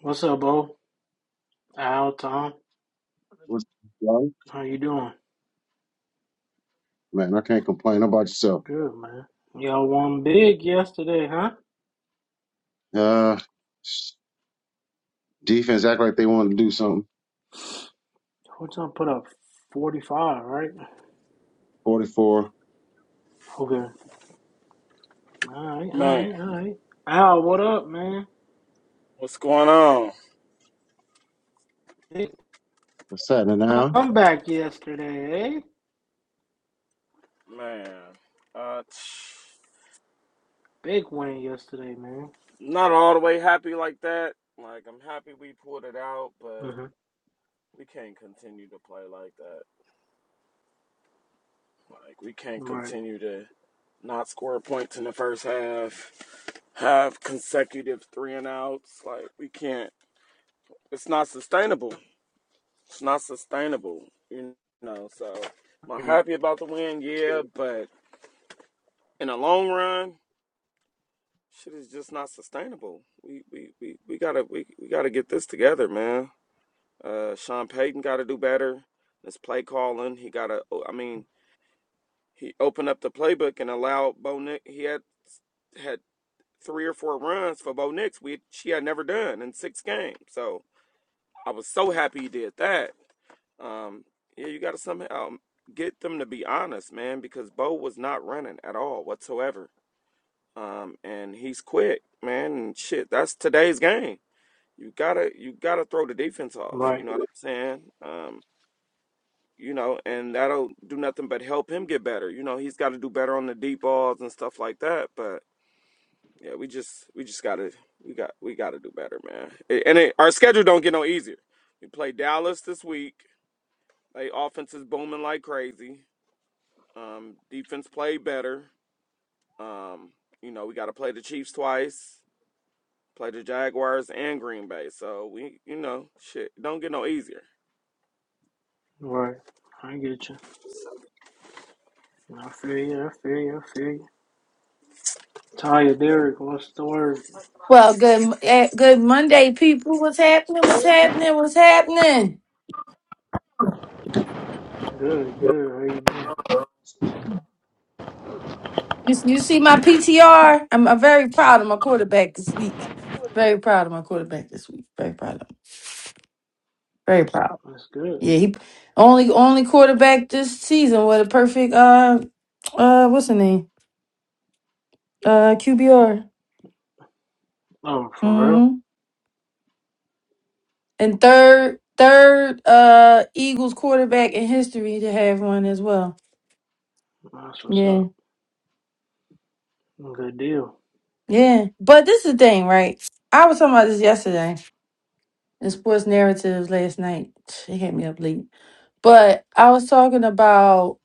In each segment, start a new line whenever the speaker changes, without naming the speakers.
What's up, Bo? Al, Tom.
What's up,
How you doing?
man? I can't complain How about yourself.
Good, man. Y'all won big yesterday, huh?
Uh, defense act like they want to do something.
Hotel put up 45, right?
Forty-four.
Okay. All right, all
Man,
right, all right. Al, what up, man?
what's going on?
Big
What's that now?
comeback yesterday, eh?
Man, uh,
Big win yesterday, man.
not all the way happy like that. Like, I'm happy we pulled it out, but
hmm
we can't continue to play like that. Like, we can't
Right,
continue to not score points in the first half, have consecutive three and outs. Like, we can't. It's not sustainable. It's not sustainable, you know. So, am I happy about the win? Yeah, but in the long run, Shit is just not sustainable. We we we, we gotta we, we gotta get this together, man. Uh, Sean Payton got to do better. This play calling, he gotta. I mean, he opened up the playbook and allowed Bo Nick. He had had three or four runs for Bo Nix. We she had never done in six games. So I was so happy he did that. Um, yeah, you gotta somehow um, get them to be honest, man, because Bo was not running at all whatsoever. Um, and he's quick, man. And shit, that's today's game. you gotta you gotta throw the defense off. You
right,
know what I'm saying? Um, you know, and that'll do nothing but help him get better. You know, he's got to do better on the deep balls and stuff like that. But yeah, we just we just gotta we got we gotta do better, man. A- And it, our schedule don't get no easier. We play Dallas this week. They offense is booming like crazy. Um, defense played better. Um, you know, we got to play the Chiefs twice, play the Jaguars and Green Bay. So we, you know, shit don't get no easier.
right. I get you. I feel you, I feel you, I feel you. Taya Derek, what's the word?
Well, good, eh, good Monday, people. What's happening? What's happening? What's happening?
Good, good. How you doing?
You, you see my PTR? I'm, I'm very proud of my quarterback this week. Very proud of my quarterback this week. Very proud of him. Very proud.
That's good.
Yeah, he only only quarterback this season with a perfect uh uh what's the name uh QBR.
Oh, for real?
Mm-hmm. And third third uh Eagles quarterback in history to have one as well.
That's what's up.
Yeah,
Good deal.
yeah. But this is the thing, right? I was talking about this yesterday In sports narratives last night. It had me up late. But I was talking about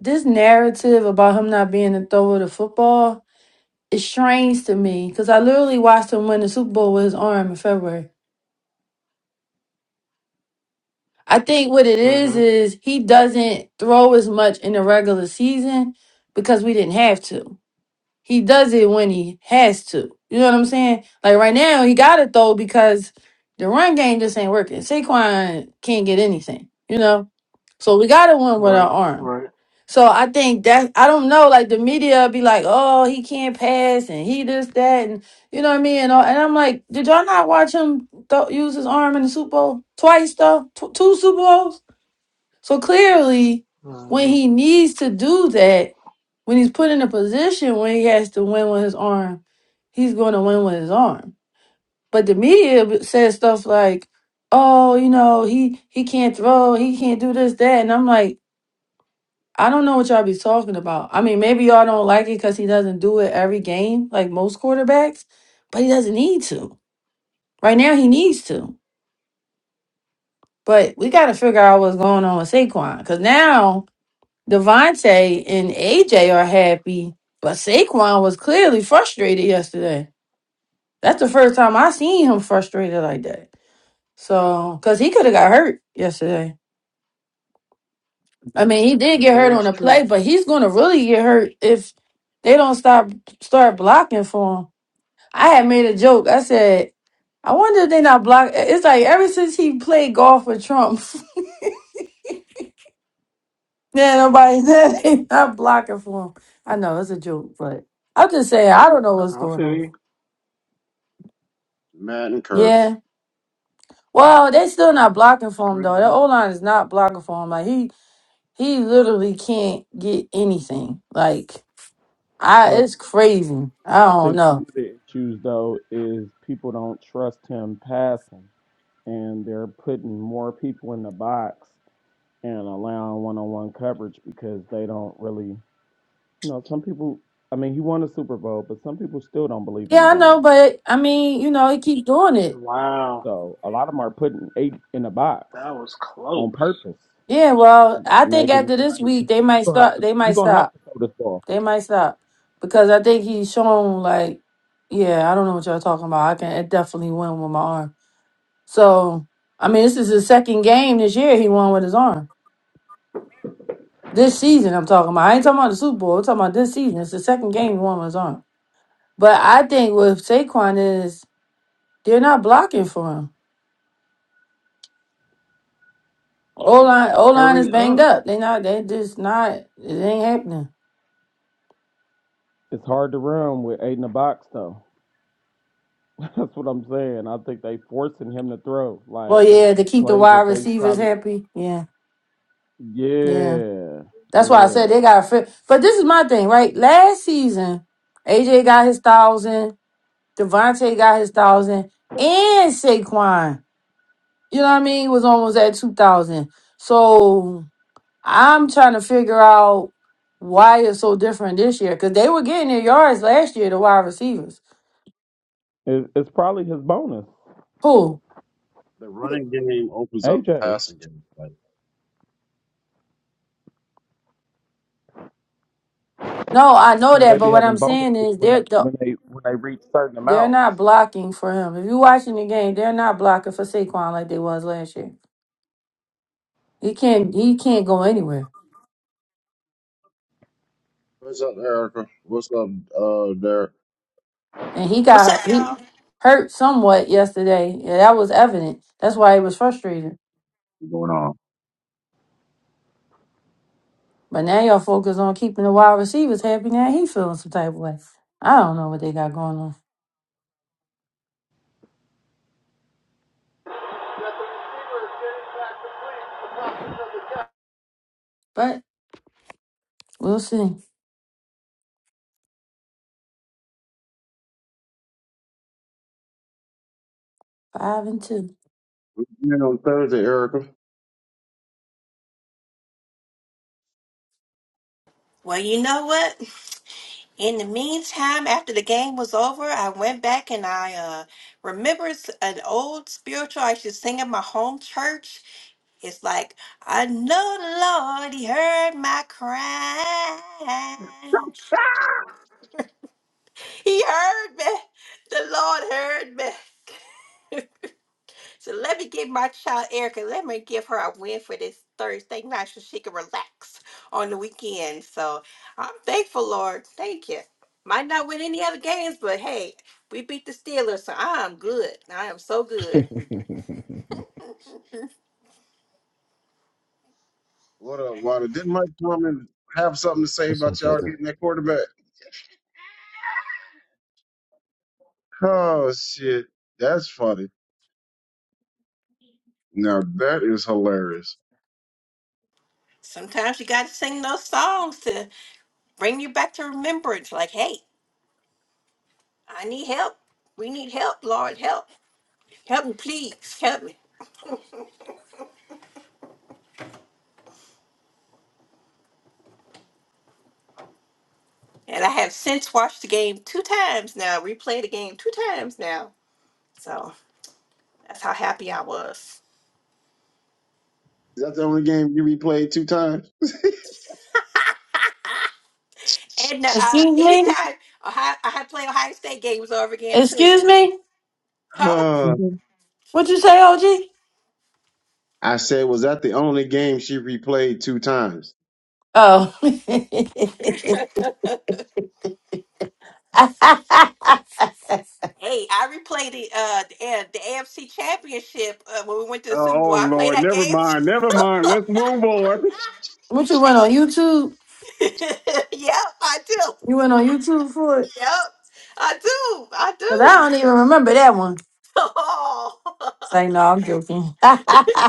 this narrative about him not being a thrower of the football. It's strange to me because I literally watched him win the Super Bowl with his arm in February. I think what it is
hmm
is he doesn't throw as much in the regular season because we didn't have to. He does it when he has to. You know what I'm saying? Like right now, he got it though because the run game just ain't working. Saquon can't get anything. You know, so we got to win with our
Right.
arm.
Right.
So I think that I don't know. Like the media be like, "Oh, he can't pass and he this that and you know what I mean." And, all, and I'm like, did y'all not watch him th- use his arm in the Super Bowl twice though? Tw two Super Bowls. So clearly, when
hmm
he needs to do that, when he's put in a position when he has to win with his arm, he's going to win with his arm. But the media says stuff like, "Oh, you know, he he can't throw, he can't do this, that," and I'm like, I don't know what y'all be talking about. I mean, maybe y'all don't like it because he doesn't do it every game like most quarterbacks, but he doesn't need to. Right now, he needs to. But we got to figure out what's going on with Saquon because now Devontae and AJ are happy, but Saquon was clearly frustrated yesterday. That's the first time I seen him frustrated like that. So, because he could have got hurt yesterday. I mean, he did get
Yeah,
hurt on
that's
the play,
true.
but he's going to really get hurt if they don't stop start blocking for him. I had made a joke. I said, I wonder if they not block. It's like ever since he played golf with Trump, yeah, nobody they not blocking for him. I know it's a joke, but I'm just saying I don't know what's
I
going
feel
on.
you.
Madden curse.
Yeah. Well, they still not blocking for him
Pretty
though. That O
much.
line is not blocking for him. Like he he literally can't get anything. Like I it's crazy. I
I
don't
think one
know.
of the issues though is people don't trust him passing, and they're putting more people in the box and allowing one-on-one coverage because they don't really, you know, some people. I mean, he won a Super Bowl, but some people still don't believe in his
Yeah, I know,
arm.
but I mean, you know, he keep doing it.
Wow.
So a lot of them are putting eight in the box
That was close.
on purpose,
Yeah, well, I think
making it
after this
like
week
you
they might
gonna have
stop
to
they might
you gonna have
stop.
to throw this ball.
They might stop. Because I think he's shown like yeah, I don't know what y'all talking about. I can I definitely win with my arm. So I mean this is his second game this year he won with his arm. This season, I'm talking about. I ain't talking about the Super Bowl. I'm talking about this season. It's the second game the woman was on. But I think with Saquon is they're not blocking for him. O line, O line is
Hurry
banged
up.
up. They not. They just not. It ain't happening.
It's hard to run with eight in the box though. That's what I'm saying. I think they forcing him to throw
Well,
like
yeah, to keep the
plays
wide
that they
receivers
probably.
happy. Yeah, yeah.
Yeah,
That's why I said they
yeah.
got. Fit. But this is my thing, right? Last season, AJ got his thousand. Devontae got his thousand, and Saquon. You know what I mean? Was almost at two thousand. So I'm trying to figure out why it's so different this year because they were getting their yards last year, the wide receivers.
It, it's probably his bonus.
Who?
The running game opens up the
AJ's.
passing game. Like,
No, I know
You know they
that,
be
but what
having
I'm saying
bonuses
is
when they
they're the,
when they when they reach certain
they're
amounts.
not blocking for him. If you're watching the game, they're not blocking for Saquon like they was last year. He can't he can't go anywhere,
what's up, Erica? What's up, uh, Derek?
and he
What's up,
got
y'all?
he hurt somewhat yesterday. Yeah, that was evident. That's why he was frustrated.
What's going on?
But now y'all focus on keeping the wide receivers happy. Now he feeling some type of way. I don't know what they got going on, but we'll see. Five and two.
You know, Thursday, Erica.
Well, you know what? In the meantime, after the game was over, I went back and I uh, remembered s- an old spiritual I used to sing in my home church. It's like, I know the Lord, He heard my cry. He heard me. The Lord heard me. So let me give my child Erica, let me give her a win for this Thursday night so she can relax on the weekend. So I'm thankful, Lord. Thank you. Might not win any other games, but hey, we beat the Steelers, so I'm good. I am so good.
What's
What up, Wanda? Didn't Mike Norman have something to say about
up,
y'all
brother?
getting that quarterback? Oh shit, that's funny. Now that is hilarious.
Sometimes you got to sing those songs to bring you back to remembrance. Like, hey, I need help. We need help, Lord. Help. Help me, please. Help me. And I have since watched the game two times now, replayed the game two times now. So. That's how happy I was.
Is that the only game you replayed two times?
And uh, uh,
Excuse me?
anytime Ohio, I had to play Ohio State games over again too.
Excuse me?
Huh?
What'd you say, OG?
I said, was that the only game she replayed two times?
Oh.
hey, I replayed the uh the, uh, the AFC Championship uh, when we went to the
Oh,
Super
oh,
Bowl. I played
Lord,
that game.
never mind, never mind.
too.
Let's move on.
what you went on
hey,
YouTube?
yep, I do.
You went on YouTube for it?
Yep, I do. I
Because I
do.
don't even remember that one.
Oh.
Say, no, I'm joking.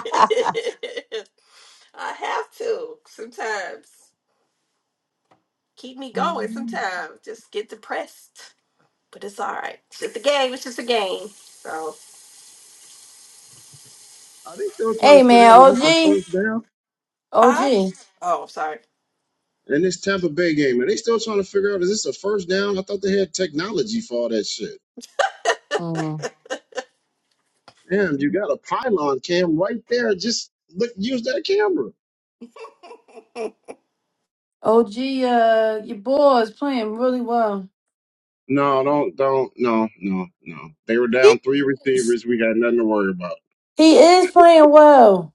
I have to sometimes. Keep me going sometimes. Just get depressed. But it's all right. It's just a game. It's just a game. So,
Are they still trying to
hey,
figure
man,
out is this a
OG.
first down?
huh?
OG.
Oh, sorry.
And this Tampa Bay game, are they still trying to figure out is this a first down? I thought they had technology for all that shit.
Mm.
Damn, you got a pylon cam right there. Just look, use that camera.
OG, uh, your boy is playing really well.
No, don't, don't, no, no, no. They were
He
down three
is.
receivers. We got nothing to worry about.
He is playing well.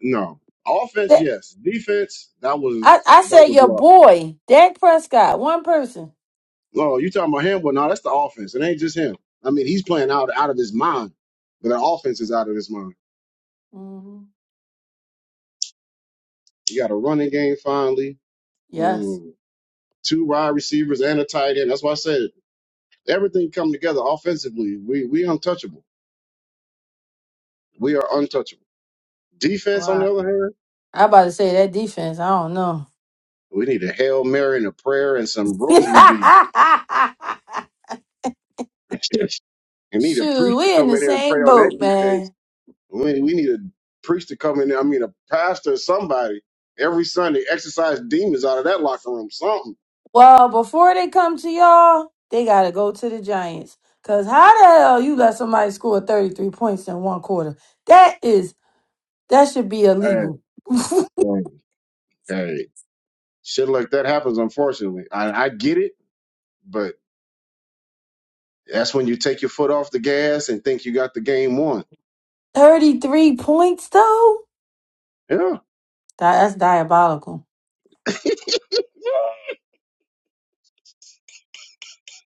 No offense, yes. Defense, that
I,
was
I
that
said
was
your
lost.
boy, Dak Prescott, one person.
Oh, you talking about him? Well, no, that's the offense. It ain't just him. I mean, he's playing out out of his mind, but the offense is out of his mind.
hmm
You got a running game finally,
Yes.
um, two wide receivers and a tight end. That's why I said everything come together offensively. We we untouchable. We are untouchable. Defense, on
Wow.
the other hand,
I about to say that defense. I don't know.
we need a hail mary and a prayer and some rosary beads. We need a
Shoot,
priest to
we in
come
the
in here and pray
same
on that
boat,
defense
man.
We, we need a priest to come in there. I mean, a pastor somebody every Sunday exercise demons out of that locker room. Something.
Well, before they come to y'all, they gotta go to the Giants. Cause how the hell you let somebody score 33 points in one quarter? That is that should be
Hey,
illegal.
hey, hey. Shit like that happens, unfortunately. I, I get it, but that's when you take your foot off the gas and think you got the game won.
33 points though?
Yeah.
That- That's diabolical.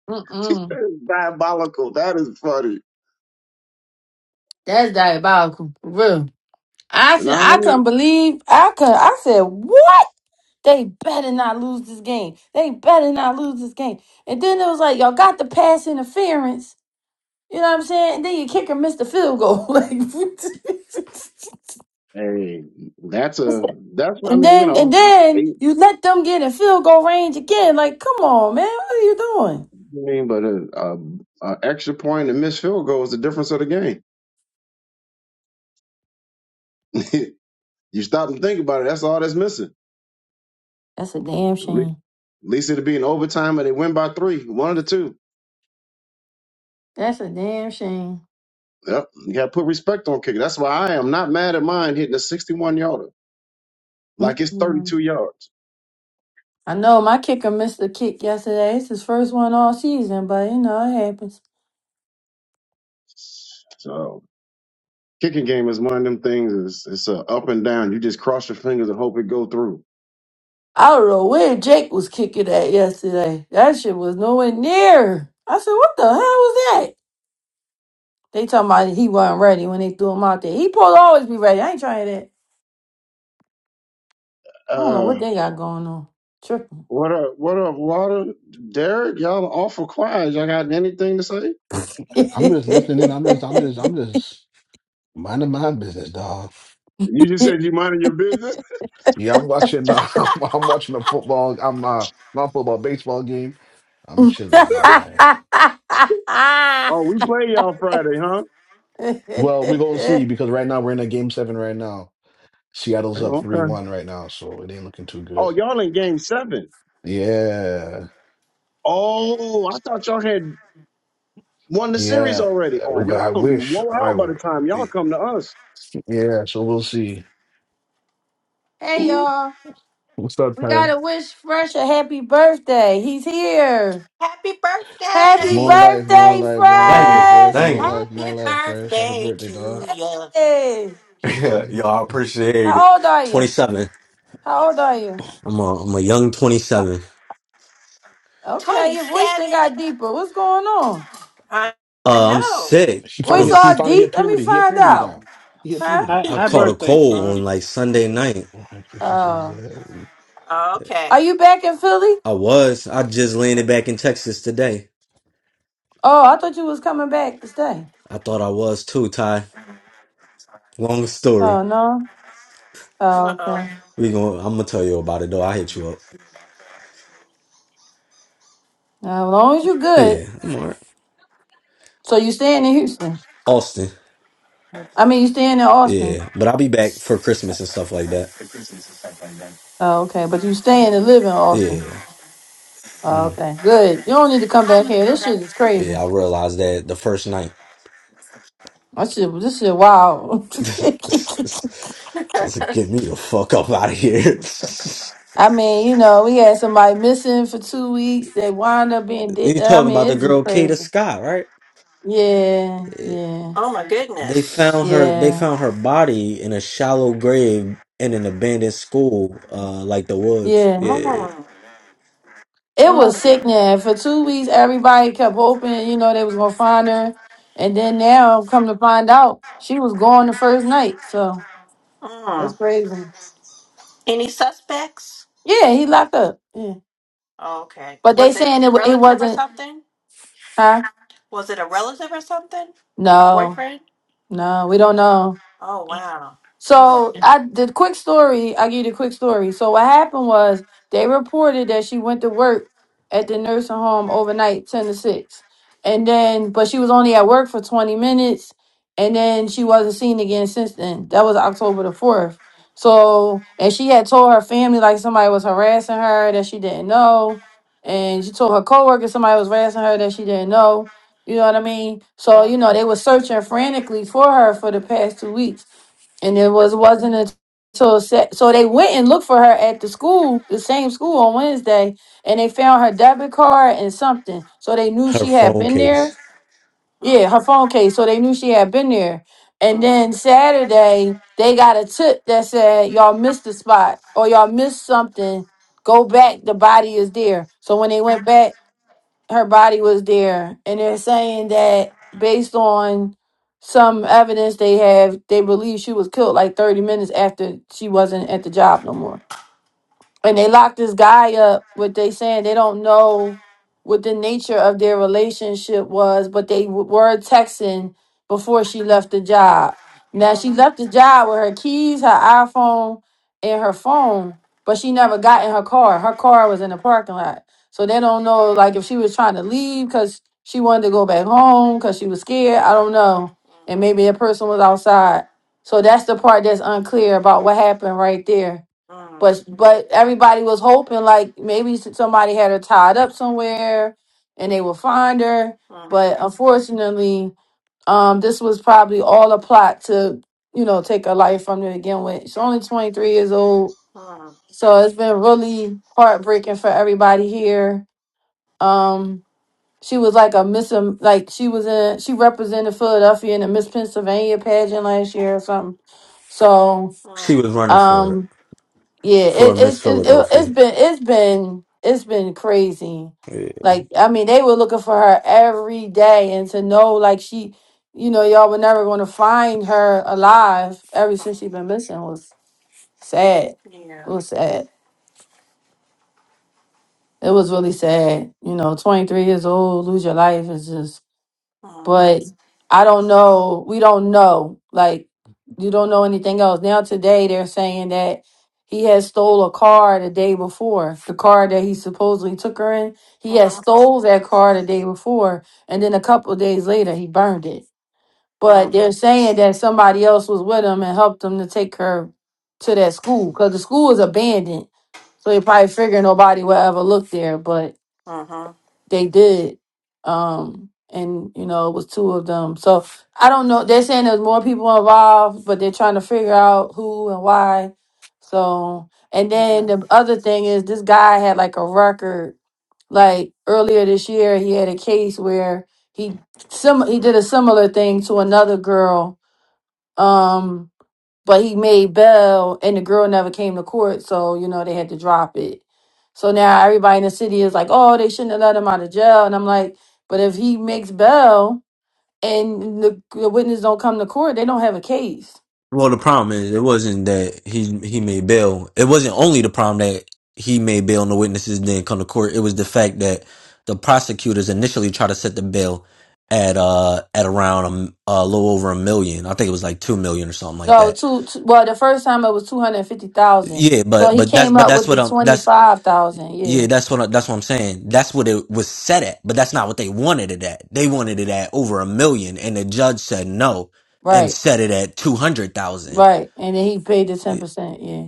Mm-mm.
That is diabolical. That is funny.
That's diabolical. for Real. I
And
said,
I
I
mean,
couldn't believe I could. I said, what? They better not lose this game. They better not lose this game. And then it was like, y'all got the pass interference. You know what I'm saying? And then your kicker missed the field goal. like,
hey, that's a that's what I
and
mean. You
then and
know, eight,
then you let them get in field goal range again. Like, come on, man, what are you doing?
I mean, but a, a, a extra point and missed field goal is the difference of the game. You stop and think about it. That's all that's missing.
That's a damn
At least
shame.
at least it'll be an overtime and they win by three, one of the two.
That's a damn shame.
Yep. You got to put respect on kicker. That's why I am not mad at mine hitting a 61 yarder, like it's
Mm-mm.
32 yards.
I know my kicker missed the kick yesterday. It's his first one all season, but you know it happens.
So kicking game is one of them things. It's, it's a up and down. You just cross your fingers and hope it go through.
I don't know where Jake was kicking at yesterday. That shit was nowhere near. I said, what the hell was that? They talking about he wasn't ready when they threw him out there. He supposed to always be ready. I ain't trying that. I don't know what
Uh,
they got going on. Tripping.
what up? What up, Water? Derek, y'all are awful quiet. Y'all got anything to say?
I'm just listening. in. I'm just, I'm just, I'm just minding my business, dog.
You just said you minding your business.
Yeah, I'm watching. Uh, I'm, I'm watching a football. I'm uh, not football, baseball game. I'm chilling, man.
Oh, we play y'all Friday, huh?
Well, we're gonna see because right now we're in a game seven. Right now, Seattle's up three
Okay.
one right now, so it ain't looking too good.
Oh, y'all in game seven.
Yeah,
Oh, I thought y'all had won the series
yeah.
already. Oh,
Uh,
y'all
I
gonna be
wish
wore
I.
out by the
w-
time y'all come to us.
Yeah, so we'll see.
hey
Ooh,
y'all.
What's up,
We
Tyler?
gotta wish Fresh a happy birthday. He's here.
Happy
Happy
More
birthday!
life, more
birthday,
life, more
Thank
life,
you.
Fresh!
fresh, more
Thank you.
life,
Happy
more life, fresh. Happy
birthday
birthday,
to
dog.
you.
Hey.
He can.
Y'all I appreciate it.
How old are you?
27.
How old are you?
I'm a, I'm a young
Uh,
27.
Okay, your voice thing
27.
got deeper. What's going on?
I, I
Uh, I'm
know.
sick.
He finally
I'm,
Voice
hit. He
s-
all
finally
deep?
hit
Let me
puberty. He hit
find
puberty
uh,
out.
now. He hit
Huh?
puberty.
Hi,
I
hi
caught a
birthday,
cold
son.
on like Sunday night.
Oh, my goodness, this is
Oh,
that.
Okay.
are you back in Philly?
I was. I just landed back in Texas today.
Oh, I thought you was coming back to stay.
I thought I was too, Ty. Long story.
Oh no. Oh
Uh
okay.
oh.
We going I'm gonna tell you about it though. I hit you up.
Now, as long as you good,
Yeah, I'm alright.
so you staying in Houston.
Austin.
I mean, you staying in Austin.
Yeah, but I'll be back for Christmas and stuff like that.
Oh okay, but you staying and live in Austin.
Yeah.
Oh,
Mhm.
okay, good. You don't need to come back here. This shit is crazy.
Yeah, I realized that the first night.
That shit, this shit, wild.
I was like, get me the fuck up out of here.
I mean, you know, we had somebody missing for two weeks. They wind up being dead.
you
I
talking about
mean,
the
it's
girl
just crazy.
Kata Scott, right?
Yeah,
Eh,
yeah,
oh my
They
goodness.
found her they
yeah,
found her body in a shallow grave in an abandoned school, uh like the woods.
yeah.
Yeah.
Mm,
It was
mm,
sickening. For two weeks, everybody kept hoping, you know, they was gonna find her, and then now, come to find out, she was gone the first night. So that's
mm.
crazy.
Any suspects?
Yeah, he locked up. Yeah,
Okay.
but they
Was it
saying it wa- it
relative or
wasn't,
something?
huh?
Was it a relative or something? A
No,
boyfriend?
no, we don't know.
Oh wow. Mm,
So I the quick story. I give you the quick story. So what happened was they reported that she went to work at the nursing home overnight, ten to six, and then but she was only at work for twenty minutes, and then she wasn't seen again since then. That was October the fourth. So and she had told her family like somebody was harassing her that she didn't know, and she told her coworker somebody was harassing her that she didn't know. You know what I mean? So
mm,
you know they were searching frantically for her for the past two weeks. And it was wasn't until se- so so they went and looked for her at the school, the same school on Wednesday, and they found her debit card and something. So they knew
Her
she had
phone
been there.
case.
Yeah,
mhm.
her phone case. So they knew she had been there. And
Uh-huh.
then Saturday they got a tip that said y'all missed the spot or y'all missed something. Go back. The body is there. So when they went back her body was there and they're saying that based on some evidence they have they believe she was killed like 30 minutes after she wasn't at the job no more and they locked this guy up what they saying they don't know what the nature of their relationship was but they w- were texting before she left the job now
Uh-huh.
she left the job with her keys her iphone and her phone but she never got in her car her car was in the parking lot so they don't know like if she was trying to leave because she wanted to go back home because she was scared i don't know and
Uh-huh.
maybe a person was outside so that's the part that's unclear about what happened right there but but everybody was hoping like maybe s- somebody had her tied up somewhere and they would find her
Uh-huh.
but unfortunately um this was probably all a plot to you know take her life from her to begin with she's only 23 years old so it's been really heartbreaking for everybody here um she was like a miss Am- like she was in she represented philadelphia in the miss pennsylvania pageant last year or something so
Uh-huh.
She
Uh-huh.
was running for it.
um, yeah,
For
it,
Miss
it's it, it, it's
Philadelphia.
been it's been it's been crazy.
Yeah.
Like I mean, they were looking for her every day, and to know like she, you know, y'all were never going to find her alive ever since she been missing was sad. It
Yeah.
was sad. It was really sad. You know, twenty three years old, lose your life is just
Uh-huh.
but I don't know. We don't know. Like you don't know anything else. Now today they're saying that he had stole a car the day before. The car that he supposedly took her in, he had
Uh-huh.
stole that car the day before, and then a couple of days later he burned it. But
Um,
they're saying that somebody else was with him and helped him to take her to that school because the school is abandoned. So they probably figure nobody will ever look there, but
uh-huh.
they did um and you know it was two of them so i don't know they're saying there's more people involved but they're trying to figure out who and why so and then
Yeah.
the other thing is this guy had like a record like earlier this year he had a case where he sim he did a similar thing to another girl Um, but he made bail and the girl never came to court so you know they had to drop it so now everybody in the city is like oh they shouldn't have let him out of jail and i'm like but if he makes bail and the, the witness don't come to court they don't have a case
Well, the problem is it wasn't that he he made bail. It wasn't only the problem that he made bail and the witnesses didn't come to court. It was the fact that the prosecutors initially tried to set the bail at uh at around a, m- a little over a million. I think it was like two million or something like
no
that.
two, two well the first time it was 250000
Yeah,
so
but
he
but that's
came
but
up
that's
with
what
the
I'm that's
25000 yeah
yeah that's what I, that's what I'm saying. That's what it was set at, but that's not what they wanted it at. They wanted it at over a million, and the judge said no and
right
set it at two hundred thousand.
right and then he paid the 10% Yeah.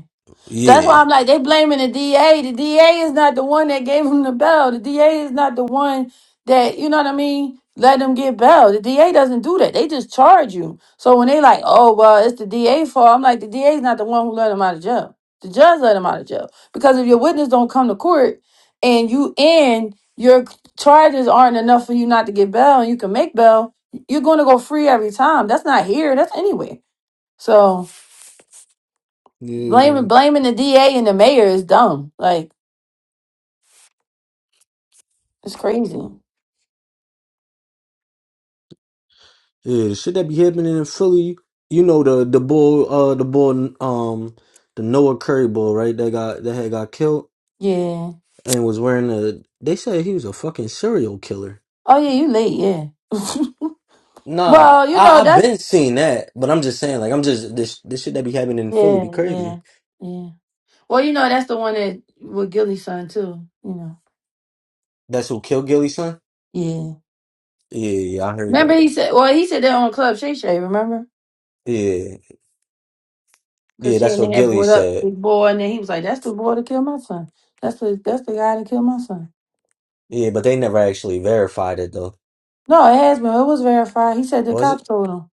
That's
Yeah.
why I'm like, they blaming the DA. The DA is not the one that gave him the bail. The DA is not the one that, you know what I mean, let them get bail. The DA doesn't do that. They just charge you. So when they like, oh, well, it's the DA fault, I'm like, the DA is not the one who let him out of jail. The judge let him out of jail. Because if your witness don't come to court and you in, your charges aren't enough for you not to get bail and you can make bail, you're going to go free every time. That's not here. That's anywhere. So.
Yeah.
Blaming blaming the DA and the mayor is dumb. Like it's crazy.
Yeah, the shit that be happening in Philly, you know the the bull, uh, the bull, um, the Noah Curry bull, right? That got that had got killed
Yeah.
and was wearing a. They said he was a fucking serial killer.
Oh yeah, you late. Yeah.
Nah,
Well, you know
I I've
that's
been seeing that, but I'm just saying, like, I'm just this this shit that be happening in Philly
yeah,
be
yeah,
crazy.
yeah. Well, you know that's the one that with Gilly's son too. You know.
That's who killed Gilly's son.
Yeah.
Yeah, yeah, I heard
Remember he
that.
said. Well, he said that on Club Shay Shay. Remember?
Yeah, yeah,
Cause she
that's
and
what
they had
Gilly
brought up
said.
big boy, and then he was like, "That's the boy that killed my son. That's the that's the guy that killed my son."
Yeah, but they never actually verified it though.
No, it has been. It was verified. He said the
Was it?
cops told him.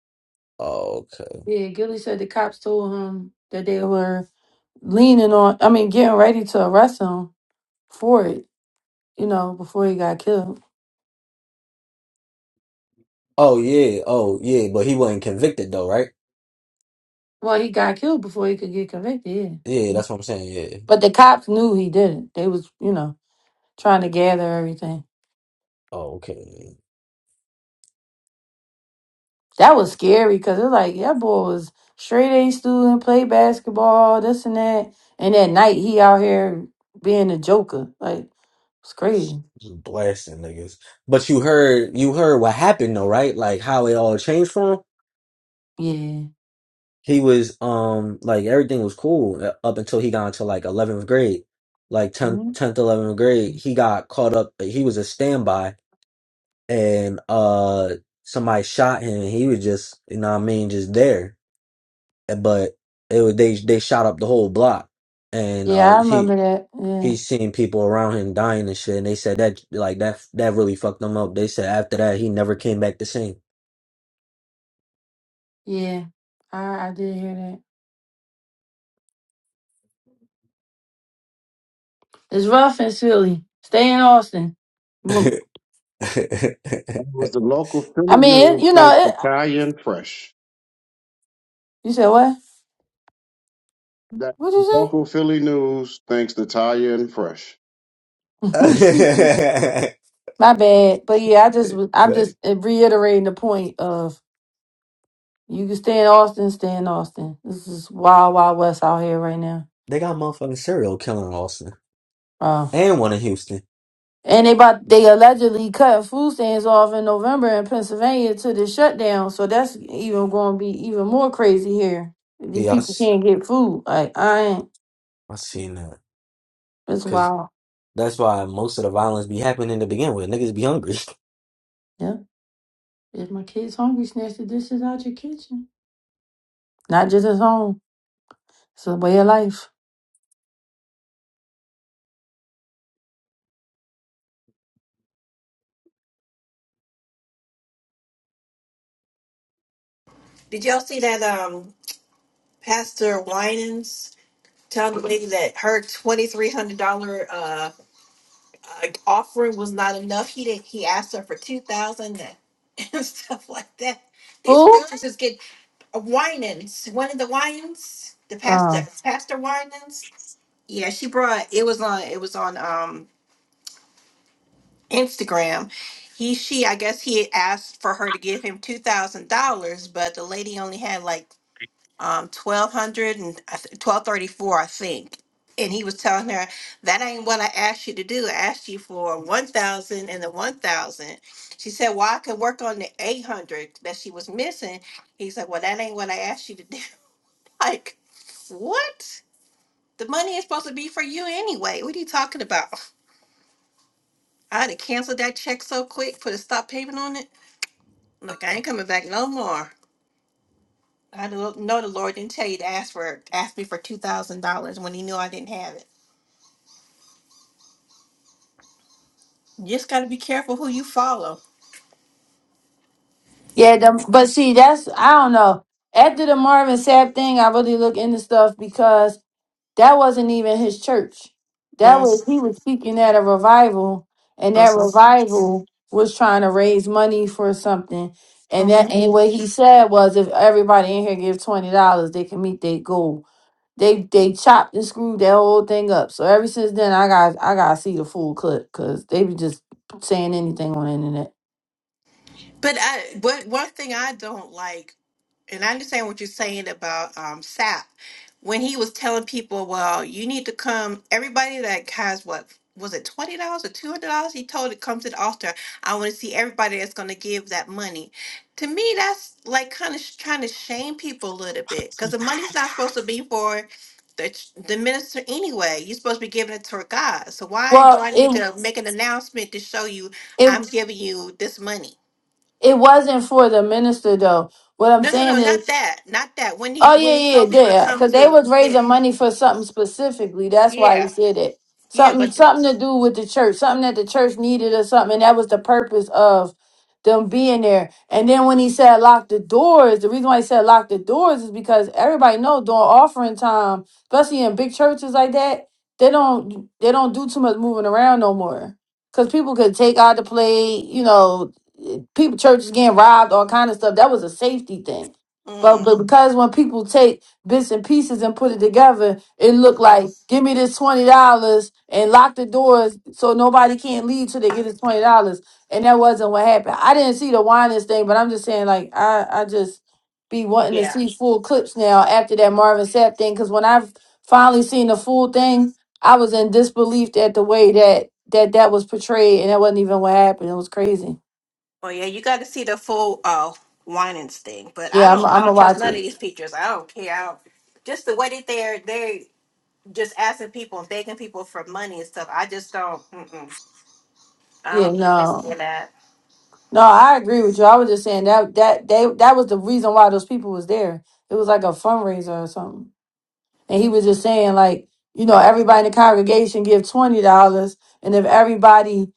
Oh, okay.
Yeah, Gilly said the cops told him that they were leaning on, I mean, getting ready to arrest him for it, you know, before he got killed.
Oh yeah. Oh yeah. But he wasn't convicted though, right?
Well, he got killed before he could get convicted, yeah.
Yeah, that's what I'm saying. Yeah.
But the cops knew he didn't. They was, you know, trying to gather everything.
Oh, okay.
That was scary because it was like, yeah, boy was straight A student, played basketball, this and that. And at night, he out here being a joker. Like, it's crazy.
Just blasting niggas. But you heard you heard what happened though, right? Like how it all changed for him.
Yeah.
He was um like everything was cool uh, up until he got into like 11th grade. Like 10th
Mhm.
10th 11th grade, he got caught up uh, he was a standby and uh somebody shot him and he was just you know what I mean just there. But it was they they shot up the whole block and
Yeah,
uh
I
he
remember that. Yeah.
he's seen people around him dying and shit, and they said that like that that really fucked him up. They said after that he never came back the same.
Yeah. I, I did hear that. It's rough and silly. Stay in Austin. Mm,
that was the local
I
Philly
mean, it,
news
you
thanks
know,
to
it,
Talia and Fresh.
you said what?
That
What'd
local Philly news thanks to Talia and Fresh.
you say? My bad. But yeah, I just was- I'm
Fact.
just reiterating the point of you can stay in Austin, stay in Austin. This is wild, wild west out here right now.
They got motherfucking serial killer in Austin
Oh.
and one in Houston.
And they about they allegedly cut food stands off in November in Pennsylvania to the shutdown. So that's even gonna be even more crazy here. These
Yeah, I,
people
s-
can't get food. Like I ain't
I seen that
it's
because
wild.
that's why most of the violence be happening to begin with. Niggas be hungry.
Yeah. If my kids hungry, snatch the dishes out your kitchen. Not just at home. It's a way of life.
Did y'all see that um Pastor Winans telling the nigga that her twenty three hundred dollar uh, uh offering was not enough? He did he asked her for two thousand and and stuff like that. These
Who?
preachers just get uh, Winans, one of the Winans, the pastor
Uh,
Pastor Winans. Yeah, she brought it was on it was on um Instagram. He, she, I guess he had asked for her to give him two thousand dollars, but the lady only had like um twelve hundred and twelve thirty four, I think. And he was telling her that ain't what I asked you to do. I asked you for one thousand and the one thousand. She said, "Well, I could work on the eight hundred that she was missing." He's like, "Well, that ain't what I asked you to do." Like, what? The money is supposed to be for you anyway. What are you talking about? I'd have canceled that check so quick, put a stop payment on it. Look, I ain't coming back no more. I know know the Lord didn't tell you to ask for ask me for two thousand dollars when He knew I didn't have it. You just got to be careful who you follow.
yeah, the, but see, that's I don't know. After the Marvin Sapp thing, I really look into stuff because that wasn't even his church. That
Mm-hmm.
was he was speaking at a revival, and that revival was trying to raise money for something. And that
hmm
and what he said was, if everybody in here give twenty dollars, they can meet their goal They they chopped and screwed that whole thing up. So ever since then, I got I got to see the full clip because they be just saying anything on the internet.
But I, what one thing I don't like and I understand what you're saying about um, Sap when he was telling people, "Well, you need to come." Everybody that has what was it, twenty dollars or two hundred dollars? He told it come to the altar. I want to see everybody that's going to give that money. To me, that's like kind of trying to shame people a little bit because the money's not supposed to be for the ch- the minister anyway. You're supposed to be giving it to God. So why do
Well,
I need
it
to make an announcement to show you
it
I'm giving you this money?
it wasn't for the minister though. What I'm
No, no, no,
saying is
not that, not that. When he
Oh
when
yeah,
he
yeah,
told people to
yeah.
come
Because they
to,
was
yeah,
raising money for something specifically. That's why he
yeah,
said it.
yeah,
Something,
but
something to do with the church. Something that the church needed or something. And that was the purpose of them being there. And then when he said lock the doors, the reason why he said lock the doors is because everybody know during offering time, especially in big churches like that, they don't they don't do too much moving around no more. Cause people could take out the plate. You know, people churches getting robbed, all kind of stuff. That was a safety thing. But,
mm,
but because when people take bits and pieces and put it together, it looked like,
mhm,
give me this $20 and lock the doors so nobody can't leave till they get this $20. And that wasn't what happened. I didn't see the winding thing, but I'm just saying, like, I, I just be wanting to
yeah,
see full clips now after that Marvin Sapp thing. Because when I finally seen the full thing, I was in disbelief at the way that that, that was portrayed. And that wasn't even what happened. It was crazy.
oh yeah, you got to see the full uh Winans thing. But I
Yeah, I'm,
don't, I
I'm going
don't trust
to watch
none of
it.
these teachers. I don't care. I don't, just the way that they're they just asking people and begging people for money and stuff. I just don't. Mm-mm, I
Yeah,
don't
no.
understand that.
No, I agree with you. I was just saying that that they that was the reason why those people was there. It was like a fundraiser or something. And he was just saying like, you know, everybody in the congregation give twenty dollars, and if everybody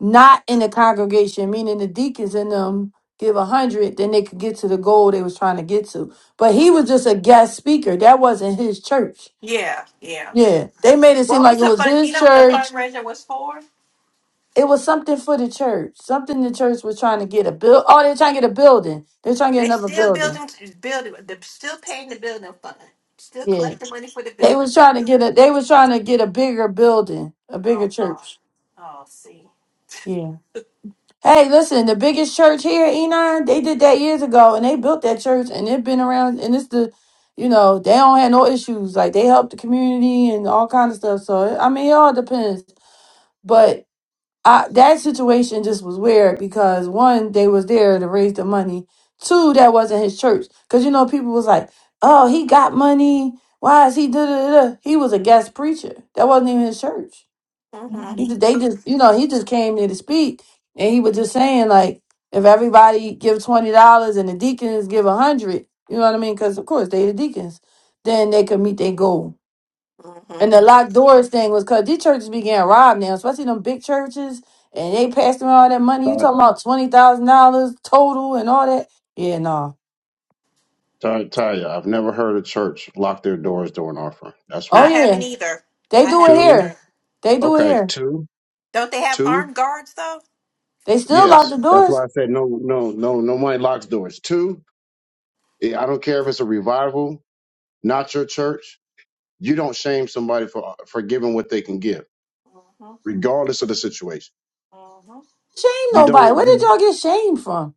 not in the congregation, meaning the deacons in them, give a hundred, then they could get to the goal they was trying to get to. But he was just a guest speaker. That wasn't his church.
Yeah, yeah.
Yeah, they made it seem
What
like
was
it
the
was
fun? You
his
know what the
church
fundraiser was for?
it was something for the church. Something the church was trying to get a build. Oh, they're trying to get a building. They're trying to get
They
another
still
building.
building, building. They're still paying the building fund. Still
Yeah,
collecting money for the
they
building
was trying
fund.
to get a. They was trying to get a bigger building, a bigger
Oh Lord.
church.
Oh, see.
Yeah. Hey, listen, the biggest church here, Enon, they did that years ago, and they built that church, and it been around, and it's the, you know, they don't have no issues. Like they help the community and all kind of stuff. So I mean, it all depends. but. I, that situation just was weird because one, they was there to raise the money. Two, that wasn't his church. Cause you know, people was like, "Oh, he got money. Why is he da da da?" He was a guest preacher. That wasn't even his church.
Mhm.
He just, they just, you know, he just came there to speak, and he was just saying like, if everybody give twenty dollars and the deacons give a hundred, you know what I mean? Because of course they the deacons, then they could meet their goal. And
Mhm.
the locked doors thing was because these churches be getting robbed now, especially them big churches, and they passing all that money. You
Ty-
talking about twenty thousand dollars total and all that? Yeah, no.
Ty- Talia, I've never heard a church lock their doors during offering. That's
Oh
I
one.
yeah,
haven't either.
they
I
do it
haven't
Two.
here.
either.
They do it
Okay,
here.
two.
Don't they have
Two.
armed guards though?
They still lock the
Yes, that's
doors.
why I said no, no, no, nobody locks doors. Two. eh, I don't care if it's a revival, not your church. You don't shame somebody for for giving what they can give,
Mhm.
regardless of the situation.
Mhm.
Shame
You
nobody.
don't.
Where did
You
y'all get shamed from?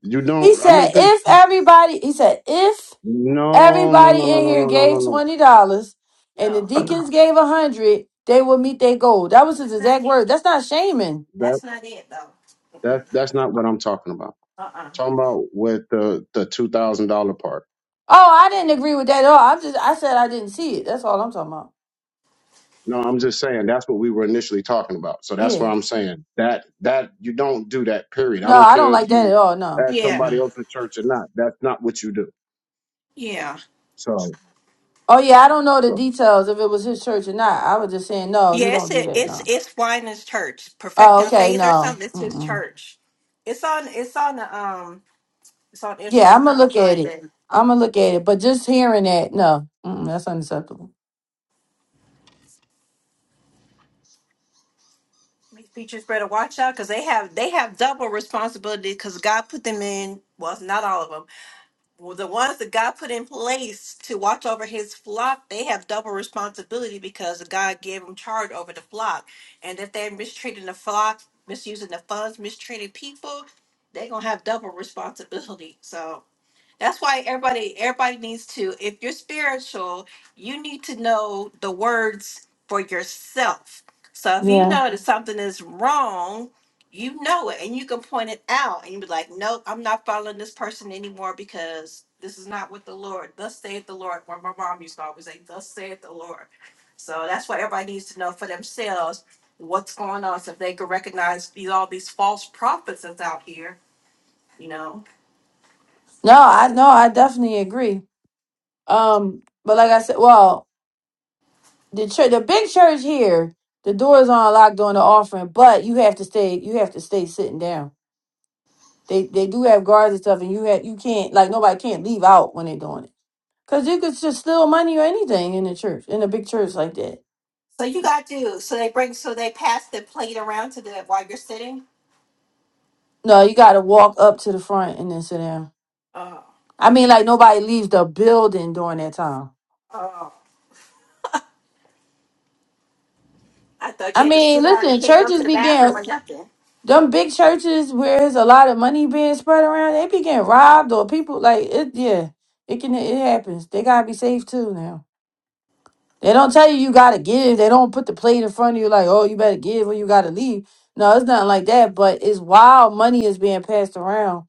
you
He
don't. I mean,
said,
'cause-
if everybody, he said, if
no, no,
everybody
no, no,
in
no,
here
no,
Mhm.
no,
gave
no,
twenty dollars and the
No,
no.
deacons gave a hundred, they would meet their goal. That was his
that's not
exact
it.
word. That's not shaming.
That
That's not it though.
that
Mm-mm.
that's not what I'm talking about.
Uh-uh.
Talking about with the the two thousand dollar part.
Oh, I didn't agree with that at all. I'm just I said I didn't see it. That's all I'm talking about.
No, I'm just saying that's what we were initially talking about. So that's
Yeah.
what I'm saying. That that you don't do that. Period. I
No,
don't
I don't
care
like
if
that at
you
all. No.
ask
Yeah.
somebody
Mm-mm.
else in church or not. That's not what you do.
Yeah.
So.
Oh yeah, I don't know the details if it was his church or not. I was just saying no, you
Yeah. It's
don't do
it,
that.
it's
No.
it's Winans Church,
Oh,
Perfecting
okay.
Faith or
No.
something. It's his
Mm-mm.
church. It's on. It's on the um. It's on
Yeah,
Instagram.
I'm
I
gonna
have to
look at
find
it.
it.
I'm gonna look at it. But just hearing that, no, Mm-mm, that's unacceptable.
These teachers better watch out because they have they have double responsibility because God put them in. Well, it's not all of them. Well, the ones that God put in place to watch over His flock, they have double responsibility because God gave them charge over the flock. And if they're mistreating the flock, misusing the funds, mistreating people, they're gonna have double responsibility. So that's why everybody everybody needs to if you're spiritual, you need to know the words for yourself. So if you
Yeah.
know that something is wrong, you know it and you can point it out and you be like, "Nope, I'm not following this person anymore because this is not what the Lord, thus saith the Lord." Where my mom used to always say, "Thus saith the Lord." So that's what everybody needs to know for themselves what's going on so if they can recognize these all these false prophets that's out here, you know.
No, I no, I definitely agree. Um, but like I said, well, the church, the big church here, the doors aren't locked during the offering, but you have to stay. You have to stay sitting down. They they do have guards and stuff, and you had you can't like nobody can't leave out when they're doing it because you could just steal money or anything in the church in a big church like that.
So you got to. So they bring. So they pass the plate around to the while you're sitting.
No, you got to walk up to the front and then sit down.
Oh,
I mean, like nobody leaves the building during that time.
oh. I thought you
I
had to
mean,
sit down and
listen,
can't go to
churches
the bathroom
began
or nothing.
them big churches where there's a lot of money being spread around. They be getting robbed or people like it. Yeah, it can it happens. They gotta be safe too now. They don't tell you you gotta give. They don't put the plate in front of you like, oh, you better give or you gotta leave. No, it's nothing like that. But it's wild money is being passed around.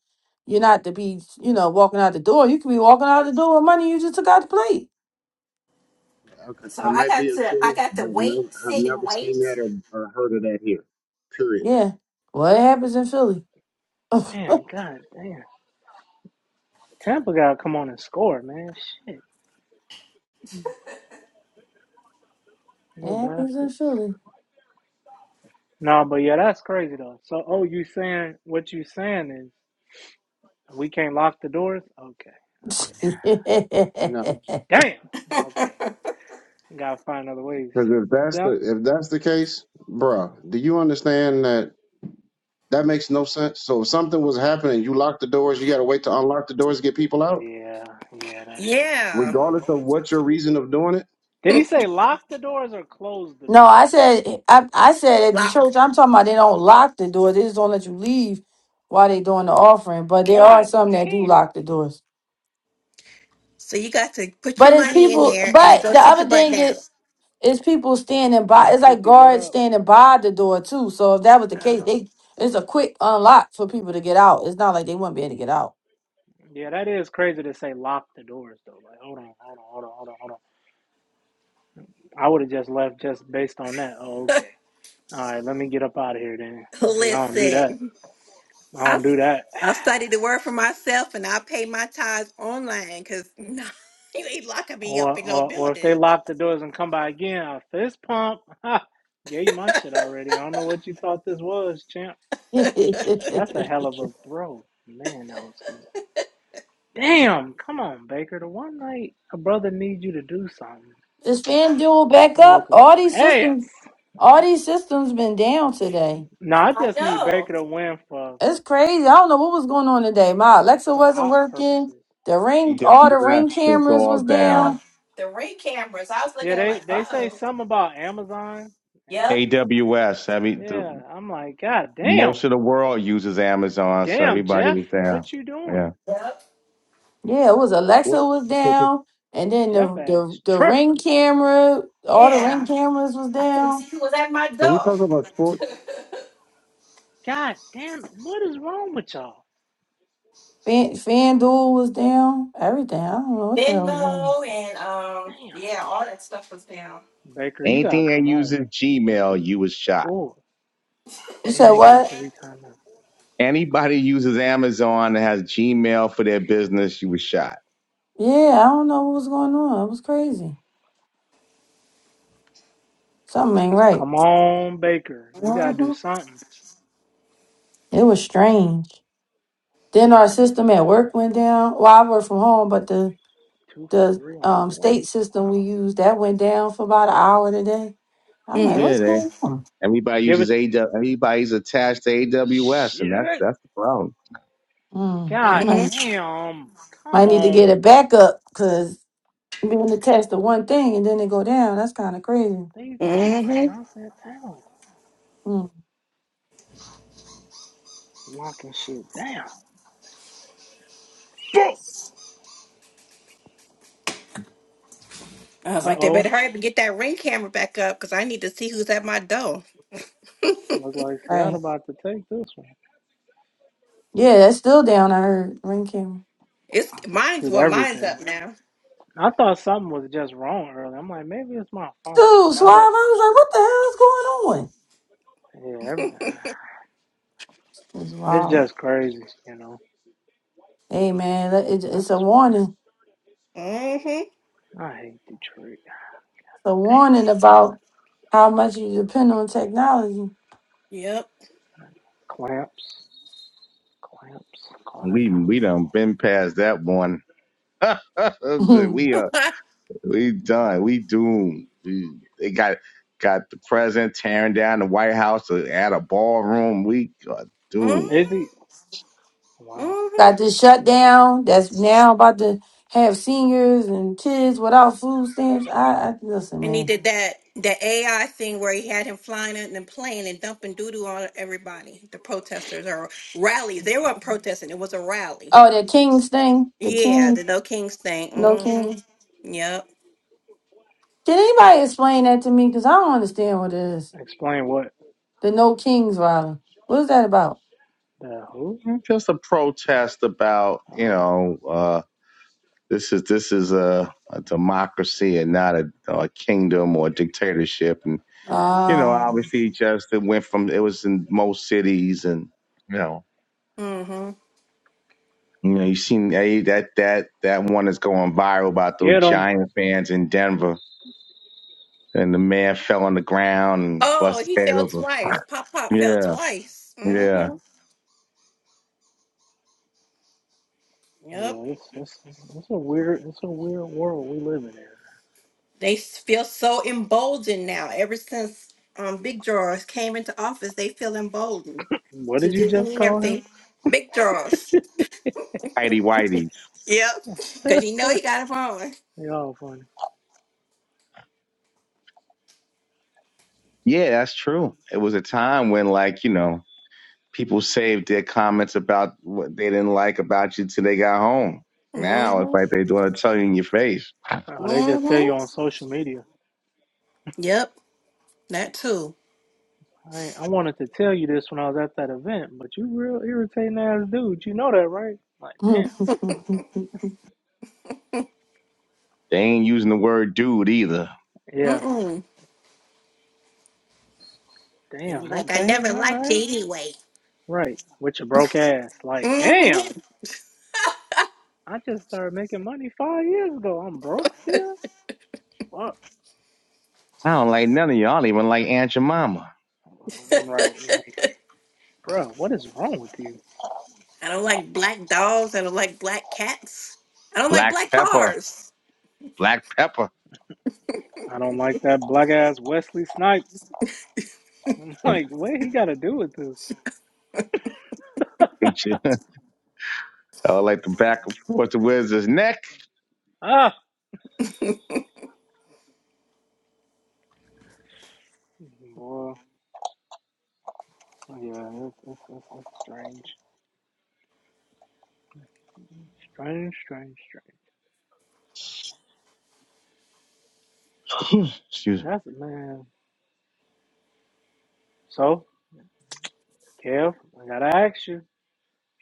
You're not to be, you know, walking out the door. You could be walking out the door with money you just took out the plate.
Okay,
So
that
I
might be
got
in
to.
Philly,
I got to
but
wait,
no, I've
sit and
never
wait.
seen that or, or heard of that here. Period.
Yeah. Well, it happens in Philly.
Man, god damn. Tampa gotta come on and score, man. Shit. Little
It happens in
bastards.
Philly.
No, but yeah, that's crazy though. So oh you saying what you saying is we can't lock the doors? Okay. All right.
No,
Damn. Okay. Gotta find other ways.
because if that's
Down
the if that's the case, bruh, do you understand that that makes no sense? So if something was happening, you lock the doors, you got to wait to unlock the doors to get people out,
Yeah, yeah, that's true. Yeah.
Yeah,
regardless of what your reason of doing it.
Did he say lock the doors or close the
no,
doors?
I said I, I said at the
lock.
church, I'm talking about they don't lock the door. They just don't let you leave while they doing the offering. But there are
God
some that do
damn.
lock the doors.
So you got to put your
But it's
money in
people.
Why
there
would
and
you
then
But
go
go
the
back
sit your
other
in?
butt
thing
down.
is, is people standing by. It's like
950, what
guards
up?
standing by the door too. So if that was the case,
Uh,
they it's a quick unlock for people to get out. It's not like they wouldn't be able to get out.
Yeah, that is crazy to say lock the doors though. Like, hold on, hold on, hold on, hold on, hold on. I would have just left just based on that. Oh, okay. All right, let me get up out of here then, because I don't do that.
listen,
I
I
don't do that.
I studied the word for myself and I pay my tithes online because no, you ain't locking me
Or,
up in no
or, or if
building.
they lock the doors and come by again, I fist pump. Ha! Gave you my shit already. I don't know what you thought this was, champ.
I
That's a hell of a throw. Man, that was good. Damn, come on, Baker. The one night a brother needs you to do something,
Is FanDuel back
you
up?
look like
All these
ass.
systems, all these systems been down today.
No, I just need
know.
Baker to win for
It's crazy. I don't know what was going on today. My Alexa
for
wasn't
op
working.
purposes.
The ring, all the
AWS
ring
is
cameras
all
was
Yep.
down.
down.
The ring cameras. I was
Yeah,
looking at it
they
like, uh
they say
oh.
something about Amazon.
Yep.
Am-
AWS, every the,
Yeah, I'm like, God
most
damn,
of the world uses Amazon, so
damn
everybody
Jeff,
was down.
what you doing?
Yeah.
Yep.
Yeah, it was
What
Alexa was
can
down, and then the
Jeff
the,
ass
the
tripping.
ring camera, all the ring
Yeah.
cameras was
I couldn't
down.
see who was at my
we
door.
talk about sports?
God damn, it, what is wrong with y'all?
Fan, FanDuel was down. Everything. I don't know what the hell was going on.
Venmo and um
Damn,
yeah, all that stuff was down.
Baker, you gotta
Anything that
come on
uses
with this
Gmail, you was shot.
bull.
You
And
said
they got
what?
three timeouts.
Anybody uses Amazon that has Gmail for their business, you was shot.
Yeah, I don't know what was going on. It was crazy. Something ain't right.
Come on, Baker. You gotta do
Mm-hmm.
something.
It was strange. Then our system at work went down. Well, I work from home, but the
Two for
the
three on
um,
four.
state system we
Wow.
use that went down for about an hour today. I'm like,
Yeah,
what's
they,
going
everybody
Give
uses
it.
AWS. Everybody's attached to AWS, and that's
Shit.
that's the problem.
on? Mm, we
God
Mm-hmm.
might
damn.
might
Come
need to get
on.
it back up because being the test of one thing and then it go down. That's kind of crazy.
These niggas are
Mm-hmm.
not that talented.
Mm,
Locking shit down.
I was
Uh
like, they better
oh.
hurry up and get that ring camera back up because I need to see who's at my door.
Look like Seattle
right?
about to take this one.
Yeah, that's still down. I heard ring camera.
It's mine's
Shoot
well, mine's
everything.
up now.
I thought something was just wrong earlier. I'm like, maybe it's my phone, but
Dude,
now
Suave,
that
I was like, what the hell is going on?
yeah, everything.
It's
it's
wild.
just crazy. You know.
Hey man, that- it,
I
it's a warning.
swear.
Mm-hmm.
I hate Detroit.
It's a
Damn.
warning about how much you depend on technology.
Yep.
Clamps, clamps, call that
We
time
we
out.
done been past that one. we are. We done. We doomed. We- They got got the president tearing down the White House to add a ballroom. We are doomed.
Is he?
mm-hmm.
Wow.
Mm-hmm.
Got this shutdown that's now about to have seniors and kids without food stamps. I, I listen,
And he
man.
did that that AI thing where he had him flying in the plane and dumping doo doo on everybody, the protesters or rallies.
What
They
the
weren't
heck?
protesting; it was a rally.
Oh, that Kings thing, the
Yeah, the
King,
No Kings thing.
no
hmm
Kings.
Yep.
Can anybody explain that to me? Cause I don't understand what it is.
Explain what?
The no Kings rally. What is that about?
The who?
Just a protest about you
Oh,
know uh, this is this is a, a democracy and not a, a kingdom or a dictatorship. And
hmm
you know,
Uh,
obviously, just it went from it was in most cities and you know.
hmm
You know, you seen hey, that that that one is going viral about those
get him.
giant fans in Denver and the man fell on the ground and
Oh,
busted
he
his head
fell
open.
twice. Pop Pop fell
Yeah,
twice.
yeah.
hmm Yep.
Yeah, it's, it's, it's a weird, it's a weird world we live in. Here.
They s- feel so emboldened now. Ever since um, Big Drawers came into office, they feel emboldened
What did
to
you
do
just
anything and
call him?
everything. Big Drawers.
Heidi whiteys.
Yep. Because you know he got him on.
Y'all funny.
Yeah, that's true. It was a time when, like, you know, people saved their comments about what they didn't like about you till they got home. Now it's
hmm
like they want to tell you in your face.
Oh, they just tell
hmm
you on social media.
Yep, that too.
I ain't- I wanted to tell you this when I was at that event, but you real irritating ass dude. You know that, right? Like, damn.
They ain't using the word dude either.
Yeah.
Mm-mm. And
Damn.
like I
Okay.
never
All
liked you
right.
anyway.
Right. With your broke ass. Like,
hmm
damn. I just started making money five years ago. I'm broke still. Fuck.
I don't like none of y'all. I don't even like Aunt your mama.
I'm right, like, bro, what is wrong with you?
I don't like black dogs. I don't like black cats. I don't like
Black
black
pepper.
cars.
Black pepper.
I don't like that black ass Wesley Snipes. I'm
I
like, what he got to do with this?
Hate you. I like the back and forth. The Where's his neck?
Ah, boy, yeah, it's it's it's, it's strange, strange, strange, strange.
Excuse me.
That's it, man. So, Kev, I gotta ask you.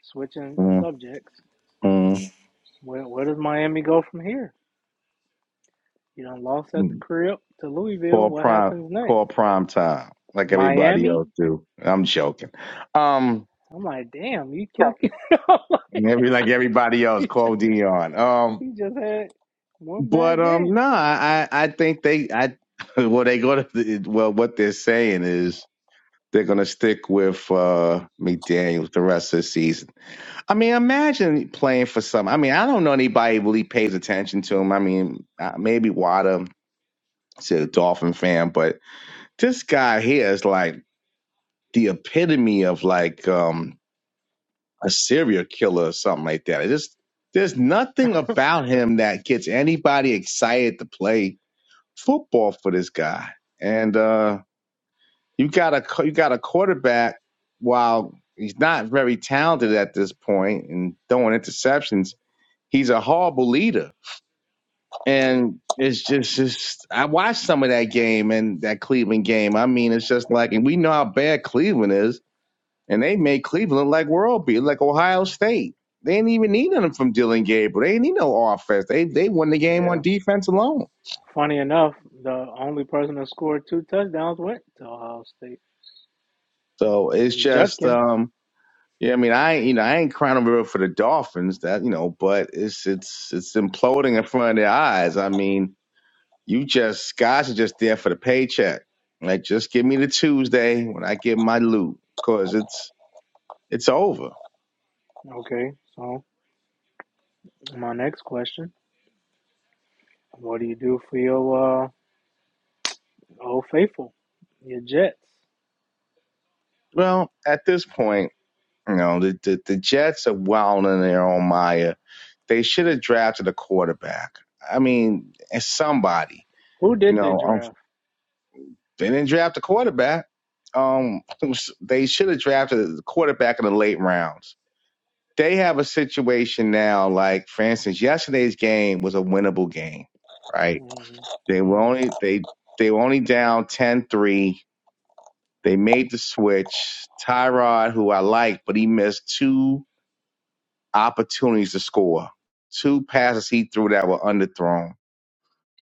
Switching subjects.
Mm,
Where where does Miami go from here? You done lost
mm.
at the crib to Louisville.
Call
What
prime
happens next?
call prime time. Like everybody
Miami
else do. I'm joking. Um
I'm like, damn, you
No.
kept I'm like,
Maybe like everybody else,
he just,
call Dion. Um,
he just had one
but
bad
um,
game.
no, I I I think they I well they go to well what they're saying is they're gonna stick with uh McDaniel's the rest of the season. I mean, imagine playing for some. I mean, I don't know anybody really pays attention to him. I mean, uh, maybe Wada, is a Dolphin fan, but this guy here is like. the epitome of like um a serial killer or something like that. It just there's nothing about him that gets anybody excited to play football for this guy. And uh you got a you got a quarterback while he's not very talented at this point and throwing interceptions, he's a horrible leader.
Yeah.
And it's just, just I watched some of that game and that Cleveland game. I mean, it's just like and we know how bad Cleveland is And they made Cleveland like world beat, like Ohio State. They didn't even need nothing from Dylan Gabriel. They didn't need no offense. They they won the game
Yeah.
on defense alone.
Funny enough, the only person that scored two touchdowns went to Ohio State.
So it's
And
just
Judkins.
um yeah, I mean I ain't- you know, I ain't crying over for the Dolphins that you know, but it's it's it's imploding in front of their eyes. I mean, you just guys are just there for the paycheck. Like just give me the Tuesday when I get my loot, cause it's it's over.
Okay, so my next question. What do you do for your uh old faithful? Your Jets.
Well, at this point, you know, the the, the Jets are wilding in their own mire They should have drafted a quarterback. I mean, somebody.
Who
You
did they
know, um,
draft?
they didn't draft a quarterback. Um, they should have drafted a quarterback in the late rounds. They have a situation now, like for instance, yesterday's game was a winnable game, right?
mm
They were
mm
only they they were only down ten three. They made the switch. Tyrod, who I like, but he missed two opportunities to score, two passes he threw that were underthrown.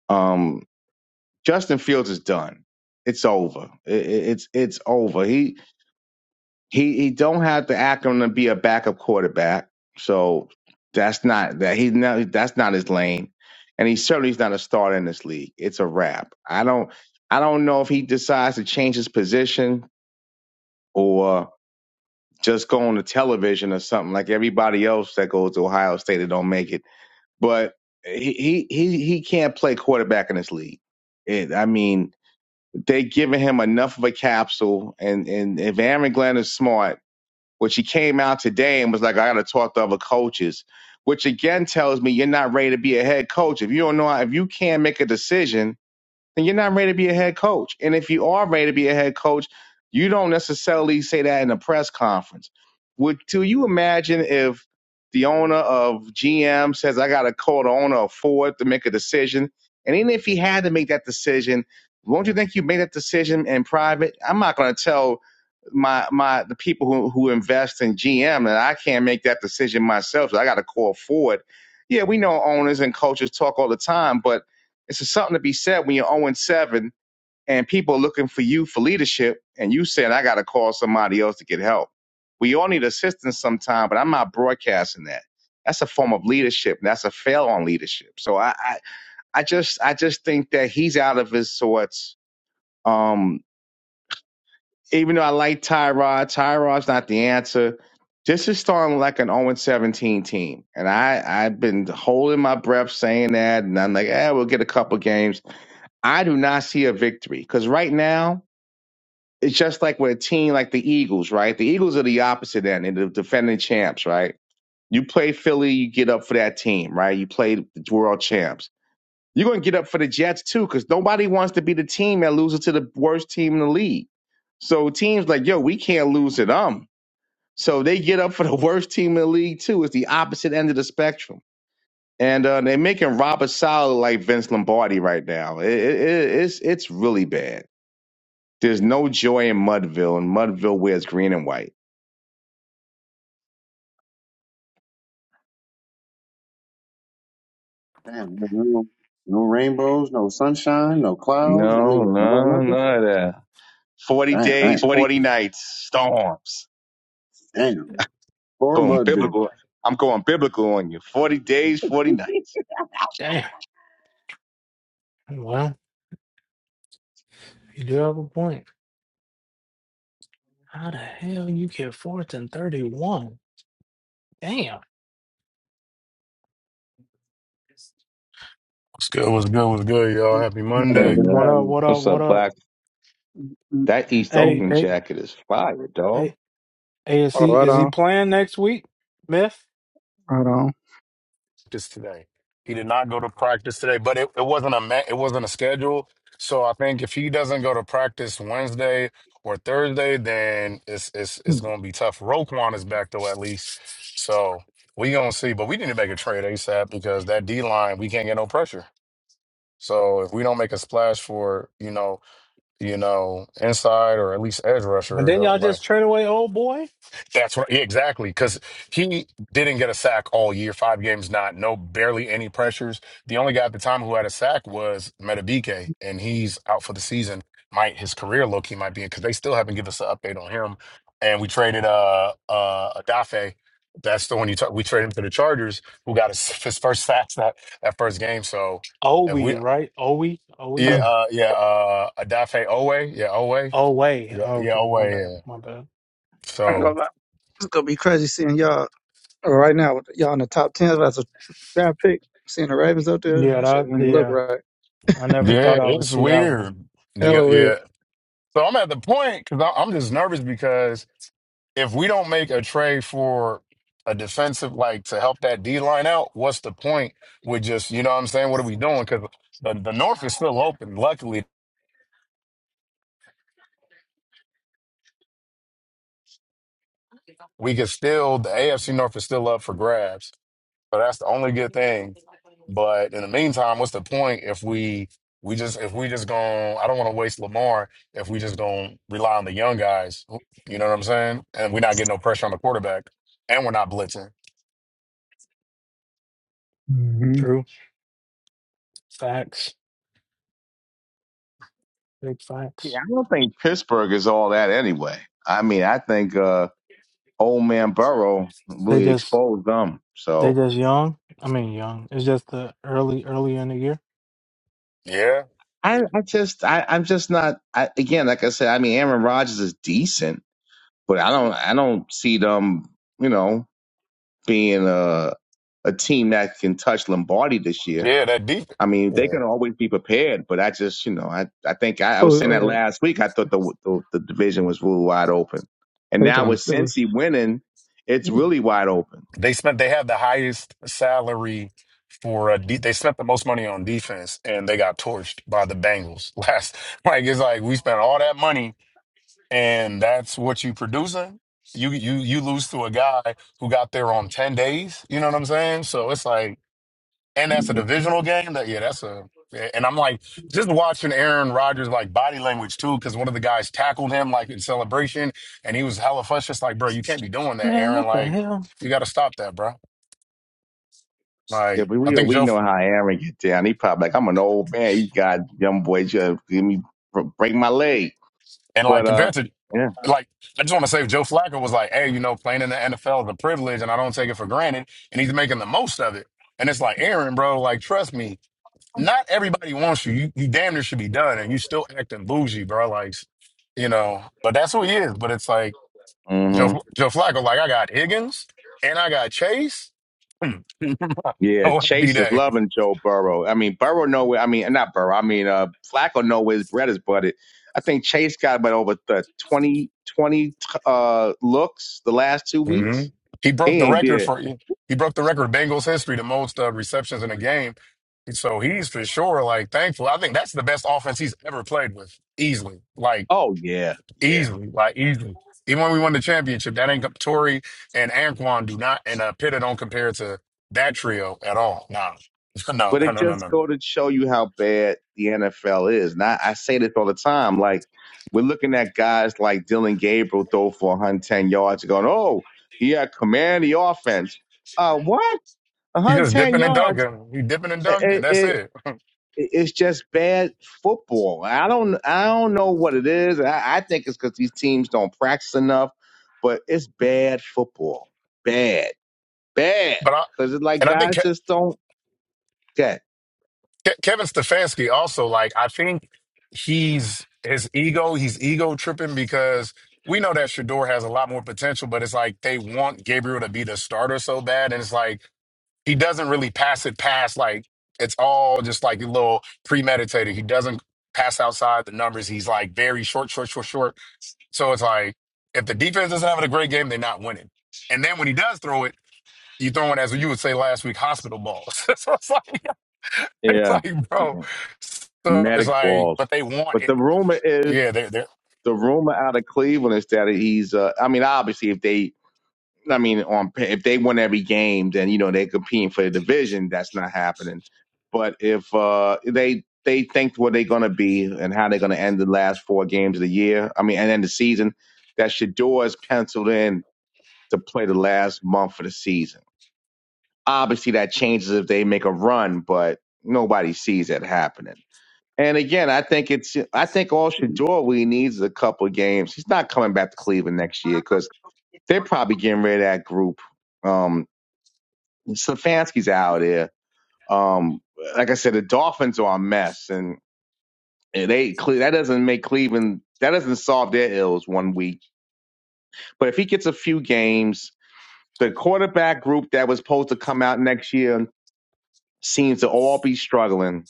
Um, Justin Fields is done. It's over. I- I- it's it's over. He he he don't have to act on to be a backup quarterback. So that's not that he's not that's not his lane. And he certainly is not a starter in this league. It's a wrap. I don't I don't know if he decides to change his position or just go on the television or something like everybody else that goes to Ohio State and don't make it. But he he he he can't play quarterback in this league. It, I mean, they giving him enough of a capsule. And and if Aaron Glenn is smart, which he came out today and was like, I got to talk to other coaches, which again tells me you're not ready to be a head coach. If you don't know, how, if you can't make a decision then you're not ready to be a head coach. And if you are ready to be a head coach, you don't necessarily say that in a press conference. Would do you imagine if the owner of GM says, I gotta call the owner of Ford to make a decision? And even if he had to make that decision, won't you think you made that decision in private? I'm not gonna tell my my the people who who invest in GM, and I can't make that decision myself. So I got to call Ford. Yeah, we know owners and coaches talk all the time, but it's just something to be said when you're 0 and 7 and people are looking for you for leadership, and you saying I got to call somebody else to get help. We all need assistance sometime, but I'm not broadcasting that. That's a form of leadership, and that's a fail on leadership. So I, I, I just, I just think that he's out of his sorts. Um, even though I like Tyrod, Tyrod's not the answer. This is starting like an 0 17 team. And I, I've been holding my breath saying that. And I'm like, eh, we'll get a couple games. I do not see a victory because right now, it's just like with a team like the Eagles, right? The Eagles are the opposite end. They're the defending champs, right? You play Philly, you get up for that team, right? You play the world champs. You're going to get up for the Jets too, because nobody wants to be the team that loses to the worst team in the league. So teams like, yo, we can't lose to them. So they get up for the worst team in the league too. It's the opposite end of the spectrum, and uh, they're making Robert Sala like Vince Lombardi right now. it, it- it's it's really bad. There's no joy in Mudville, and Mudville wears green and white.
Damn, no, no no rainbows, no sunshine, no clouds. I
No,
mean, no
no,
nothing.
none of that. Forty
Damn,
days,
What do you
forty nights, storms.
damn, or
Going
mud dream.
biblical. I'm going biblical on you. Forty days, forty nights.
Damn. Well, you do have a point. How the hell you get fourth and thirty one? Damn.
What's good? What's good? What's good, y'all?
Mm,
Happy
I mean,
Hey
Monday.
what's
What
man,
up?
happening?
What up?
what's
What
up,
up?
Black?
mm, mm,
That
mm,
East
mm.
Hey,
Oakland
hey,
jacket is fire,
hey,
dog.
hey, is
Oh,
he
right
is he
on,
playing next week, Myth?
right on.
Just today. He did not go to practice today, but it, it wasn't a ma- it wasn't a schedule. So I think if he doesn't go to practice Wednesday or Thursday, then it's it's it's gonna be tough. Roquan is back though at least. So we gonna see. But we need to make a trade ASAP because that D line, we can't get no pressure. So if we don't make a splash for, you know, you know, inside or at least edge
But
rusher,
then
don't
y'all
like,
just trade away old boy.
That's right. Yeah, exactly. Because he didn't get a sack all year, five games, not, no, barely any pressures. The only guy at the time who had a sack was Metabike, and he's out for the season. Might his career look he might be in because they still haven't given us an update on him. And we traded uh uh Adafe. That's the one you talk. We traded him to the Chargers, who got his, his first sacks that that first game. So
Oh,
if
we
we,
right? Oh, we, oh, we,
yeah,
Ugh,
uh, yeah, uh, Adafe Owe, yeah, Owe,
oh, way.
yeah, yeah,
Okay,
Owe,
my bad,
yeah.
my bad.
I ain't
So.
gonna lie. It's gonna be crazy seeing y'all right now. with Y'all in the top ten as a draft pick. Seeing the Ravens up there,
Yeah,
that shit
that
don't even look
yeah.
right.
I never thought
Yeah,
I would
it's
see that one.
weird. The,
Hella weird.
yeah. So I'm at the point because I'm just nervous because if we don't make a trade for a defensive, like to help that D line out, what's the point with just, you know what I'm saying? What are we doing? Because the, the North is still open. Luckily, we could still, the AFC North is still up for grabs. So that's the only good thing. But in the meantime, what's the point if we we just if we just going I don't want to waste Lamar if we just gonna rely on the young guys. You know what I'm saying? And we're not getting no pressure on the quarterback, and we're not blitzing.
Mm-hmm.
True facts, big
Yeah,
facts.
I don't think Pittsburgh is all that anyway. I mean, I think uh, old man Burrow
They
really
just
exposed them.
They
So
just young. I mean, young. It's just the early, early in the year.
Yeah,
I, I just, I, I'm just not. I, again, like I said, I mean, Aaron Rodgers is decent, but I don't, I don't see them. You know, being a a team that can touch Lombardi this year.
yeah, that deep.
I mean, they
Yeah,
can always be prepared, but I just, you know, I, I think I, I was
Oh,
saying that
uh,
last week. I thought the, the the division was really wide open, and
they
now
talking
with
to Steelers.
Cincy winning, it's
Mhm.
really wide open.
they spent. They have the highest salary for a. De- they spent the most money on defense, and they got torched by the Bengals last. Like it's like we spent all that money and that's what you producing, you you you lose to a guy who got there on ten days. You know what I'm saying? So it's like, and that's a divisional game. That yeah, that's a. yeah, And I'm like just watching Aaron Rodgers like body language too, because one of the guys tackled him like in celebration, and he was hella fussed, just like, bro, you can't be doing that,
Man,
Aaron.
what the
Like,
hell?
you got to stop that, bro.
Yeah,
Like,
but
I
we
think
we
Joe.
know how Aaron get down. He probably like, I'm an old man. You got young boys, you gotta give me break my leg.
And like
But uh,
compared to like I just want to say if Joe Flacco was like, hey, you know, playing in the NFL is a privilege and I don't take it for granted, and he's making the most of it. And it's like, Aaron, bro, like trust me, not everybody wants you. You you damn near should be done and you still acting bougie, bro. Like, you know, but that's who he is. But it's like
yeah.
Joe Joe Flacco, like I got Higgins and I got Chase.
Yeah,
oh happy
Chase is
day.
loving Joe Burrow. I mean, Burrow know where, I mean, not Burrow. I mean, uh, Flacco know where his bread is buttered. I think Chase got about over the 20 20 uh, looks the last two
hmm
weeks.
He
He
broke the
ain't
record
been.
for he broke the record of Bengals history, the most uh, receptions in a game. And so he's for sure like thankful. I think that's the best offense he's ever played with, easily, like
Oh yeah, yeah.
easily, like easily. Even when we won the championship, that ain't Tory and Anquan do not and uh, Pitta don't compare to that trio at all. Nah. No,
But
no,
it
no, no,
just
no.
go to show you how bad the NFL is. And I, I say this all the time. Like we're looking at guys like Dylan Gabriel throw for 110 yards, and going, "Oh, he had command of the offense." Uh, what?
He just
110
dipping and
yards?
dunking. He dipping and dunking. That's
It,
it.
It- It's just bad football. I don't I don't know what it is. I, I think it's because these teams don't practice enough, but it's bad football. Bad, bad.
But I
Because it's like
and I think
guys just don't get.
Ke- Kevin Stefanski also like I think he's his ego he's ego tripping because we know that Shador has a lot more potential, but it's like they want Gabriel to be the starter so bad, and it's like he doesn't really pass it past like it's all just like a little premeditated. He doesn't pass outside the numbers. He's like very short, short, short, short. So it's like if the defense isn't having a great game, they're not winning. And then when he does throw it, you throw it as you would say last week, hospital balls. so it's like It's
Yeah,
like, bro. So it's
medic
like,
balls.
but they want
But
it.
the rumor is
Yeah, they,
the rumor out of Cleveland is that he's. Uh, I mean, obviously, if they I mean, on pa- if they win every game, then you know they're competing for the division. That's not happening. But if uh, they they think where they're gonna be and how they're gonna end the last four games of the year, I mean, and then the season, that Shador is penciled in to play the last month of the season. Obviously, that changes if they make a run, but nobody sees that happening. And again, I think it's I think all Shador really needs is a couple of games. He's not coming back to Cleveland next year because they're probably getting rid of that group Um, Stefanski's out there. Um, like I said, the Dolphins are a mess, and they that doesn't make Cleveland that doesn't solve their ills one week. But if he gets a few games, the quarterback group that was supposed to come out next year seems to all be struggling,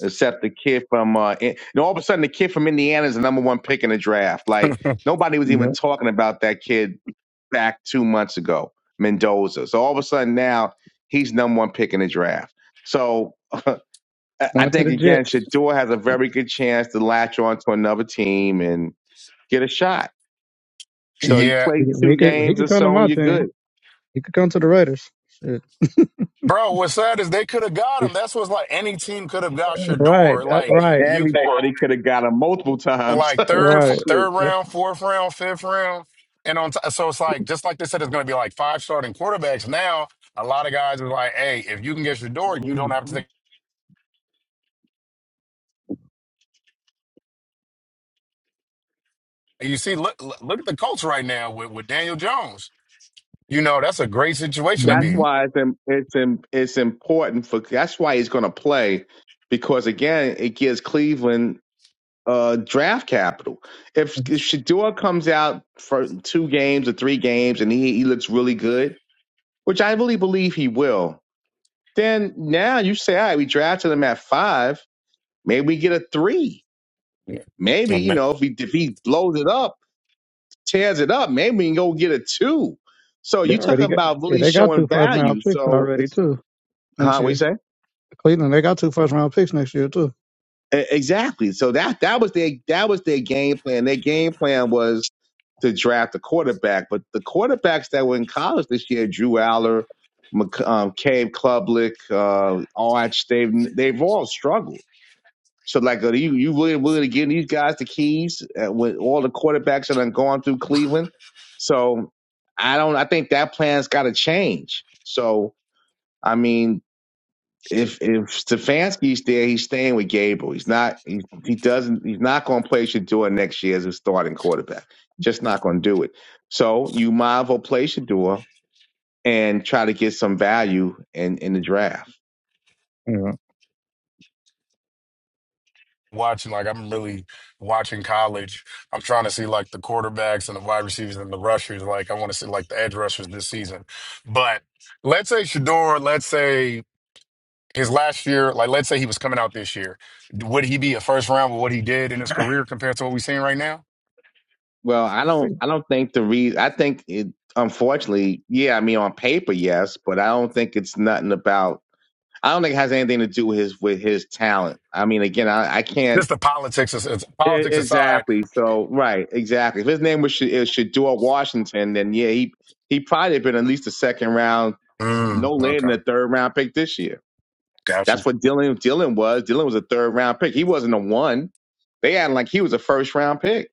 except the kid from uh, in, and all of a sudden the kid from Indiana is the number one pick in the draft. Like
they.
nobody was even
Yep,
talking about that kid back two months ago, Mendoza. So all of a sudden now he's number one pick in the draft. So I I
going to
think
the
again,
Jets.
Shador has a very good chance to latch on to another team and get a shot. So you
yeah,
play
He, he
two
could he
games or
could come to
so, and
my
you're good.
team. He could come to the Raiders. Shit.
bro. What's sad is they could have got
We
him.
should-
That's what's like. Any team could have got
Right,
Shador.
that,
Like
But
right,
you,
everybody could have got him multiple times.
like third, f-
right.
Shit.
third
That's,
round, fourth round, fifth round, and on. T- so it's like, just like they said, it's going to be like five starting quarterbacks. Now a lot of guys are like, hey, if you can get Shador, you don't have to think. You see, look, look look at the Colts right now with, with Daniel Jones. You know, that's a great situation to
that's
be.
mhm.
why it's im- it's im- it's important for. That's why he's going to play because again, it gives Cleveland uh, draft capital. If, if Shador comes out for two games or three games and he, he looks really good, which I really believe he will, then now you say, all right, we drafted him at five. Maybe we get a three. Maybe, you
Yeah.
know, if he if he blows it up, tears it up, maybe we can go get a two. So
They
you talking
already got
about
yeah,
really
they got
showing
two first round
value.
picks
So
already
it's
too next
huh, what
year.
you say?
Cleveland, they got two first round picks next year too.
E- Exactly. So that that was their that was their game plan. Their game plan was to draft a quarterback. But the quarterbacks that were in college this year, Drew Aller, Mc- um, Cade Klubnik, uh, Arch, they've they've all struggled. So like, are you you really willing to give these guys the keys uh, with all the quarterbacks that have gone through Cleveland? So I don't. I think that plan's got to change. So I mean, if if Stefanski's there, he's staying with Gable. He's not. He, he doesn't. He's not going to play Shador next year as a starting quarterback. Just not going to do it. So you might as well play Shador and try to get some value in in the draft.
Yeah. Mhm.
watching like I'm really watching college. I'm trying to see like the quarterbacks and the wide receivers and the rushers. Like I want to see like the edge rushers this season. But let's say Shador, let's say his last year, like let's say he was coming out this year. Would he be a first round with what he did in his career compared to what we're seeing right now?
Well, I don't. I don't think the reason. I think it. Unfortunately, yeah. I mean, on paper, yes, but I don't think it's nothing about. I don't think it has anything to do with his with his talent. I mean, again, I, I can't
Just the politics as- as-
e-
politics aside.
exactly. So right, exactly. If his name was Sha- is Shador Washington, then yeah, he he probably been at least a second round,
Mm,
no later than
okay.
a third round pick this year.
Got you.
That's what Dylan Dylan was. Dylan was a third round pick. He wasn't a one. They had like he was a first round pick,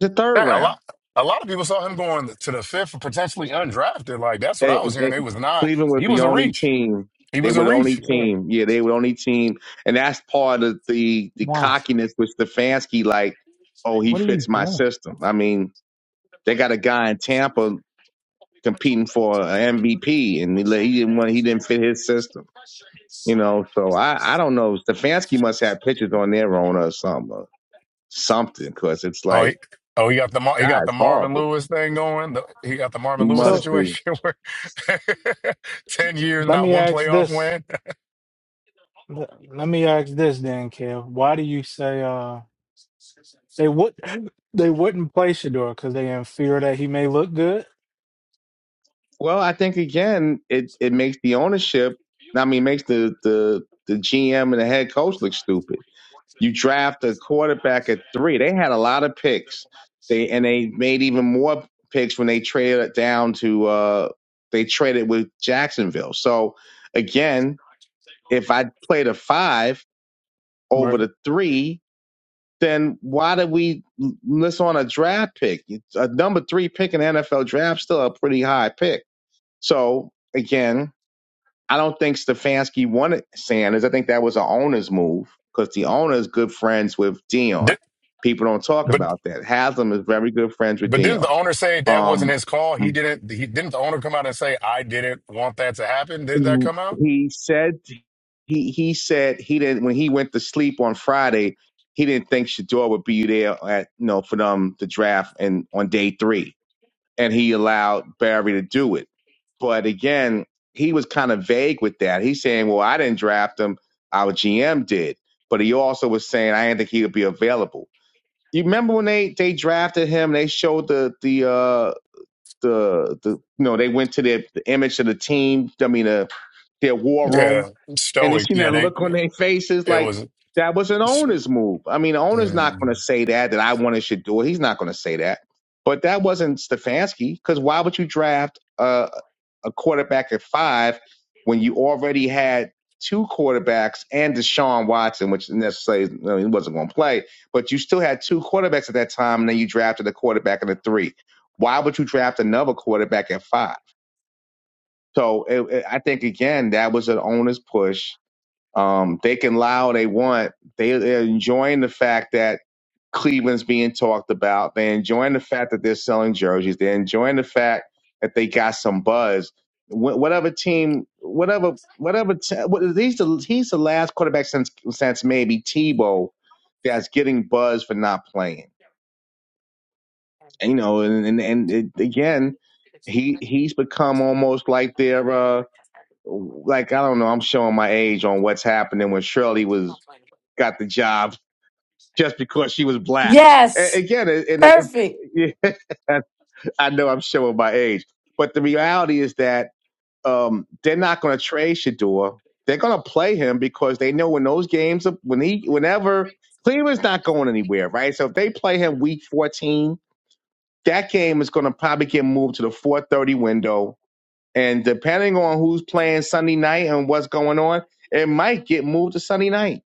the third
Yeah, a lot
round.
a lot of people saw him going to the fifth potentially undrafted. Like that's what
eh,
I was
eh,
hearing. It was not
Cleveland was
he
the
was a
only
reach.
team.
He
They
was a
were the only
reach. Yeah.
team. Yeah, they were the only team, and that's part of the the
Why?
cockiness with Stefanski. Like, oh, he
What are you
fits my
doing?
system. I mean, they got a guy in Tampa competing for an MVP, and he, let- he didn't want he didn't fit his system. You know, so I I don't know. Stefanski must have pictures on their own or something, or something, because it's
Oh,
like,
he, oh, he got the Mar- he
God,
got the
it's
Marvin
horrible.
Lewis thing going. The, he got the
It
Marvin Lewis
must
So
be.
situation where ten years,
let
not
me
one
ask
playoff
this.
win.
Let let me ask this then, Kev. Why do you say uh they would they wouldn't play Shador because they in fear that he may look good?
Well, I think again, it it makes the ownership. I mean, makes the the the GM and the head coach look stupid. You draft a quarterback at three. They had a lot of picks. They and they made even more picks when they traded down to. uh They traded with Jacksonville. So again, if I played a five over
But
the three, then why did we miss on a draft pick? It's A number three pick in the NFL draft still a pretty high pick. So again I don't think Stefanski wanted Sanders. I think that was an owner's move because the owner is good friends with Dion.
Did,
People don't talk
but
about that. Haslam is very good friends with
but didn't the
Dion.
owner say that wasn't
Um,
his call? He didn't. He didn't. The owner come out and say, "I didn't want that to happen." Didn't
he
that come out?
he said he he said he didn't when he went to sleep on Friday. He didn't think Shador would be there at you know for them to draft and on day three. and he allowed Barry to do it. But again, he was kind of vague with that. He's saying, "Well, I didn't draft him; our GM did." But he also was saying, "I didn't think he would be available." You remember when they they drafted him? They showed the the uh the the you know they went to their the image of the team. I mean, uh, their war room
Yeah,
and you
stoic.
seen
Yeah,
that
they.
look on their faces
It
like
was.
that was an owner's move. I mean, the owner's not
mm.
going to say that, that I wanted should do it. He's not going to say that. But that wasn't Stefanski because why would you draft a, a quarterback at five when you already had two quarterbacks and Deshaun Watson, which necessarily you know, he wasn't going to play, but you still had two quarterbacks at that time, and then you drafted a quarterback at a three. Why would you draft another quarterback at five? So it, it, I think, again, that was an owner's push um, they can lie all they want. They, they're enjoying the fact that Cleveland's being talked about. They're enjoying the fact that they're selling jerseys. They're enjoying the fact that they got some buzz. Wh- whatever team, whatever, whatever. T- what, he's the he's the last quarterback since since maybe Tebow that's getting buzz for not playing. And, you know, and and, and it, again, he he's become almost like their uh like I don't know. I'm showing my age on what's happening when Shirley was got the job just because she was black. A-
yes,
again, it- and it,
perfect.
it's I know I'm showing my age, but the reality is that um, they're not going to trade Shador. They're going to play him because they know when those games are- when he whenever Cleveland's not going anywhere, right? So if they play him week 14, that game is going to probably get moved to the 4:30 window, and depending on who's playing Sunday night and what's going on, it might get moved to Sunday night.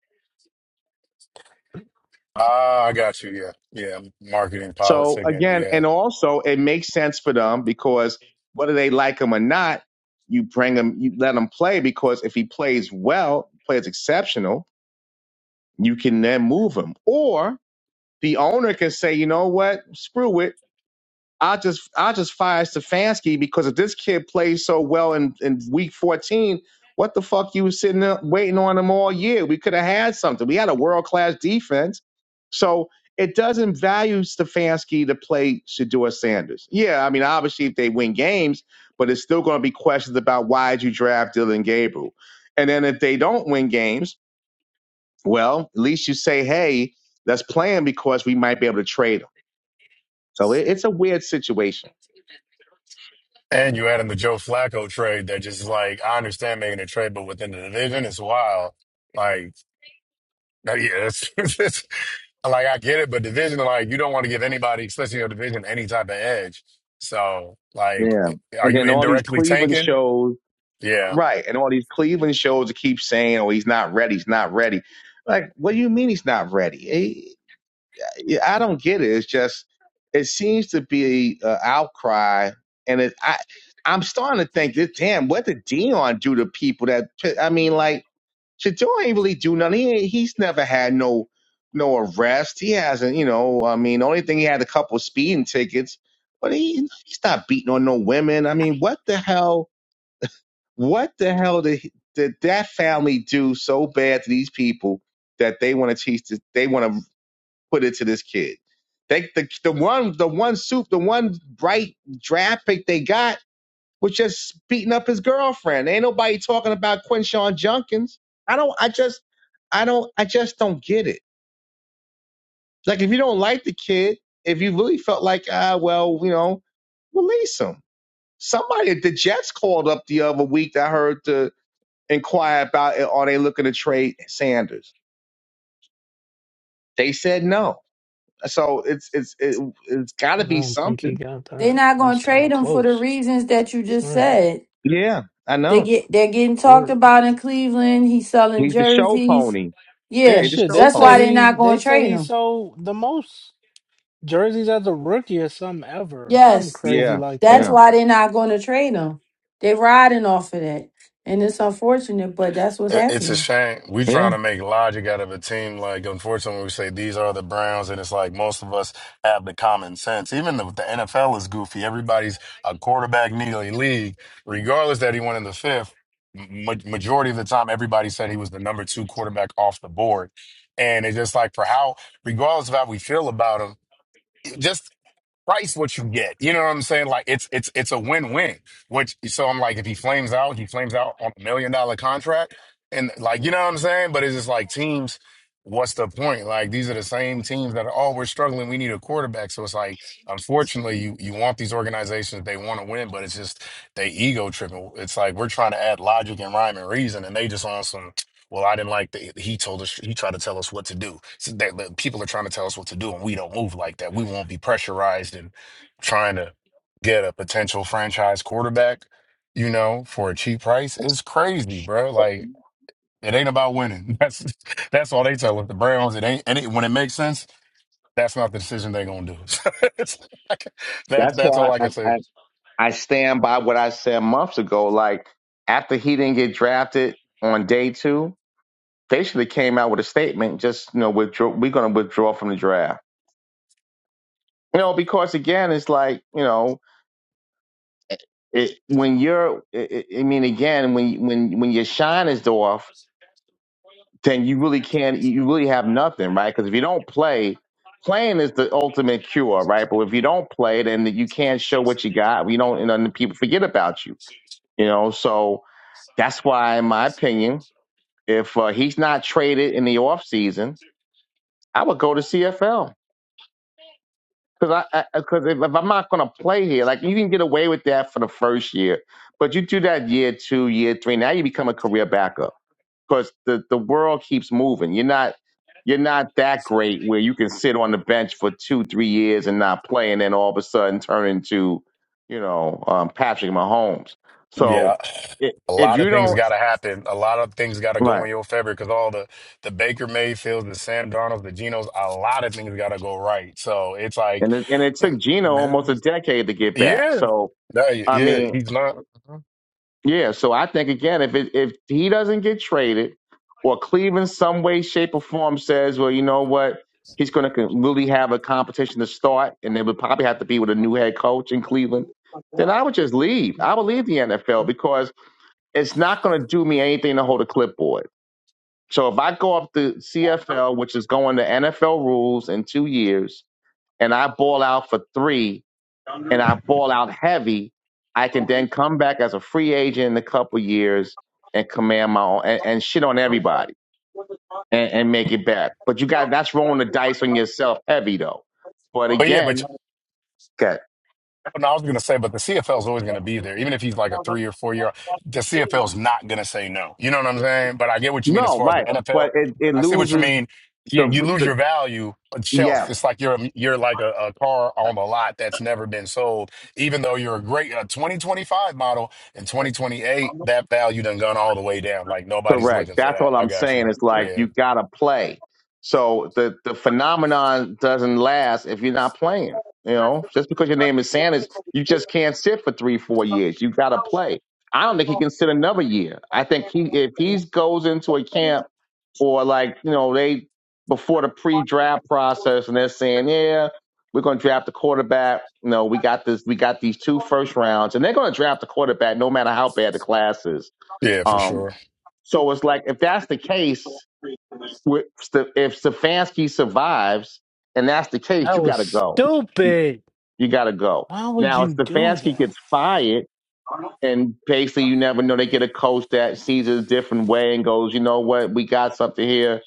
Ah, I got you. Yeah. Yeah. Marketing,
So
politic, and
again,
yeah.
and also it makes sense for them because whether they like him or not, you bring him, you let him play because if he plays well, plays exceptional, you can then move him. Or the owner can say, you know what, screw it. I just I just fired Stefanski because if this kid plays so well in, in week fourteen, what the fuck you was sitting there waiting on him all year? We could have had something. We had a world class defense. So it doesn't value Stefanski to play Shador Sanders. Yeah, I mean obviously if they win games, but it's still gonna be questions about why did you draft Dylan Gabriel? And then if they don't win games, well, at least you say, hey, let's play him because we might be able to trade him. So it, it's a weird situation.
And you add in the Joe Flacco trade that just like, I understand making a trade, but within the division, it's wild. Like, uh, yeah, it's, it's, like, I get it, but division, like, you don't want to give anybody, especially your division, any type of edge. So, like,
Yeah.
eh, are
And
you
then all these
indirectly
Cleveland
tanking?
shows,
Yeah.
right? And all these Cleveland shows that keep saying, "Oh, he's not ready. He's not ready." Like, what do you mean he's not ready? Eh, I don't get it. It's just it seems to be an outcry, and it, I I'm starting to think that damn, what did Dion do to people? That I mean, like. Shadour ain't really do nothing. He ain't- he's never had no no arrest. He hasn't, you know. I mean, the only thing he had a couple speeding tickets, but he he's not beating on no women. I mean, what the hell? What the hell did he- did that family do so bad to these people that they want to teach? This, they want to put it to this kid. They the the one the one soup the one bright draft pick they got was just beating up his girlfriend. Ain't nobody talking about Quinshon Junkins. I don't. I just. I don't. I just don't get it. Like if you don't like the kid, if you really felt like ah well, you know, release him. Somebody the Jets called up the other week. That I heard to inquire about it. Are they looking to trade Sanders? They said no. So it's it's it, it's got to
I
be
don't think he
something.
got
They're
that.
not
That's
gonna
kind
trade
of
him for the
close,
reasons that you just
right?
said.
Yeah, I
They
know.
get they're getting talked
Shador.
about in Cleveland. He's selling
He's the show
jerseys.
pony. Yeah,
Yeah,
he's the
Shit,
so
show
they
that's
say
why
pony.
they're
he's
not going
they
to
say
trade
he
them.
sold the most jerseys as a rookie or something ever, something
Yes,
crazy
Yeah,
like
that's
that.
yeah,
why they're not going to trade them. They're riding off of that, and it's unfortunate, but that's what's
It- It's a
happening.
shame. We
yeah.
trying to make logic out of a team. Like, unfortunately, we say these are the Browns, and it's like most of us have the common sense. Even the, the NFL is goofy. Everybody's a quarterback needy league, regardless that he went in the fifth. ma- Majority of the time, everybody said he was the number two quarterback off the board, and it's just like for how, regardless of how we feel about him, just price what you get. You know what I'm saying? Like it's it's it's a win-win. Which so I'm like, if he flames out, he flames out on a million dollar contract. And like, you know what I'm saying? But it's just like teams, what's the point? Like these are the same teams that are, oh, we're struggling. We need a quarterback. So it's like, unfortunately, you you want these organizations, they want to win, but it's just they ego tripping. It's like we're trying to add logic and rhyme and reason, and they just on some well, I didn't like that. He told us, he tried to tell us what to do. So that, that people are trying to tell us what to do, and we don't move like that. We won't be pressurized and trying to get a potential franchise quarterback, you know, for a cheap price. It's crazy, bro. Like, it ain't about winning. That's that's all they tell us. The Browns, it ain't, and it, when it makes sense, that's not the decision they're going to do. So it's like- that's,
That's
that's
why
all I
I,
can say.
I, I stand by what I said months ago. Like after he didn't get drafted on day two, they should have came out with a statement. Just you know, withdraw. We're going to withdraw from the draft. You know, because again, it's like you know, it, when you're. i I I mean, again, when when when your shine is off, then you really can't. You really have nothing, right? Because if you don't play. Playing is the ultimate cure, right? But if you don't play, then you can't show what you got. You don't, and then people forget about you, you know. So, That's why, in my opinion, if uh, he's not traded in the offseason, I would go to CFL. Because I, I, cause if, if I'm not going to play here, like you can get away with that for the first year, but you do that year two, year three. Now you become a career backup because the, the world keeps moving. You're not you're not that great where you can sit on the bench for two, three years and not play, and then all of a sudden turn into, you know, um, Patrick Mahomes.
Yeah,
So i
a
if
lot
you
of things
don't,
got to happen. A lot of things got to
right.
go in your favor because all the the Baker Mayfields, the Sam Darnolds, the Genos, a lot of things got to go right. So it's like,
and it, and it
you know,
took Gino almost a
man,
decade to get back.
yeah,
So
No,
I
yeah,
mean,
he's not.
yeah. So I think again, if it, if he doesn't get traded, or Cleveland some way, shape, or form says, well, you know what, he's going to really have a competition to start, and they would probably have to be with a new head coach in Cleveland. Then I would
They-
just leave. I would leave the NFL because it's not going to do me anything to hold a clipboard. So if I go up to CFL, which is going to NFL rules in two years, and I ball out for three, and I ball out heavy, I can then come back as a free agent in a couple years and command my own and, and shit on everybody and, and make it back. But you got that's rolling the dice on yourself heavy though. But
But yeah, but
again, Okay.
But No, I was going to say, but the CFL is always going to be there. Even if he's like a three or four year, the CFL is not going to say no. You know what I'm saying? But I get what you mean as
no,
far as the
right.
NFL.
But it, it
I see what you
loses
mean. You,
the,
you lose
the
your value on
yes.
shelf. It's like you're a, you're like a, a car on the lot that's never been sold. Even though you're a great a 2025 model in 2028, that value done gone all the way down. Like nobody's
Correct.
looking for
That's
that.
all
I
I'm
got
saying.
you.
It's like
Yeah,
you gotta play. So the the phenomenon doesn't last if you're not playing. You know, just because your name is Sanders, you just can't sit for three, four years. You gotta play. I don't think he can sit another year. I think he if he goes into a camp or like you know they before the pre-draft process and they're saying yeah we're gonna draft the quarterback. You know we got this we got these two first rounds and they're gonna draft the quarterback no matter how bad the class is.
yeah, for
Um,
sure.
so it's like if that's the case, with Sta- if Stefanski survives, and that's the case,
That
you
was
got to go.
stupid.
You got to go.
Why would
Now, if
you do
Stefanski
that?
gets fired, and basically you never know, they get a coach that sees it a different way and goes, you know what, we got something here.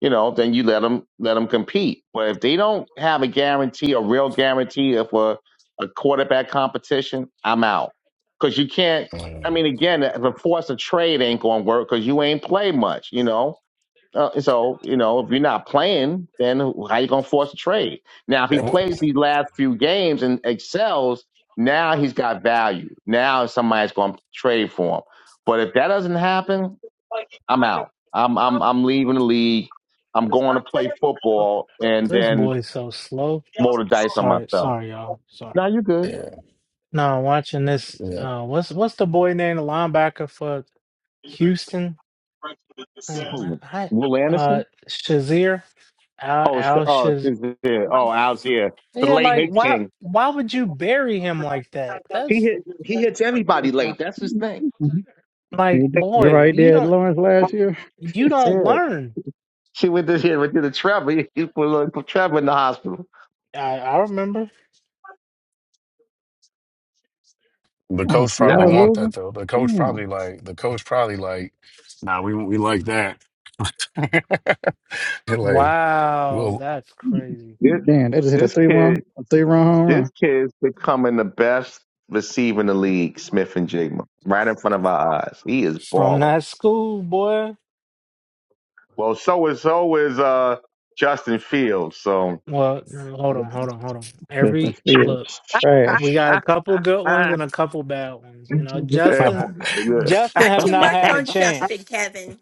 You know, then you let them let them compete. But if they don't have a guarantee, a real guarantee of a, a quarterback competition, I'm out because you can't. I
Mm.
mean, again, the force of trade ain't going to work because you ain't played much. You know, uh, so you know, if you're not playing, then how you gonna force a trade? Now, if
It
he
w-
plays these last few games and excels, now he's got value. Now somebody's gonna trade for him. But if that doesn't happen, I'm out. I'm I'm I'm leaving the league. I'm going to play football and
This
then
boy's so slow.
roll the dice on
Sorry,
myself.
sorry, y'all. Sorry.
Now you good.
yeah,
No, watching this.
yeah.
Uh, what's what's the boy name? The linebacker for Houston? Like what?
Who?
I
Will
uh,
Anderson?
Shazier Al
Oh, sh-
Al
oh,
Shaz.
Shazier. oh, Algier, the
Yeah,
late
like
hit
why?
king.
Why would you bury him like that?
He
That's
hit he hits everybody late. That's his thing.
like boy,
Remember how he
you
did
don't
Lawrence last year?
you don't
Yeah.
learn.
She went to she went to the travel. He put a little travel in the hospital.
I I remember.
The
Oh,
coach probably
Seattle
Nice.
want
losing?
that though. The coach
Damn.
probably like the coach probably like, nah, we we like that. He like,
Wow,
well,
that's crazy.
This,
Damn, they just hit a
this
3 1,
kid,
a 3 run home
this
run.
kid's becoming the best receiver in the league. Smith and Jigma, right in front of our eyes. He is
From
balling.
that school, boy.
Well, so is so is uh Justin Fields. So.
Well, no, hold on, hold on, hold on.
Just
Every
the
look.
trash.
We got a
yeah,
couple good ones and a couple bad ones. You know,
that
I
Justin
boy,
know. Yeah.
Justin
Not
has
too
not
much
had a
on
chance.
Justin, Kevin.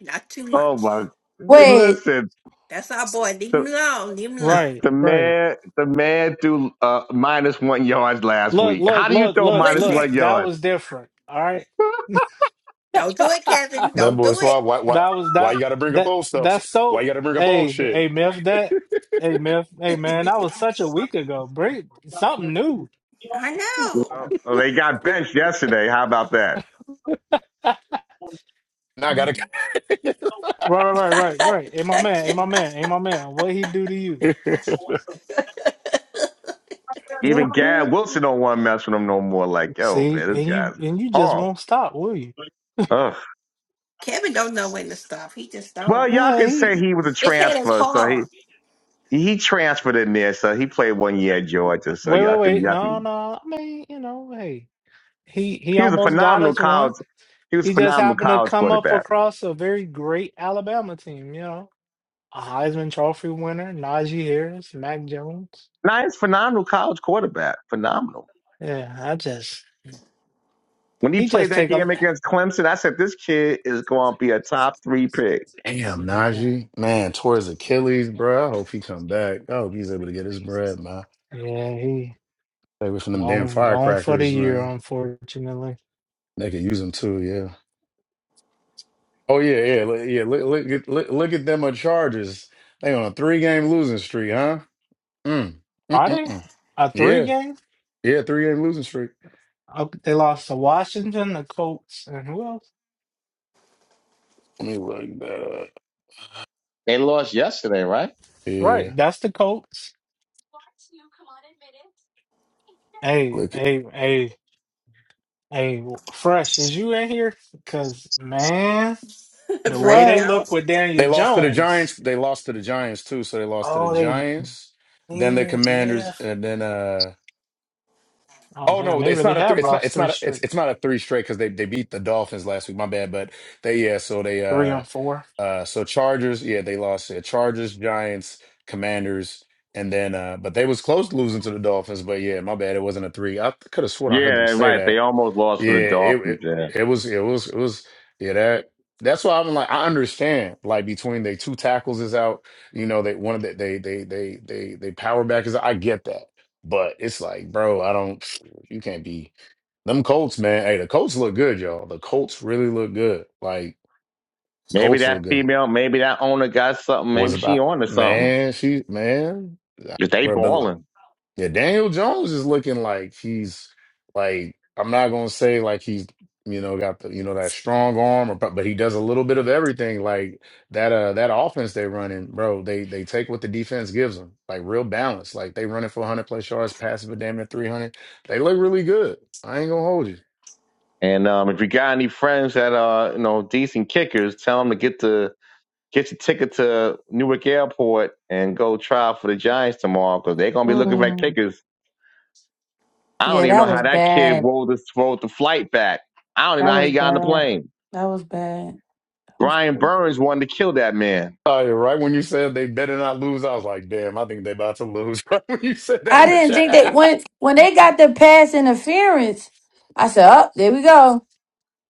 Not too much.
oh my!
Wait,
Listen,
That's our boy. Leave him
the
alone. Leave him alone.
Right,
the
right.
man, the man threw uh, minus one yards last
Look,
week.
look,
How do you
look,
throw
look,
minus
look.
Listen,
one
That
yards?
was different. All right.
don't do it,
that
Kevin.
that
Don't do
boy Swab, why why
was
why you
that
got to bring up
that
old stuff?
that's
Why you
so
got to bring up old
hey,
shit?
hey Myth, that hey Myth, hey
it.
man, that was such a
Yes.
week ago. Bring something
Thank
new.
you.
I know.
Well, well, they got benched yesterday. How about that?
right,
Now I gotta.
right, right, right, right. Hey my man, hey my man, hey my man. What he do to you?
Even Gad Wilson don't want to mess with him no more. Like, yo,
See,
man, this
and you
guy's
and you just
horrible.
won't stop, will you?
Ugh.
Kevin don't know when to stop. He just
Well,
don't.
y'all
Yeah,
could
he
say he was a
His head is
transfer, so he
hard.
he transferred in there, so he played one year at Georgia. So
wait,
y'all
wait,
could
wait.
y'all
No,
could.
no. I mean, you know, hey, he he
He was a
almost got
phenomenal
us one.
college. He was a
He just
phenomenal
happened to
college
come up
quarterback.
across a very great Alabama team. You know, a Heisman Trophy winner, Najee Harris, Mac Jones.
Nice, phenomenal college quarterback. Phenomenal.
Yeah, I just
When he
he
played
just
that
take a
game against Clemson, I said this kid is going to be a top three pick.
Damn,
yeah,
Najee, man, tore his Achilles, bro. I hope he come back. I hope he's able to get his bread, man.
yeah. He
Stay away from them damn
gone gone for the
firecrackers,
year,
man.
unfortunately.
They could use them too, yeah. Oh yeah, yeah, li- yeah. Look, look, at- look, look at them at Chargers. They on a three game losing streak, huh? Mm.
Are they
Mm-mm-mm.
a three
Yeah,
game?
yeah, three game losing streak.
Oh, They lost to Washington, the Colts, and who else?
Let me look that up.
They lost yesterday, right?
Yeah,
Right, that's the Colts. Hey,
look it.
hey, hey, hey, Fresh, is you in here? Because, man,
he
the way they
was.
Frisco.
look with Daniel
They lost to the
Jones.
Giants. They lost to the Giants too. So they lost to the
Oh, they
Giants, then the
did, yeah.
Commanders, and then uh.
Oh,
Oh
damn,
no,
they
it's
really
not a three.
have
It's not.
lost
It's
three
not. A, it's
straight,
it's not a three straight because they they beat the Dolphins last week. My bad, but they yeah. So they
three
uh.
and four.
Uh, so Chargers, yeah, they lost. Yeah, Chargers, Giants, Commanders, and then uh, but they was close to losing to the Dolphins. But yeah, my bad, it wasn't a three. I could have sworn I
Yeah,
heard them say
right. They
that.
almost lost
Yeah,
to the
it,
Dolphins.
it
Yeah.
it was it was it was yeah that that's why I'm like I understand like between they two tackles is out. You know they one of the they they they they they power back is I get that. But it's like, bro, I don't. You can't be them Colts, man. Hey, the Colts look good, y'all. The Colts really look good. Like
Maybe
Colts
that
look good
female, maybe that owner got something.
was
Maybe she
about
on to something.
man, she man,
'Cause they
bro, but
balling.
yeah, Daniel Jones is looking like he's like I'm not gonna say like he's you know got the you know that strong arm or but he does a little bit of everything like that uh that offense they running bro they they take what the defense gives them like real balance like they running for 100 plus yards passing for damn near 300 they look really good I ain't gonna hold you.
And um, if you got any friends that are you know decent kickers, tell them to get the get your ticket to Newark Airport and go try out for the Giants tomorrow because they're gonna be looking for
Mm,
kickers. I don't
yeah,
even know
that
how
was
that kid
bad.
rolled the rolled the flight back. I don't even know
That
how
was
he got on the
bad.
plane.
That was bad. That was
Brian
bad.
Burns wanted to kill that man.
Oh, yeah, right when you said they better not lose, I was like, damn, I think they about to lose. Right when you said that
I
in the
didn't think that
chat.
when when they got the pass interference, I said, oh, there we go."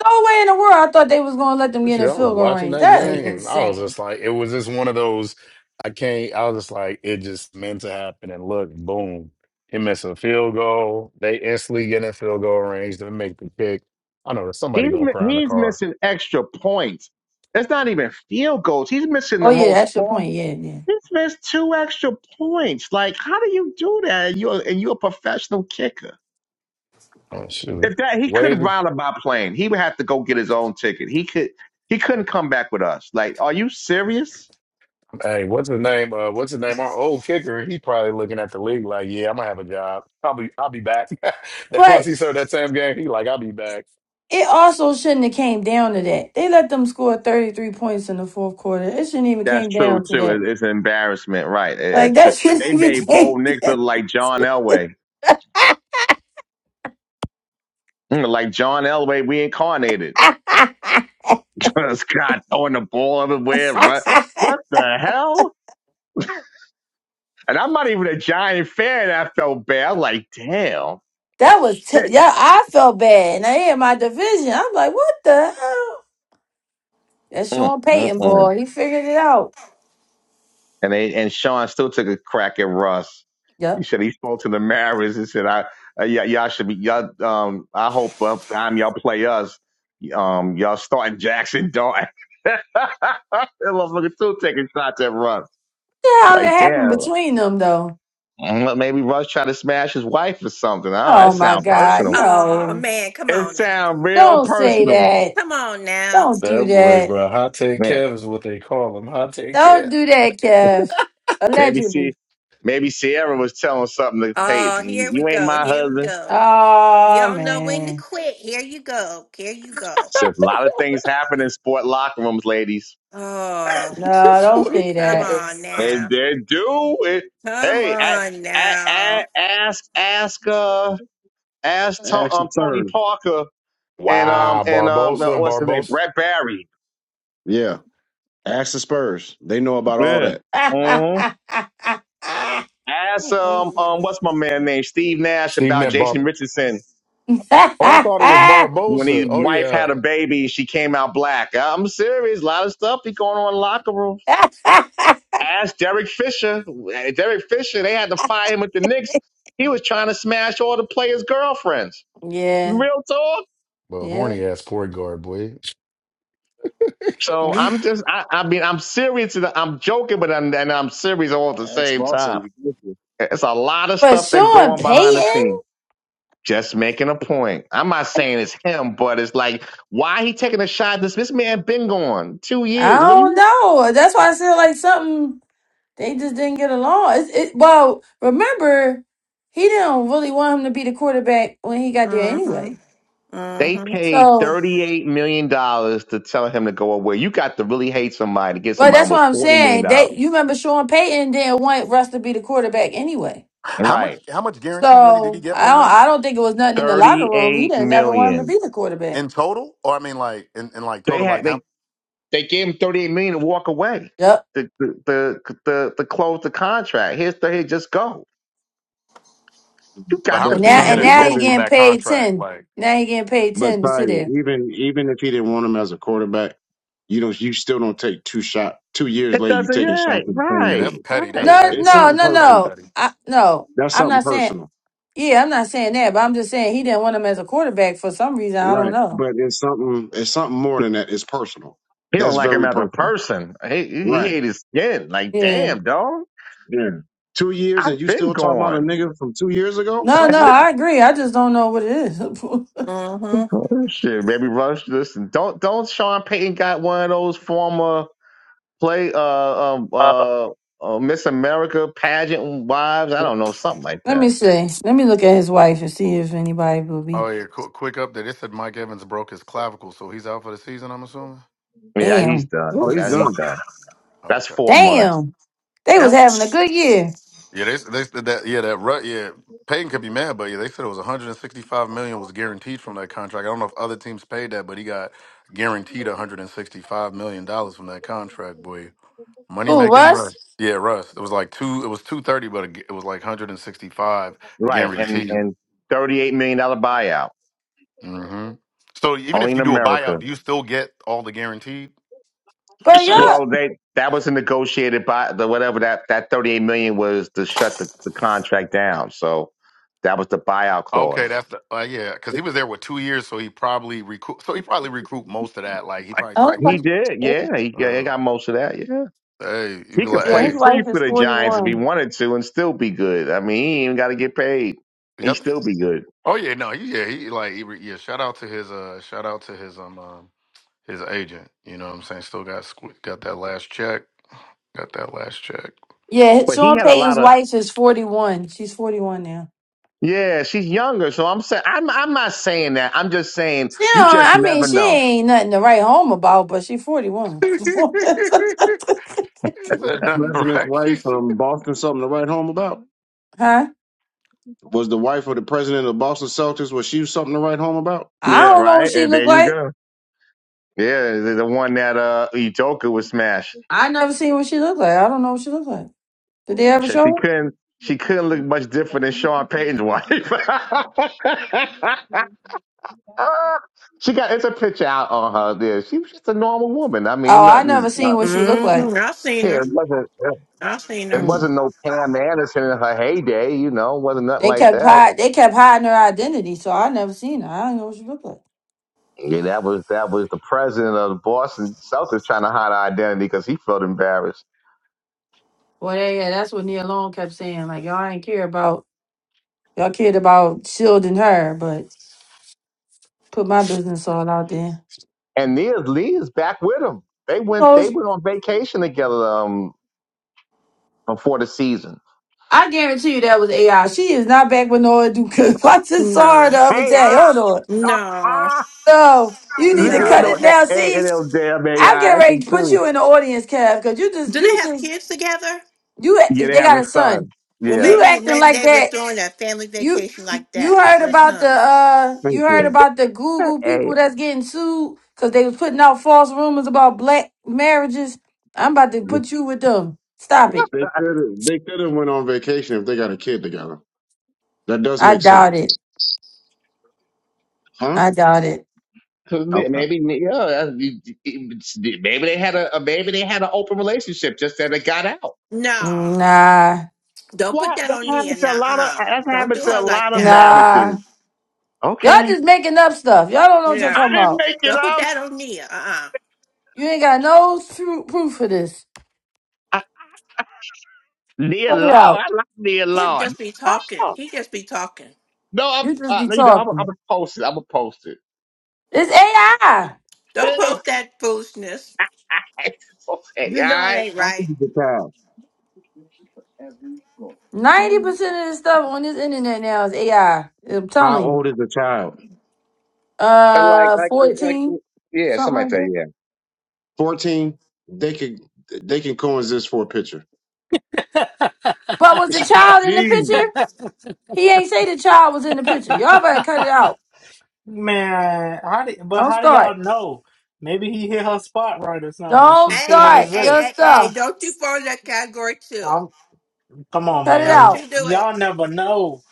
No way in the world I thought they was going to let them
with
get in
you. I was
field goal
watching
range.
that
That is
game. I was
insane.
just like, it was just one of those. I can't. I was just like, it just meant to happen. And look, boom, he missed a field goal. They instantly get in field goal range to make the kick. I know there's somebody
He's
gonna
mi-
cry in the
he's
car.
missing extra points. It's not even field goals. He's missing
Oh
the
yeah,
most
that's your
form.
point. Yeah, yeah.
He's missed two extra points. Like, how do you do that? And you're and you're a professional kicker.
Oh shoot.
If that he
Where's
could
the,
round about playing, he would have to go get his own ticket. He could he couldn't come back with us. Like, are you serious?
hey, what's his name? Uh, what's his name? Our old kicker. He probably looking at the league like, yeah, I'm gonna have a job. I'll be, I'll be back. That once
But
he served that same game, he like, I'll be back.
It also shouldn't have came down to that. They let them score 33 points in the fourth quarter. It shouldn't even
That's
came
true
down to
too.
that.
It- It's an embarrassment, right? It-
Like
It's true.
that shouldn't
They
even
made
came
Bo Nix look
down.
like John Elway, Mm, like John Elway reincarnated. Scott throwing the ball everywhere. What, what the hell? And I'm not even a giant fan. I felt bad. I'm like, damn.
that was t-
Shit.
yeah, I felt bad. And I had my division. I'm like, what the hell? That's
Mm,
Sean
mm,
Payton
mm.
boy. He figured it out.
And they, and Sean still took a crack at Russ. He
Yep.
said he spoke to the Mariners and said, "I, uh, y- y'all should be, y'all, um, I hope up time y'all play us, um, y'all starting Jackson Dart." that motherfucker still taking shots at Russ.
The hell that
Like,
happen
damn,
between them though?
mm, maybe Russ tried to smash his wife or something. I don't know. That
Oh my
sounds
God.
personal.
Oh
No.
man, come
It
on now.
sounds real
Don't say
personal.
that.
Come on now.
Don't
That
do
boy,
that.
bro. Hot take
Man,
Kev is what they call him. Hot take Kev.
Don't do that, Kev.
maybe she,
Allegedly.
maybe Sierra was telling something to
Oh,
Peyton.
here we
You ain't
go.
my
Here we
husband.
go. You
Oh
don't know when to
man.
quit. Here you go. Here you go.
Says a lot of things happen in sport locker rooms, ladies.
No,
this
don't
Oh,
week.
say
come
that.
on
They,
now.
they do it.
Come
Hey, a
on
a a
now.
ask, ask, uh, ask to, um,
Action
Tony
third.
Parker and um
Wow,
and um uh,
Barbosa,
what's his name,
Barbosa,
Brett Barry.
Yeah. Ask the Spurs. They know about all
Yeah.
that.
Mm-hmm. Ask um
Mm-hmm.
um what's my man name, Steve Nash
Stephen
about
that Bar.
Jason Richardson
Oh, I thought it was
When his
Barbosa. Oh
wife
yeah,
had a baby, she came out black. I'm serious. A lot of stuff be going on in locker rooms. Ask Derek Fisher. Derek Fisher, they had to fire him with the Knicks. He was trying to smash all the players' girlfriends.
yeah,
Real talk.
well,
yeah.
horny ass point guard boy.
And
So
he,
I'm just, I, I mean, I'm serious. and I'm joking, but I'm, and I'm serious all at the
Ask
same
Boston.
time.
You get it.
It's a lot of
but
stuff that go
Sean
on behind the scenes.
Payton,
Just making a point. I'm not saying it's him, but it's like, why he taking a shot? This this man been gone two
I
years. What do you?
don't know. That's why I said like something. They just didn't get along. It's, it, well, remember, he didn't really want him to be the quarterback when he got there
Mm-hmm.
anyway.
They paid
So,
$38 million dollars to tell him to go away. You got to really hate somebody to get
but
somebody
that's what
almost
I'm
$40 million.
saying.
dollars.
They, you remember Sean Payton didn't want Russ to be the quarterback anyway.
How much
Right.
how much guaranteed money did he
So
get
I
from
don't,
them
I don't think it was nothing in the locker room. He
$38
didn't never want him
million.
to
dollars.
be the quarterback.
in total? Or I mean like in, in like
They
total
had,
like how
they, they gave him $38 million dollars to walk away.
Yep.
The, the, the, the, the close the contract. Here's the, here, just go. You
but
got
how
to
And
much
But
be,
did
now,
he
Ty,
get
and
in
you
now
got,
he
total from
even
getting
that
paid
contract?
ten.
Like
Now he getting paid
but
ten to
Ty,
sit there.
even even if he didn't want him as a quarterback, you don't. You still don't take two shot. Two years
it
later, you
doesn't,
taking
yeah,
shots at the
yeah,
same
that's
right,
building.
petty. That's
right.
No,
petty,
It's
no,
bro.
something
no,
That's hella
personal.
no.
petty.
I no.
That's
I'm
something
not saying.
personal,
Yeah, I'm not saying that, but I'm just saying he didn't want him as a quarterback for some reason. I don't
right?
know.
But it's something. It's something more than that. It's personal.
He don't
That's
like him
very
as a
personal,
person. He, he, he
right?
hate his skin. Like,
Yeah.
damn, dog.
Yeah. Two years
I've
and you
been
still talking about a
gone.
nigga from two years ago?
No, no,
Something wrong.
I agree. I just don't know what it is.
Mm-hmm.
Oh, Shit, baby, rush this. Don't don't Sean Payton got one of those former play uh um uh, uh Miss America pageant wives? I don't know, something like
Let me
that.
see. Let me look at his wife and see if anybody will be.
Oh yeah, quick, quick update. It said Mike Evans broke his clavicle, so he's out for the season. I'm assuming.
Yeah, he's
Damn.
done.
Oh, he's
Now he's
done.
done. That's four months,
Damn. They was having a good year.
Yeah, they they that yeah that Ru- yeah Payton could be mad, but yeah, they said it was 165 million was guaranteed from that contract. I don't know if other teams paid that, but he got guaranteed 165 million dollars from that contract. Boy, money
Who,
making
Russ?
Russ. Yeah, Russ. It was like two. It was 230, but it was like 165
right? And
guaranteed.
and thirty eight million dollar buyout
hmm So even
only
if
in
you do a buyout,
America.
do you still get all the guaranteed?
But yeah.
Well, they that was a negotiated by the whatever that that thirty eight million was to shut the, the contract down. So that was the buyout
Okay,
clause.
that's the, uh, yeah, because he was there with two years, so he probably recoup. So he probably recouped most of that. Like he probably
Oh,
took a
his
He
wife
little.
is-
did,
dead.
yeah. He, got- he
uh,
got most of that, yeah.
Hey, you
He
be
could
like,
Yeah,
play
his
hey,
free
wife
for
is
the Giants if he
41.
wanted to and still be good. I mean, he ain't even got to get paid.
yeah.
He still be good.
Oh yeah, no, he- yeah, he like, he, re- yeah. Shout out to his, uh, shout out to his, um, um, his agent. You know what I'm saying? Still got squ- got that last check. Got that last check.
Yeah,
But he
Sean
had a
Payton's
lot of
wife is 41. She's 41 now.
yeah. She's younger, so I'm saying I'm I'm not saying that. I'm just saying
Still,
you just
I mean,
never
she
know.
ain't nothing to write home about, but she 41.
He said nothing,
President's
right?
wife from Boston. Something to write home about.
huh?
Was the wife of the president of the Boston Celtics was she something to write home about?
I
Yeah,
don't know
right.
what she
And
look
there you
like.
go. Yeah, the the one that uh Udoka was smashed.
I never seen what she look like. I don't know what she look like. Did they
And
ever
She
show
she
her?
couldn't she couldn't look much different than Sean Payton's wife. she got it's a picture out on her. there. she was just a normal woman. I mean,
Oh, I
nothing.
never
Uh,
seen what she looked
Mm-hmm.
like.
I've seen
yeah,
her.
it wasn't.
I've seen
It
her.
Mm.
wasn't no Pam Anderson in her heyday, you know, it wasn't nothing
They
like
kept
that.
hide, they kept hiding her identity, so I never seen her. I do not know what she looked like.
Yeah, that was that was the president of the Boston Celtics trying to hide her identity because he felt embarrassed.
Well, yeah, yeah, that's what Nia Long kept saying. Like y'all ain't care about y'all cared about shielding her, but put my business all out there.
And Nia Lee is back with him. They went
No,
they
sh-
went on vacation together um before the season.
I guarantee you that was AI. She is not back with Nora Duke. I just saw her
No.
the other
Hey,
day.
ah,
Hold on.
ah,
No.
ah.
No, you need
look
to
at
cut
no
No.
it
hey,
now.
hey,
See,
it was damn
I'm
AI.
getting ready
It's
to put
true.
you in the audience, Kev, because you just
Do they
you
have
just
kids together?
You
Yeah,
they
they have
got
a
a son.
son.
Well,
Yeah.
You
maybe
acting
maybe
like
they were
that.
doing a family
You
vacation like
you
that
heard
for a
about the
son.
uh you
Thank
heard
you.
about the Google
Hey.
people that's getting sued because they was putting out false rumors about black marriages. I'm about to put you with them. Stop it.
They could have they could have went on vacation if they got a kid together. That does
I
make sense,
doubt it.
huh?
I doubt it.
Okay.
Maybe yeah, that's- it's- maybe they had a a- maybe they had an open relationship, just that it got out.
No,
Nah.
don't put
What
that
that
on Nia.
happens to a
Nah,
lot of
uh,
that
don't do
happens to a
her like
lot of
that.
Nah.
marriages.
Y'all
Okay,
just making up stuff. Y'all don't know what y'all
I
Yeah,
talking
didn't
about.
make it
don't put
up.
that on Nia. Uh, uh
You ain't got no true proof for this.
I, Nia
Cut it
Law,
out.
I like Nia
him
Law.
just be
Nia
talking.
Long.
He just be talking.
No,
You just
I'm
be
uh, you know I'm I'm
talking.
gonna post it. I'm gonna post it.
It's AI.
Don't
You know,
post that foolishness.
it's okay,
You
all
know it
right.
ain't
How old
right.
is the child?
Ninety percent of the stuff on this internet now is AI. I'm
How
telling you.
old is the child?
And like
Uh,
like like
fourteen,
yeah,
something
somebody
like
say
that.
yeah.
Fourteen. They could they can coexist for a picture.
But was the child in the
Jeez.
picture? He ain't say the child was in the picture. Y'all better cut it out.
Man, how do, but
Don't
how do
start.
y'all know? Maybe he hit her spot right or something.
Don't
She couldn't
Hey,
start
hey,
your
resist.
hey, hey!
stuff.
Don't you fall in that category too?
I'm, come on,
Cut it
Don't
man.
you
out.
do
Y'all
it?
never know.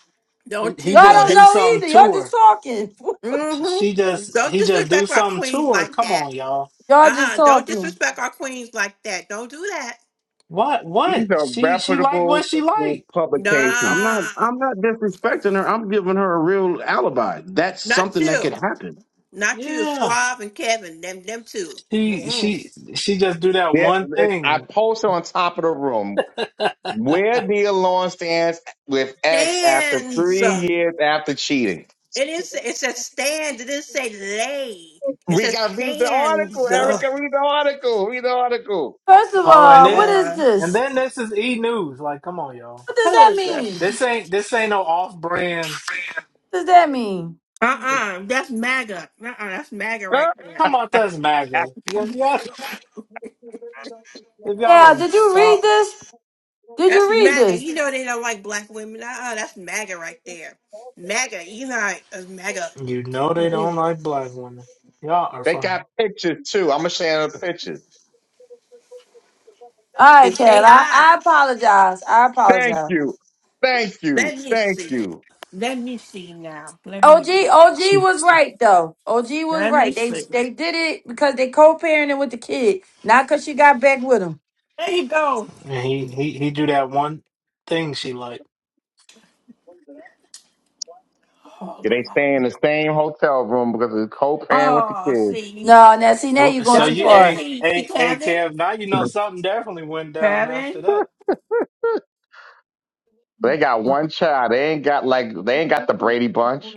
Don't
He
you
Y'all
do
just
don't
it?
do
know
something
either. Y'all
to
just
her.
talking.
She
Mm-hmm.
just,
Don't
he just do
disrespect our
something
queens
to her.
like
Come
that.
on, y'all.
Y'all just
Uh-uh. Don't
talking.
disrespect our queens like that. Don't do that.
What? What?
These are
She she like
reputable
what she like.
publications.
I'm not
Nah,
I'm not disrespecting her. I'm giving her a real alibi. That's
not
something that
you.
could happen.
Not you,
Yeah.
Suave and Kevin, them them two.
She
Mm-mm.
she she just do that
Yeah,
one
it, I
thing.
posted on top of the room where Neil Lawrence stands with X after
Stands.
three years after cheating.
It is it says stands. It didn't say lay. It
We
says
got to read the article,
stands. Oh
Erica. Read the article. Read the article.
First of
oh, and
all,
then
what is
Lord.
and
this?
then this is E News. Like, come on, y'all.
What does
Who
that
is
mean?
this?
This ain't this ain't no off brand.
What does that mean?
Uh-uh. That's MAGA. Uh-uh. That's MAGA right
Huh?
there.
Come on, that's MAGA. Yeah, If y'all if y'all
Now,
don't
did you read
stop,
this? Did
That's
you read
MAGA.
this?
You know they don't like black women. Uh-uh. That's MAGA right there. MAGA. You know it's MAGA.
you know they don't
Mm-mm.
like black women. Y'all are
They
funny.
got pictures too. I'm gonna share the pictures.
All right,
It's
Kat. I,
AI.
I apologize. I
Thank
apologize.
you, thank
Let
you,
me
thank
see.
you.
Let me see now. Let me
OG
read.
OG
She
was right though. OG was
Let me
right. They
see.
they did it because they co-parenting with the kid, not because she got back with him.
There you go.
and he he he do that one thing she like.
Oh,
Yeah, they
Lord.
stay in the same hotel room because it's co-parent with
oh,
the kids.
see,
No, now see now you're going
So
don't
too
you
you
that.
far.
a
See, see,
a a
Kevin,
Kev. Now you know something definitely went down after
Kevin.
that.
They got one child. They ain't got like they ain't got the Brady Bunch.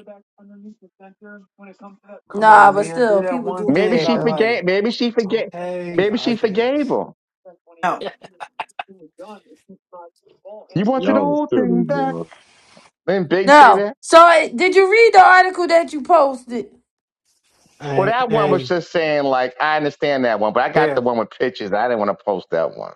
Come
Nah,
on,
but
Nia, do
still,
that
people
one
do do
Maybe
thing
that
I
she
though.
forgave.
like.
Maybe she forgave.
Okay,
Maybe
I
she forgave
guess.
him.
Oh,
You want that
Y'all are
old
silly,
thing back?
bro.
Didn't Big say
No,
that.
so eh, did you read the article that you posted?
Well,
Hey,
that one was
hey,
just saying like, I understand that one, but I got the
Kev,
one with pictures. I didn't want to post that one.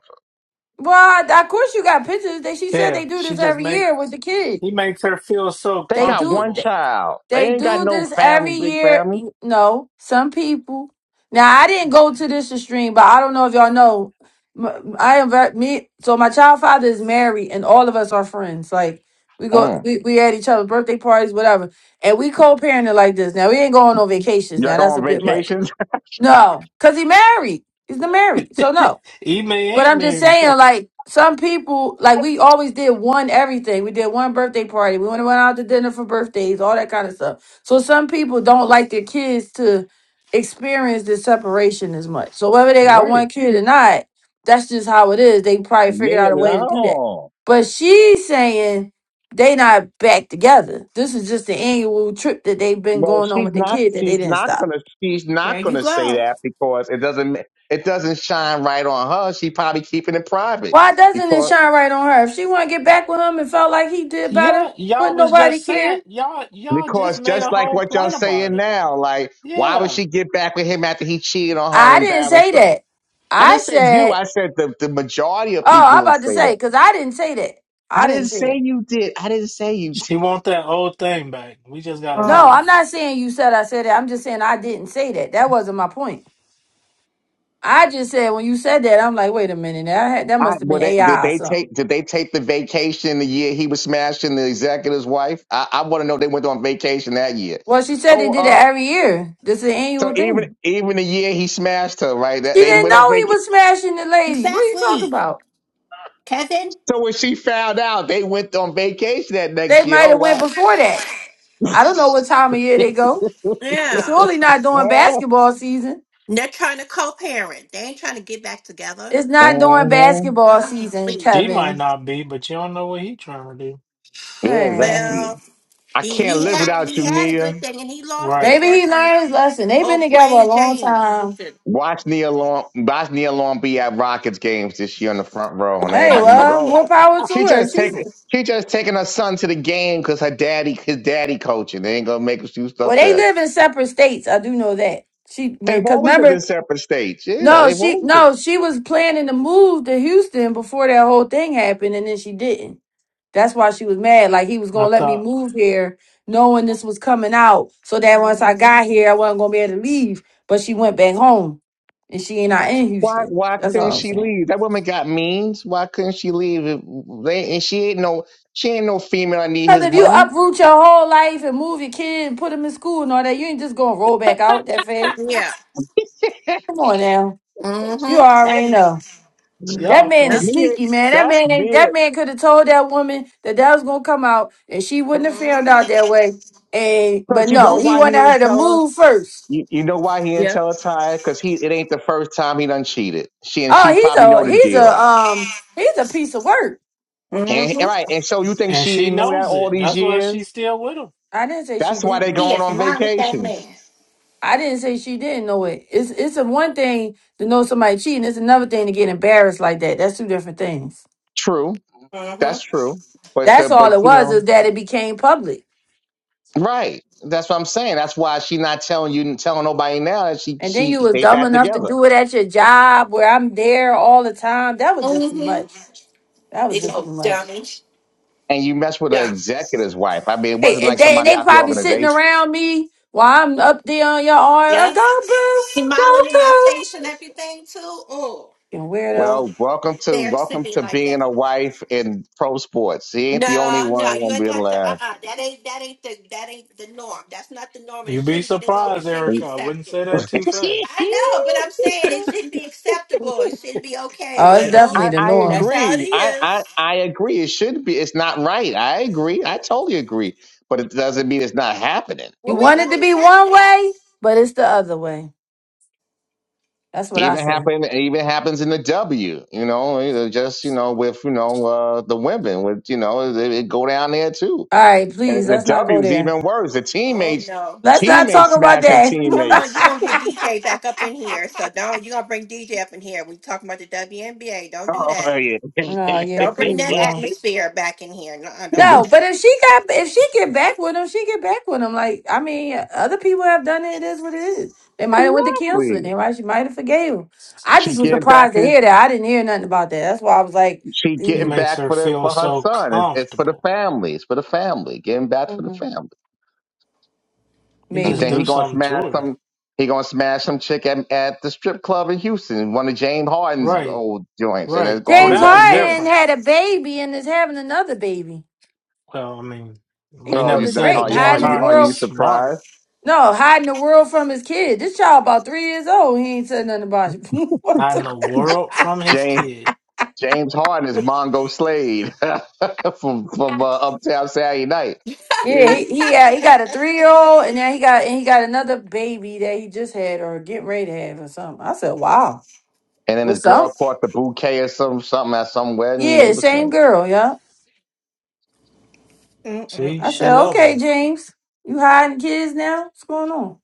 Well, I- of course you got pictures. That she said they
Kev.
do
She
this
just
every
make
year with the kid.
he makes her feel so
They
They
got
do.
one
comfortable.
child.
They
They ain't got
do
no
this every
family, big
year.
family.
No, some people. Now I didn't go to this extreme, but I don't know if y'all know. M- I am very, me. So my child father is married, and all of us are friends. Like we go,
Mm.
we, we at each other's birthday parties, whatever, and we co-parenting like this. Now we ain't going on vacations.
Y'all
Now
go
that's a
on
bit much.
vacations?
No, cause he married. He's the married. So no.
Ime
But
ain't
I'm just
married
saying,
though.
like, some people, like, we always did one everything. We did one birthday party. We went went out to dinner for birthdays, all that kind of stuff. So some people don't like their kids to experience the separation as much. So whether they got one
Right.
kid or not, that's just how it is. They probably figured
Me
out a way to do that.
alone.
But she's saying they not back together. This is just the annual trip that they've been
Well,
going on
she's
with the
not.
kid that they
She's
didn't
not
stop.
gonna. She's
there
not
you
gonna say
go.
that because it doesn't. It doesn't shine right on her. She probably keeping it private
Why doesn't
because.
it shine right on her? If she want to get back with him and felt like he did
Y'all
better,
y'all
wouldn't
was
nobody
just saying
care?
y'all y'all just
Because
made
just
a
like
whole
what y'all
point about
saying
it.
now, like, why would
Yeah.
she get back with him after he cheated on her
I
and
didn't
embarrassed
say
her?
that.
I didn't
I
say you.
said,
I said the, the majority of
oh,
people
I'm
will
about to
say
say,
that.
because I didn't say that.
I
I didn't
didn't
say
say
that.
you did. I didn't say you did.
She want that old thing back. We just gotta
No,
Oh,
I'm
realize it.
not saying you said I said that. I'm just saying I didn't say that. That wasn't my point. I just said when you said that, I'm like, wait a minute. That, had, that
I,
must have
well,
been
they, did
AI or
they
something.
take did they take the vacation the year he was smashing the executive's wife? I, I want to know if they went on vacation that year.
Well, she said
Oh,
they did it
uh,
every year. This is an
so
annual
even
thing.
even the year he smashed her, right? That
She
they
didn't
went on
know he
vacation.
was smashing the lady. What are you talking
exactly,
about?
Kevin.
So when she found out, they went on vacation that
They
next year.
might have went
Oh
before that. I don't know what time of year
wow.
they go. It's
Yeah,
surely not during basketball season.
And they're trying to co-parent. They ain't trying to get back together.
It's not during
Uh-huh.
basketball season,
Golly.
She might
Kevin.
not be, but you don't know what he trying to do.
Yeah,
Man,
exactly.
Well,
I
he
can't
he
live
had
without
he
you,
had a
Nia.
good thing and he lost it
Right.
maybe
for
he
some
learned his lesson. They've been
old
together a
plain
long
Jane.
time.
Listen.
Watch Nia Long, watch Nia Long be at Rockets games this year in the front row, and
Oh.
Hey,
everybody gonna be like,
well,
"Oh,
more power to
she
her.
just
She,
taking, she just taking her son to the game because her daddy, his daddy coaching. They ain't gonna make us do
well,
stuff
they
that
live in separate states. I do know that. She,
they've
because
always lived
remember,
in separate states. Yeah,
No,
they've
she
always. Lived.
no, she was planning to move to Houston before that whole thing happened, and then she didn't. That's why she was mad. Like he was
I
gonna let me
thought
move here, knowing this was coming out, so that once I got
Mhm.
here, I wasn't gonna be able to leave. But she went back home, and she ain't not in
Why,
Houston.
why
That's
couldn't
all I'm
she
saying.
leave? That woman got means. Why couldn't she leave? If They, and she ain't no, she ain't no female. I need
Cause
his
if you
money.
uproot your whole life and move your kid and put him in school and all that, you ain't just gonna roll back out that fast.
Yeah.
Come on now, you
Mm-hmm.
That's
already know. That
y'all
man
funny.
Yep.
is
Mia,
sneaky, man. That
that's
man ain't.
Nia.
That man could have told that woman that that was gonna come out, and she wouldn't have found out
Mm-hmm.
that way. And but
Because you
no,
Mm-hmm.
know
he
why he
wanted
didn't
her to
tell her?
move first.
You, you know why he didn't
Yep.
tell her, Ty? Because he it ain't the first time he done cheated. She and she
Oh, he's
probably know
a
the
he's
deal.
a um he's a piece of work.
And and
Mm-hmm.
right, and so you think
And
she
she
didn't know that
knows
all
it.
these
That's why she's
years?
still with him.
I didn't say she
That's why they
didn't.
He
going
is
on
not with that man.
vacations.
I didn't say she didn't know it. It's it's a one thing to know somebody cheating. It's another thing to get embarrassed like that. That's two different things.
True,
Mm-hmm.
that's true. But the
That's all
but
it
you
was
know,
is that it became public.
right? That's what I'm saying. That's why she not telling you, telling nobody now that she
And then
she
you was
they
dumb
back
enough to
together.
do it at your job where I'm there all the time. That was just too
Mm-hmm.
much. That was
Big
just
old
too much.
dummy.
And you mess with an
Yeah.
executive's wife. I mean, it
Hey,
wasn't
and
like
they, and
somebody
they
out the
probably sitting
organization.
around me while I'm up there on your arm.
Yeah.
Oh, go, boo.
Smiling in my
Go,
face and
coach.
everything too. Oh,
You weirdo.
Well, welcome to
embarrassing
welcome
me
to
like
being
that.
a wife in pro sports. She ain't the only
No, no,
one
you
won't
ain't
be
got to. Uh,
allowed.
uh that ain't that ain't the that ain't the norm. That's not the norm, and it
You'd be
shouldn't be the norm. It
surprised,
shouldn't be
Erica. I wouldn't
accepted.
say that too fast.
I know, but I'm saying it shouldn't be acceptable. It shouldn't be okay.
Oh, it's
Well,
I,
definitely the
I
that's
norm.
how it
agree. I,
is.
I I agree. It should be. It's not right. I agree. I totally agree. But it doesn't mean it's not happening.
You
Well, we
want
know
it to
what's
be one
happening.
way, but it's the other way. That's what I
Even
said.
happen. it Even happens in the W. You know, it just you know with you know uh, the women with you know it they go down there too.
All right,
And
please,
the
let's not
W
go
is
there.
even worse. The
Oh
teammates,
no.
Let's not talk
teammates
about
smashing
that.
Come on,
teammates.
you're gonna get DJ back up in here. So don't you're gonna bring DJ up in here. We talking about the WNBA. Don't do
Oh,
that.
oh, yeah.
oh, yeah,
Don't bring
please,
that
no.
atmosphere back in here. No, don't do
No,
exactly.
but if
that.
she got if she get back with him, she get back with him. Like I mean, other people have done it. It is what it is. They might have went to counseling. They might she might have forgave him. I
She
just was
He,
getting
surprised
back
to
in,
hear that. I didn't hear nothing about that. That's why I was like,
she
he
getting
makes
back
her
for the
feel
for her
so
son. It's, it's for the
comfortable.
family. It's for the family. Getting back for the
mm,
family.
He
And
just
maybe
then
do
he gonna
something
smash
to her.
some. He gonna smash some chick at, at the strip club in Houston, one of James Harden's
Right,
old joints, and it's
right.
gonna
Oh,
be
James
that
back
was
there.
Harden
different.
had a baby and is having another baby.
Well, I mean,
He
we
Oh,
pulled
never
you
a
not?
Drake,
said
Are you? Are
James
hiding his
you?
Harden
Are
was
you
world.
smart.
surprised?
No, hiding the world from his kid. This child about three years old. He ain't said nothing about it. what?
Not in the world from his
James
kid.
James Harden is Mongo Slade from from uh, Uptown Saturday Night.
Yeah, he he had, he got a three year old, and now he got and he got another baby that he just had or getting ready to have or something. I said, "Wow,
And then this
what's
girl
up?"
caught the bouquet or some something at some wedding. They
Yeah,
were
same
saying
girl. Yeah,
See,
I
she
said,
Mm-mm-mm.
love
"Okay,
him.
James, you hiding kids now? What's going on?"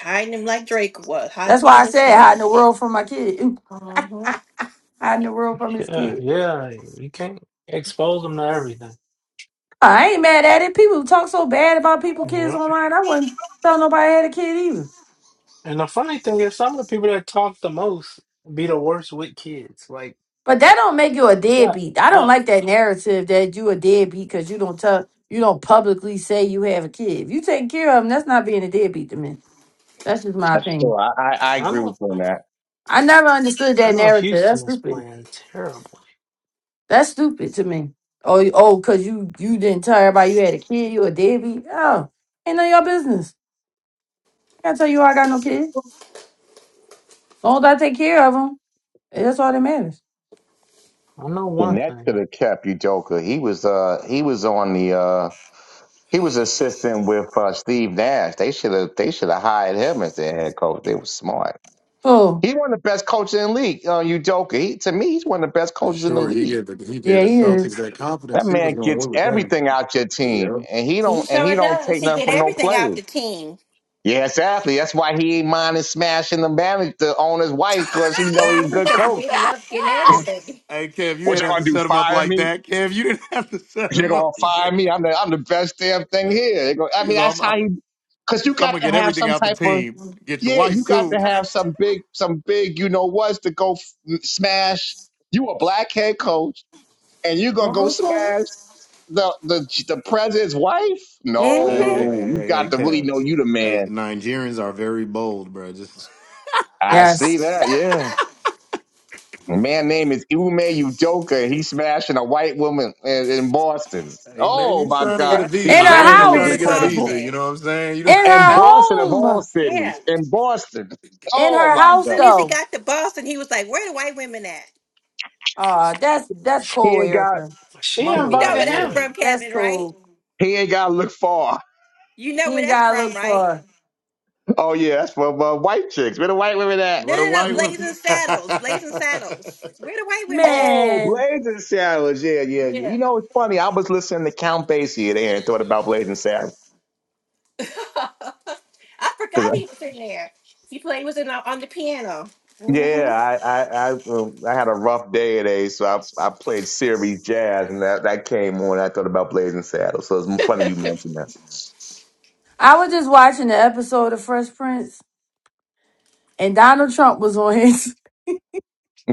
Hiding him like Drake was. How
That's
he
why
and
I
his
said
son.
hiding the world from my kid, Ooh.
hmm
hiding the world from his
Yeah,
kid.
yeah, you can't expose them to everything.
I ain't mad at it. People talk so bad about people kids
Yeah.
online. I wouldn't tell nobody I had a kid either.
And the funny thing is, some of the people that talk the most be the worst with kids. Like,
But that don't make you a
shut
deadbeat. I don't
up.
like that narrative that you a deadbeat because you don't tell you don't publicly say you have a kid. If you take care of them, that's not being a deadbeat to me. That's just my
that's
opinion.
true. I, I, I
I
agree with
know,
you on that.
I never understood
I
that
know
narrative. That's
Houston is
stupid.
playing terrible.
That's stupid to me. Oh, you- oh, cause you you didn't tell everybody you had a kid. You a deadbeat. Oh, ain't none of your business. I gotta tell you I got no kid. As long as I take care of them, that's all that matters.
I know
The
one
next to
thing.
the kept you joker. He was uh he was on the uh he was assisting with uh, Steve Nash. They should have they should have hired him as their head coach. They were smart.
So
He's one of the best coaches in the league. Uh, you joker. He, to me, he's one of the best
For
coaches in the
sure, he
league.
gave the he gave
yeah,
the
he
Celtics
is.
that
That
confidence. He
man
was going to
gets
win with them.
everything out your team,
Yep.
and he
He
don't and he
sure
don't
does.
take
He
nothing
get
from no
everything out
players.
the team.
Yeah, exactly. That's why he ain't minding smashing the manager, the owner's wife, because he know he a
Mm-hmm,
good
Cause he
coach.
didn't love getting everything.
hey Kev, you
What
didn't
y'all
have
gonna
to
do?
set him up
Fire
like
me?
that. Kev, you didn't have to set
They
him
gonna
up. He
fire
get,
me? I'm the I'm the best damn thing here. They go, I
he's
mean, that's how
all.
you. Because you
I'm
got
gonna
to
get
have
everything
some
out the
type of
team. Get your
yeah, you
wife
got
too.
to have some big some big you know what's to go f- smash. You a black head coach, and you gonna go
Mm-hmm.
smash the the the president's wife?
Hey, hey,
Mm-hmm.
No,
hey,
you
hey,
got
hey,
to really
Kev.
know you the
Hey,
man.
Nigerians are very bold, bro. Just
I
Yes,
see that. Yeah. A man name is Ume Udoka, and he's smashing a white woman in, in Boston.
hey, maybe
Oh
he's
my
trying
He's
to
God,
get a
run,
the
in
visa.
her
Maybe
running
he's
irony is
trying to
around
get a
house,
incredible.
visa.
Boston.
You know what I'm saying? You know,
in
And
her
Boston of all
home.
Yeah.
cities,
As
in Boston.
In
Oh
her
my
house
God,
soon as he
though.
got to Boston, he was like, "Where the white women at?"
Uh that's that's
he
cool,
ain't got
Erica.
She
mama
You know
invited
white,
where that's
yeah.
him.
from,
That's
Kevin, right?
cool.
he ain't got to look far.
You know
You
where
ain't
that's
gotta
from,
look for
right?
her.
Oh yeah, that's for uh, white chicks. Where the white women at?
No,
What a
no, no.
white woman.
Blazing
no,
Saddles. Blazing Saddles. Where the white women at?
Oh,
Man.
Blazing Saddles. Yeah, yeah, yeah.
Yeah.
You know, it's funny. I was listening to Count Basie there and thought about Blazing Saddles
I forgot he was in there. He played was in the, on the piano. hmm
Yeah, I I I, um, I had a rough day today, so I I played series jazz, and that that came on. I thought about Blazing Saddles, so it's funny you mentioned that.
I was just watching the episode of Fresh Prince and Donald Trump was on his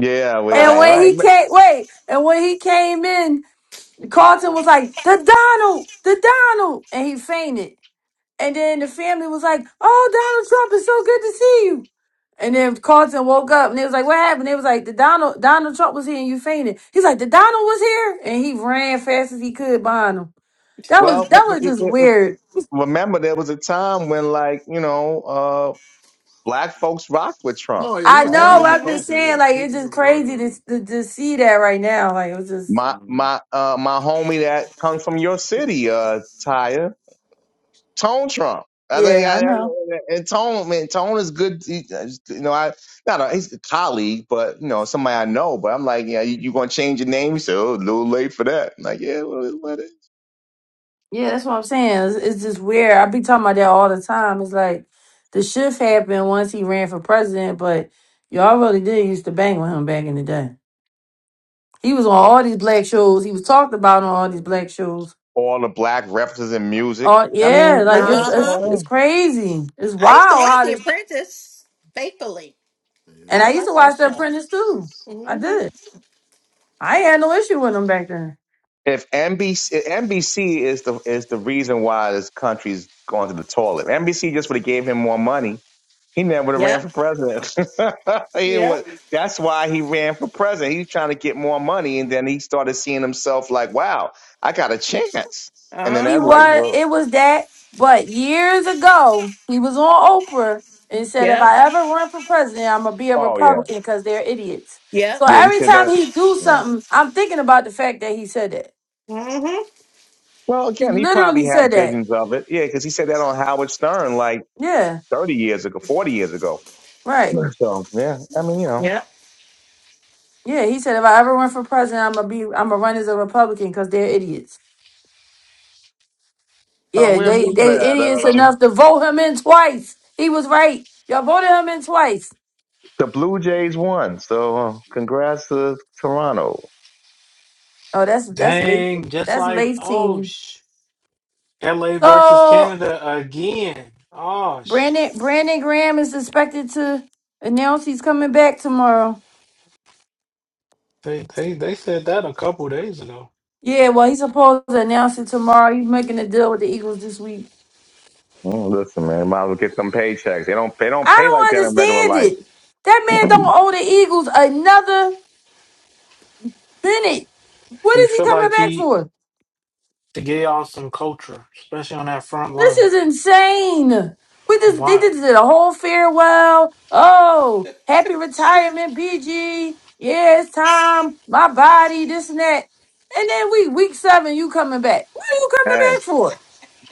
Yeah, well,
and
right,
when
Oh.
he
right.
came wait, and when he came in, Carlton was like, the Donald, the Donald and he fainted. And then the family was like, "Oh, Donald Trump is so good to see you." And then Carlton woke up and they was like, "What happened?" They was like, "The Donald Donald Trump was here and you fainted." He's like, "The Donald was here," and he ran fast as he could behind him. That was
Well,
that was
it-
just
it- it-
weird.
remember there was a time when, like, you know, uh, black folks rocked with Trump.
yeah, he
I
was
know.
heavy in
but
the
I'm
Uh-huh.
just
culture.
saying,
Yeah,
like, it's
people
just
was rocking
crazy
with
to
him.
to, to see that right now. Like, it was just,
My
Mhm.
my uh my homie that comes from your city, uh, Tyre. Tone Trump. I think
yeah,
I,
I
I-
know.
and Tone, man, Tone is good. He, you know, I not a, he's a colleague, but you know, somebody I know. But I'm like, yeah, you, you gonna change your name? He said, oh, a little late for that. I'm like, yeah, well, it- what is?
Yeah, that's what I'm saying. It's, it's just weird. I be talking about that all the time. It's like the shift happened once he ran for president, but y'all really did used to bang with him back in the day. He was on all these black shows. He was talked about on all these black shows.
All the black references in music.
Oh
I
yeah,
mean,
like
yeah,
it's
it's
it's,
Uh-huh.
all
it's
in.
crazy. It's
I used to
wild
watch
how
The
this.
Apprentice faithfully.
And
Yeah.
I
I used
love
to
that
watch The
show.
Apprentice too. I
hmm
did. I ain't had no issue with him back then.
If NBC, if NBC is the is the reason why this country's going to the toilet. NBC just would have gave him more money He never would have ran
Yep.
for president. he would,
Yep.
that's why he ran for president. He was trying to get more money, and then he started seeing himself like, "Wow, I got a chance." And then
He
that's like,
Uh-huh.
was.
well,
It was that. But years ago, he was on Oprah and said, "If
Yep.
I ever run for president, I'm gonna be a
"Oh yeah,
Republican because they're idiots."
Yep.
So
yeah." He
every
said
time
that.
he do
Yeah.
something, I'm thinking about the fact that he said that.
hmm
Well,
He
again, he probably
literally said
had
that.
visions of it. Yeah, because he said that on Howard Stern like
Yeah,
thirty years ago, forty years ago.
right.
Sure. So yeah, I mean, you know,
Yep.
Yeah, he said if I ever run for president, I'm gonna be I'm gonna run as a Republican because they're idiots.
uh,
Yeah,
where's
they
one
they
that
idiots
uh,
enough to vote him in twice. He was right. Y'all voted him in twice.
the Blue Jays won? So uh, congrats to Toronto.
Oh, that's that's late.
Dang, just
That's
like,
late
oh,
team.
sh LA versus
So
Canada again. Oh, sh
Brandon Brandon Graham is expected to announce he's coming back tomorrow.
they, they, they said that a couple days ago.
Yeah, well he's supposed to announce it tomorrow. He's making a deal with the Eagles this week.
Mm, Listen, man, might as well get them paychecks. They don't they don't
I
pay like
don't
that in regular
understand
life.
it. That man don't owe the Eagles another minute. What
He
is he
feel
coming
like
back
he
for?
to get y'all some culture, especially on that front
This
line.
is insane. We just they
Why?
just did a whole farewell. Oh, happy retirement, BG. Yeah, it's time. My body, this and that. And then we week seven, you coming back. What are you coming
Hey,
back for?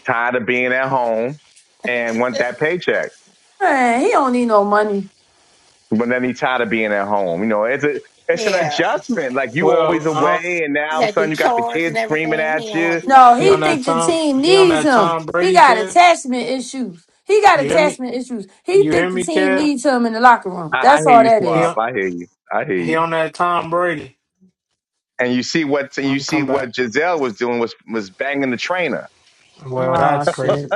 tired of being at home and want that paycheck.
Man, he don't need no money.
But then he tired of being at home. You know, it's a it's an
Yeah.
adjustment. Like you
Well,
always
uh,
away and now
He
all of
had
a
to do
sudden you got the
chores and
kids screaming
everything. He
at
didn't want
you.
to do
No,
that.
he on
he
that
think the
Tom.
team
He on
needs
that
him.
Tom
He
Brady,
got
Kev.
attachment issues. He got
You hear me?
attachment issues. He
You hear
think the
me,
team
Kev?
needs him in the locker room.
I, I
That's
hear
all
you,
that
He
Swap.
is.
on,
I hear you. I hear
he
you.
on that Tom Brady.
And you see what and you
I'm
see
come back.
what Giselle was doing was was banging the trainer.
Well,
Oh
that's crazy.
shit.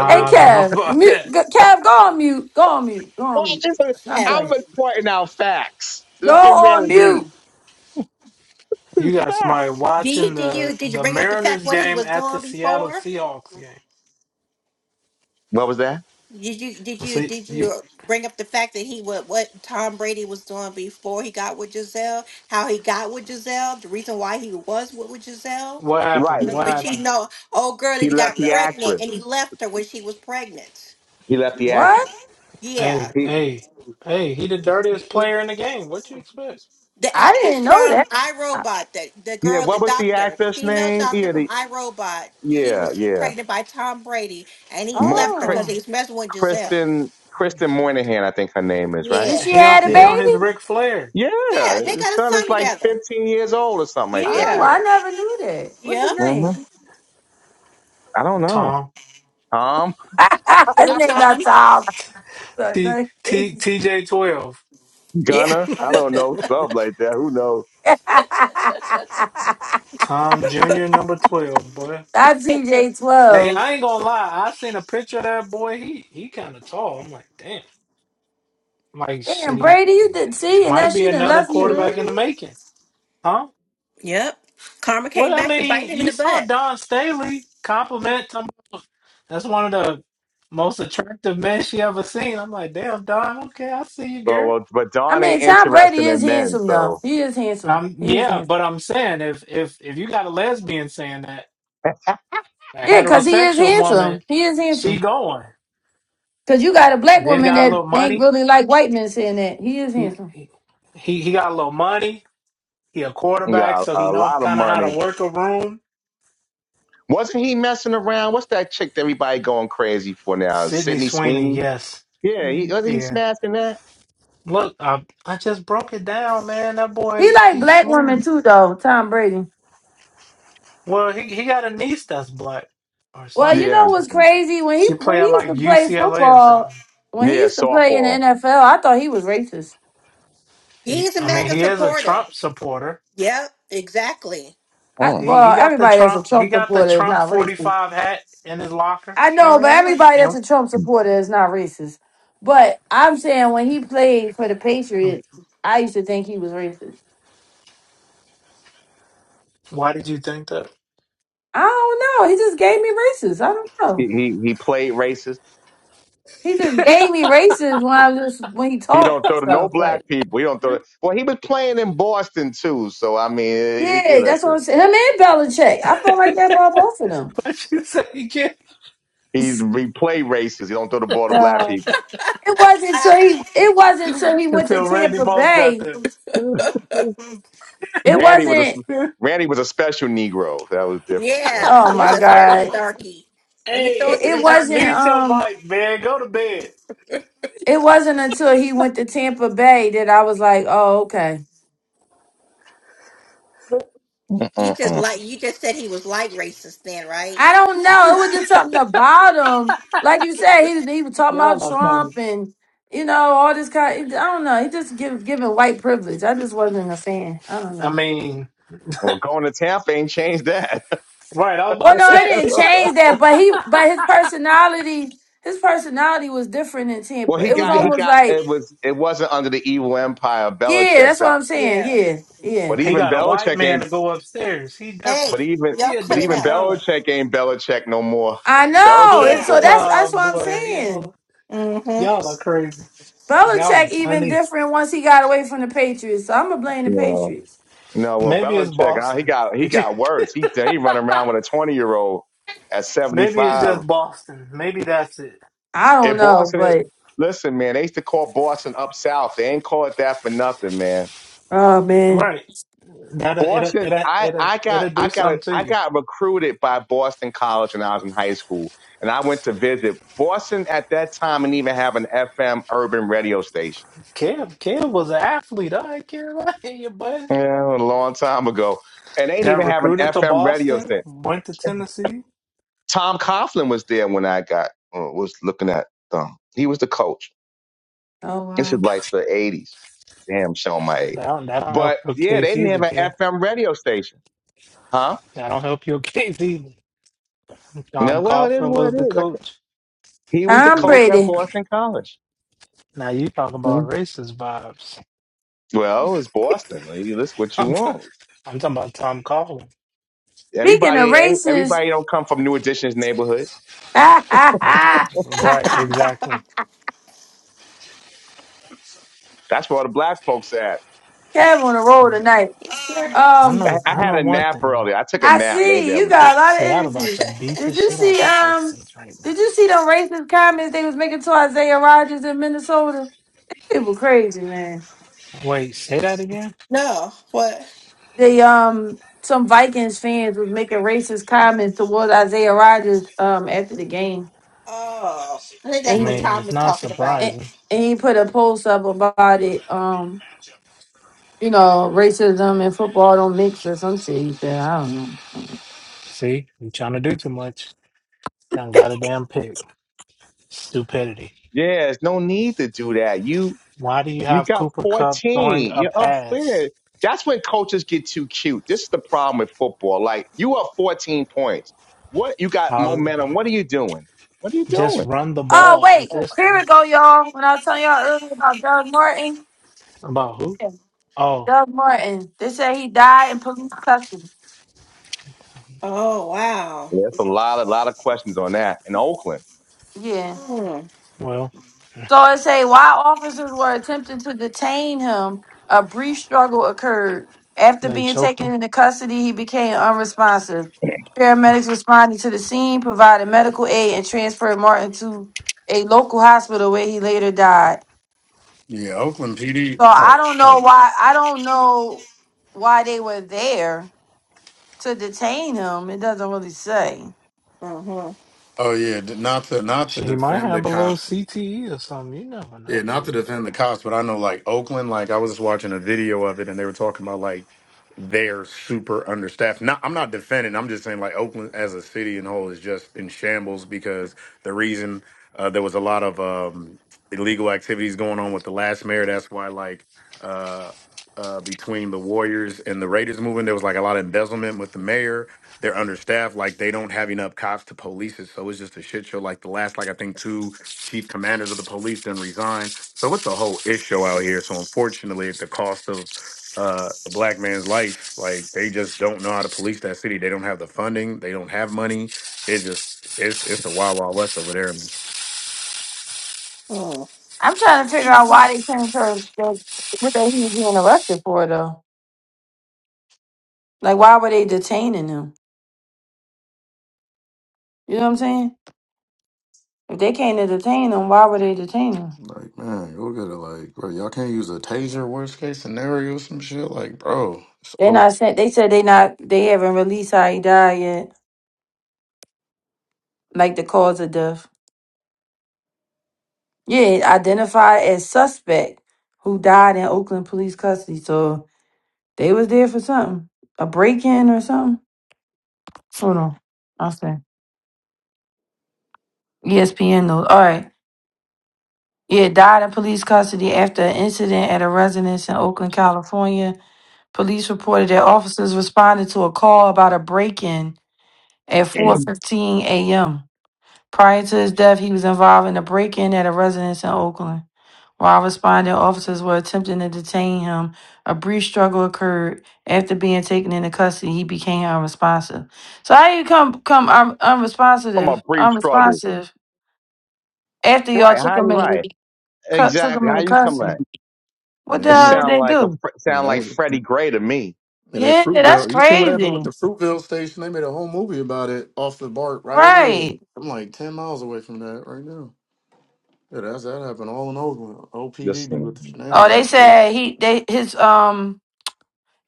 Uh,
Hey,
look,
don't know
Kev,
about
mute,
that.
go- Kev, go on mute. Go on mute. Go on
Well,
mute.
just uh,
He had-
I'm
I
done.
was pointing out facts.
Go
Look at man
on
at me.
mute.
You
It's
got
facts.
somebody
Did
watching the
you
the
bring up the fact
Mariners
what he
game
was
at the
doing
Seattle
before?
Seahawks game.
What was that?
Did you did you
See
did
you.
you bring up the fact that he what what Tom Brady was doing before he got with Giselle? How he got with Giselle? The reason why he was with, with Giselle?
What
Right.
happened?
He
What
was
happened?
cheating on old girl that
He
he
left
got
the
pregnant
actress.
and he left her when she was pregnant.
He left the
What?
actress.
Yeah.
Hey,
He
hey, hey! He the dirtiest player in the game. What you expect?
The
I
actress
didn't know
from
that. I-
iRobot, the, the
yeah.
girl, the
What was the
doctor, the
actress
female
name?
doctor
Yeah,
from
the
iRobot, she
yeah
was
yeah.
pregnant by Tom Brady and he
Mo-
left her
Cri-
because
oh,
he was messing with Giselle.
Kristen Kristen Moynihan, I think her name is right.
did
Yeah.
she
He on
had a
he
Yeah.
on his
baby?
Ric Flair.
Yeah,
Yeah.
they
His
got a
son is
son
like
together.
15 years old or something like that.
Oh,
Yeah.
Yeah.
I never knew that. What's
Yep.
his
hmm
name?
I don't know.
Tom
Tom,
his
Little
name not
Tom.
Tom.
T
That's
T T J twelve.
Yeah.
Gunner, I don't know. Something like that. Who knows?
Tom Jr. number twelve, boy.
TJ
Hey,
twelve.
I ain't gonna lie. I seen a picture of that boy. He he kind of tall. I'm like, damn. I'm like, shit,
Damn,
he
Brady, you did see, and now
might be
she done
another
left you.
quarterback in the
Mhm.
making, huh?
Yep. Karma
Well,
came
I
back to bite
mean,
him in
you
the
saw
butt.
Don Staley compliment him. That's one of the most attractive men she ever seen. I'm like, damn, Don. Okay, I see you,
Well,
girl.
well, but
I
Don ain't
mean, Tom Brady
interested
is
in men,
handsome though.
so
He is handsome.
Um,
He is
yeah,
handsome.
but I'm saying if if if you got a lesbian saying that, a
Yeah, cause he is
heterosexual woman,
handsome. He is
she
handsome.
going,
Cause you got a black
and then
woman
got a
that
little
ain't
money.
really like white men saying that. He is
He
handsome.
he he he got a little money. He a
he
quarterback,
got
so
a,
he
a
know
lot of
kind of how to
money.
work a room.
Wasn't he messing around? What's that chick that everybody going crazy for now?
Sydney
Sydney
Sweeney,
Sweeney?
yes,
Yeah, he
Mhm.
wasn't he
yeah.
smashing that.
Look, I I just broke it down, man. That
He
boy,
like
he's
black women
smooth.
too though, Tom Brady.
Well, he he got a niece that's black or
Well,
something
you
like
Yeah,
know what's
that.
crazy? When he
She play
when he
at
used
like
to play
UCLA or
football,
something.
when he
yeah,
used to play in the
softball.
NFL, I thought he was racist.
He,
He's a
I mean,
mega
he is a
supporter.
Trump supporter.
Yep. Exactly.
I,
Oh,
He he
well,
got the
everybody that's a
Trump he
Trump
got the
supporter is
Trump
not
forty
racist.
five hat in his locker.
I know, but everybody that's
And
a Trump
He
supporter is not racist. But I'm saying when he played for the Patriots, I used to think he was racist.
why did you think that?
I don't know. He just gave me racist. I don't know.
he, he played racist.
He just gave me races when I was just when he
He
talked
don't
and
throw to no
stuff. Like,
black people. He don't throw. To, well, he was playing in Boston too, so I mean, he, he,
yeah, that's what
listen,
I'm saying. Him and Belichick, I felt like that about both of them.
What you say again?
he he play racist. He don't throw the ball to black
So
people.
it wasn't until he it wasn't until he went to
Until Randy
Tampa
Moss got
Bay.
there.
Uh-huh.
It
Randy was a
wasn't.
Randy was a special Negro. That was different.
yeah.
Randy.
Oh
He was
my
a special
God.
darky. Let me throw
hey,
It,
it to the
it wasn't.
mute
darkies.
your
Um.
mic, man. Go to bed.
It wasn't until he went to Tampa Bay that I was like, oh okay.
He just
Mm-mm-mm.
like you just said he was like racist then, right?
I don't know. It was just something about him. Like you said, he was, he was talking about
Y'all are funny.
Trump and you know all this kind. I don't know. He just give giving white privilege. I just wasn't a fan. I don't
I
know.
mean,
Well, going to Tampa ain't changed that.
right, I was
Well,
about to
no, it
say
didn't change that, but he but his personality his personality was different in
Well,
Tampa.
he
It was
he
got he
got
almost
got
like
it was it wasn't under the evil empire of
yeah,
Belichick,
that's
but,
what I'm saying.
Yeah.
Yeah, yeah.
but
he
even
got a white
Belichick ain't
man to go upstairs. He
But
different.
Hey,
even
y'all
He a
but
cut it
even
different
out.
kind of
Belichick ain't Belichick no more.
I know.
Belichick,
It-
Yeah.
So
uh,
that's
oh
that's what I'm
boy,
saying.
y'all
Mm-hmm.
y'all are crazy. Y'all are
Belichick even
funny.
different once he got away from the Patriots. So I'm gonna blame the
yeah. no,
Patriots.
well
Maybe it's
Belichick, uh, he
Boston.
got he
Did you
got worse. He he running around with a twenty year old at seventy
maybe it's
five.
just Boston. Maybe that's it.
I don't
And
know,
Boston, it-
but
listen, man, they used to call Boston up south. They ain't call it that for nothing, man.
oh man.
Right. That will it'll,
Boston,
it'll,
I
it'll,
I got
it'll do
I got a,
something to
I
you.
got recruited by Boston College when I was in high school, and I went to visit Boston at that time, and even have an FM urban radio station
Cam, Cam was an athlete. I ain't care about you, bud.
Yeah, a long time ago. And they didn't
Got
even have an
recruited to
FM radio
Boston,
thing.
went to Tennessee.
Tom Coughlin was there when I got uh, was looking at um he was the coach.
Oh
This is
wow.
like the eighties. Damn showing my age.
That don't, that don't help
But
your
yeah, they
case
didn't
either,
have an
Cam.
FM radio station. Huh?
That don't help your case either.
No,
Tom
well it is
Coughlin
what
was
it
the
is. I,
coach.
c he was the
Tom
coach
Now,
at
Brady.
Boston College.
now you talking about
Mhm.
racist vibes.
Well, it's Boston. Well, You that's what you
I'm, t-
want.
I'm talking about Tom Coughlin.
Speaking of
Everybody every-
races,
everybody don't come from New Edition's neighborhood.
Kev
Right, exactly.
That's where all the black folks at.
on a roll tonight.
I
Um,
I,
know.
I
I
had
know
a
one
nap
thing.
earlier. I took a
I
nap. Maybe
see
I
you
was
got a lot
Seattle
of
about
energy.
to beat the
Did you
shit out
see?
the
Um,
Texans right now.
did you see them racist comments they was making to Isaiah Rogers in Minnesota? It was crazy, man.
Wait, say that again.
no, what?
They um, some Vikings fans was making racist comments toward Isaiah Rogers um after the game,
Oh, I think
I
that's
and
what
he
mean,
Tom
it's
was
not
talking about.
and,
surprising.
and he put a post up about it. Um, you know, racism and football don't mix or some shit. That I don't know.
See, you're trying to do too much. Done got a damn pick. Stupidity.
Yeah, there's no need to do that. You
Why do you
you
have
got
Cooper Cup throwing
14.
a
You're up
pass?
there. That's when coaches get too cute. This is the problem with football. Like you up 14 points. What you got
I'll
momentum. What are you doing? What are you
just
doing?
run the
Oh
ball at
wait,
this
here we
point.
go, y'all. When I was telling y'all earlier about Doug Martin,
About who?
yeah,
Oh,
Doug Martin, they say he died in police custody.
Oh, wow.
Yeah, that's a lot, a lot of questions on that in Oakland.
Yeah.
Mhm,
well,
So it say while officers were attempting to detain him, a brief struggle occurred. After
they
being
choked
taken
him.
into custody, he became unresponsive. Paramedics responded to the scene, provided medical aid, and transferred Martin to a local hospital where he later died.
Yeah, Oakland PD.
So I
Oh,
don't know
oh,
why I don't know why they were there to detain him. It doesn't really say.
mhm,
oh yeah. d- Not to not to
She might
defend the
have a little
cops
CTE or something. You never
Yeah,
know
not to
these
defend
days.
the cops, but I know like Oakland, like I was just watching a video of it and they were talking about like they're super understaffed. Not I'm not defending, I'm just saying like Oakland as a city and whole is just in shambles because the reason uh, there was a lot of um, illegal activities going on with the last mayor. That's why like uh, uh, between the Warriors and the Raiders movement, there was like a lot of embezzlement with the mayor. They're understaffed, like they don't have enough cops to police it. So it's just a shit show. Like the last like I think two chief commanders of the police then resign. So it's a whole issue out here. So unfortunately, at the cost of uh, the black man's life, like they just don't know how to police that city. They don't have the funding. They don't have money. It's just it's it's the wild wild west over there.
mhm,
I'm trying to figure out why they came to to- what they he was being arrested for though. Like why were they detaining him? You know what I'm saying? If they came to detain him, why were they detaining him?
Like, man, you look at it. Like, bro, y'all can't use a taser, worst case scenario, some shit. Like, bro,
They
so,
not sent they said they not they haven't released how he died yet. Like the cause of death. Yeah, identified as suspect who died in Oakland police custody. So they was there for something. A break in or something. Hold on. I'll say. ESPN news. All right. Yeah, died in police custody after an incident at a residence in Oakland, California. Police reported that officers responded to a call about a break-in at
From
4:15 a.m. Prior to his death, he was involved in a break-in at a residence in Oakland. While responding, officers were attempting to detain him. A brief struggle occurred. After being taken into custody, he became unresponsive. So how you come come un-
a
unresponsive,
brief struggle.
unresponsive after
Right,
y'all took
how you
them in the
right?
cut took
Exactly.
them in
How
the
you come
country.
at?
What the
man,
It
you
hell did
know,
sound
they
like a
do?
fr-
I mean,
sound
that
like
was.
Freddie Gray to me.
And that
Yeah, that's
Fruitvale, you see what happened with
crazy.
the Fruitvale station? They made a whole movie about it off the BART right over there.
Right.
I'm like 10 miles away from that right now. Yeah, that's that happened all in Oakland. OPD be
Listen.
with the
Oh, they
shenanigans, bro.
said he they his um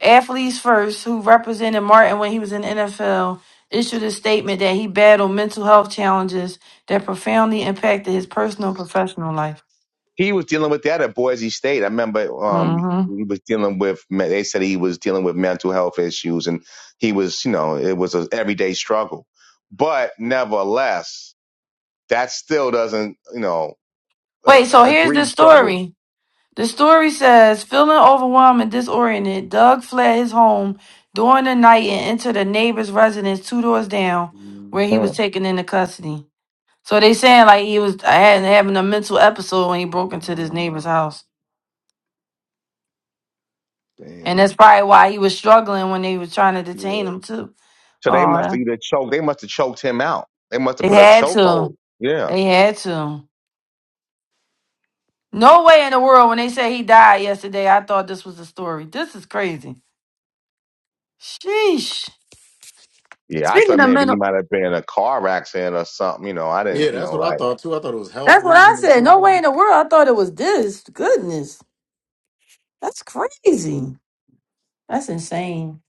athletes first who represented Martin when he was in the NFL issued a statement that he battled mental health challenges that profoundly impacted his personal and professional life.
he was dealing with that at Boise State. I remember um,
hmm
he was dealing with. They said he was dealing with mental health issues, and he was, you know, it was an everyday struggle. But nevertheless, that still doesn't, you know, uh,
Wait, so
a
here's the
grief struggle.
story. The story says, feeling overwhelmed and disoriented, Doug fled his home during the night and entered a neighbor's residence two doors down, where he was
Mm.
taken into custody. So they saying like he was had having a mental episode when he broke into this neighbor's
Uh,
house, and
damn.
that's probably why he was struggling when they was trying to detain
Yeah.
him too.
So they must
Oh,
have either choked. They must have choked him out. They must have
they
put a
had to.
chokehold. Yeah.
They had to. No way in the world. When they said he died yesterday, I thought this was a story. This is crazy. Sheesh.
Yeah, I
Speaking
thought
of
maybe
mental
he might have been in a car accident or something. You know, I didn't.
Yeah,
You
that's what
know,
I
I
thought too. I thought it was health
That's what I
reason or
said. No way in
something.
the world. I thought it was this. Goodness. That's crazy. That's insane.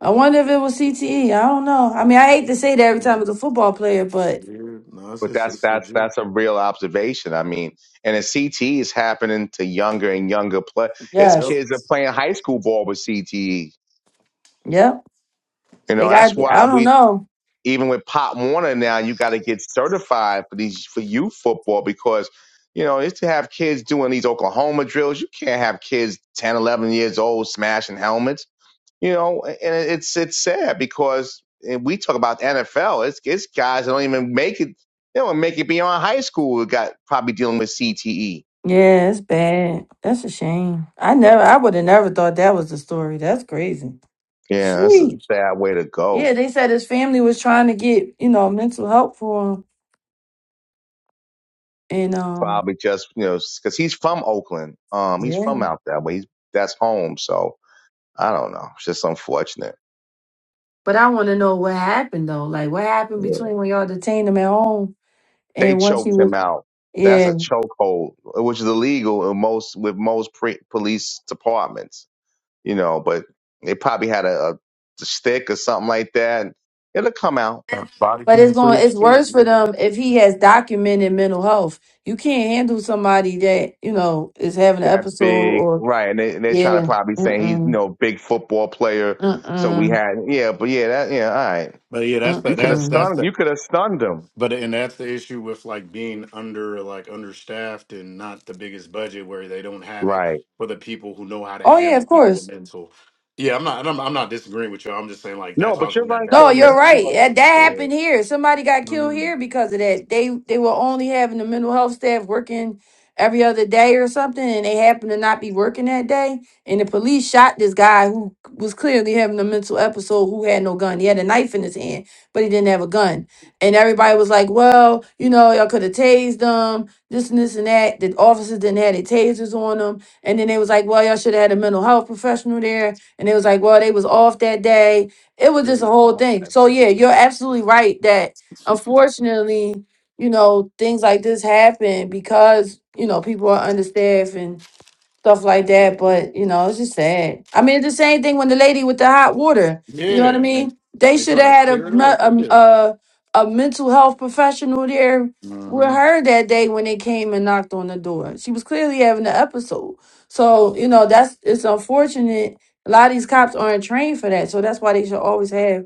I wonder if it was CTE. I don't know. I mean, I hate to say that every time
Mm,
it's a football player, but
Yeah, no, it's
But
just
that's
it's
that's
legit.
that's a real observation. I mean, and a CTE is happening to younger and younger play. It's
Yep,
yes.
kids that are playing high school ball with CTE.
Yep.
You know,
They got to
that's
be.
why
I don't
we
know.
even with Pop Warner now, you got to get certified for these for youth football because you know it's to have kids doing these Oklahoma drills. You can't have kids 10, 11 years old smashing helmets you know, and it's it's sad because and we talk about the NFL. It's it's guys that don't even make it. They don't make it beyond high school. that Got probably dealing with CTE.
Yeah, it's bad. That's a shame. I never, I would have never thought that was the story. That's crazy.
Yeah, that's a
Sheesh.
bad way to
Yeah,
go.
they said his family was trying to get, you know, mental help for him. And, um,
Probably just you know because he's from Oakland. Um, he's
yeah.
from out that way. He's that's home. So I don't know. It's just unfortunate.
But I want to know what happened though. Like what happened
Yeah.
between when y'all detained him at home
They
and once he
choked him
was
out. That's
yeah.
a chokehold, which is illegal in most with most pre- police departments you know, but they probably had a, a stick or something like that. It'll come out
body
But it's
can
going
switch
it's
too.
worse for
Yeah.
them if he has documented mental health. You can't handle somebody that, you know, is having an
that
episode
big,
or
right? And, they, and they're trying to
yeah.
probably say he's, you
Mm-mm.
know, big football player. So we
Mm-mm.
had, yeah, but yeah, that, yeah, all right.
But yeah, that's the
You could have
that's
Mm-mm.
that's
stunned,
the
you could have stunned him,
But and that's the issue with like being under like understaffed and not the biggest budget where they don't have it
right?
for the people who know how to
Oh yeah,
handle
of
people with
course.
mental. Yeah, I'm not. I'm, I'm not disagreeing with you. I'm just saying like
No,
that's
but you're
also that
right
No,
though,
backstory.
you're
Miss.
Like,
You're
right.
yeah,
That, that
right.
they're
happened here. Somebody got killed
mm,
here because of that. They they were only having the mental health staff working every other day or something, and they happened to not be working that day. And the police shot this guy who was clearly having a mental episode who had no gun. He had a knife in his hand, but he didn't have a gun. And everybody was like, Well, you know, y'all could have tased them, this and this and that. The officers didn't have their tasers on them. And then they was like, Well, y'all should have had a mental health professional there. And they was like, Well, they was off that day it was
they're
just a whole
lost
thing.
that.
So yeah, you're absolutely right that unfortunately, you know, things like this happen because, you know, people are understaffed and stuff like that. But you know, it's just sad. I mean, it's the same thing when the lady with the hot water. You know what I
Yeah, and
mean? They
they
should have
try to
had a
clear it up.
me-
Yeah.
a a, a mental health professional there with
Mm-hmm.
her that day when they came and knocked on the door. She was clearly having an episode. So you know, that's it's unfortunate. A lot of these cops aren't trained for that, so that's why they should always have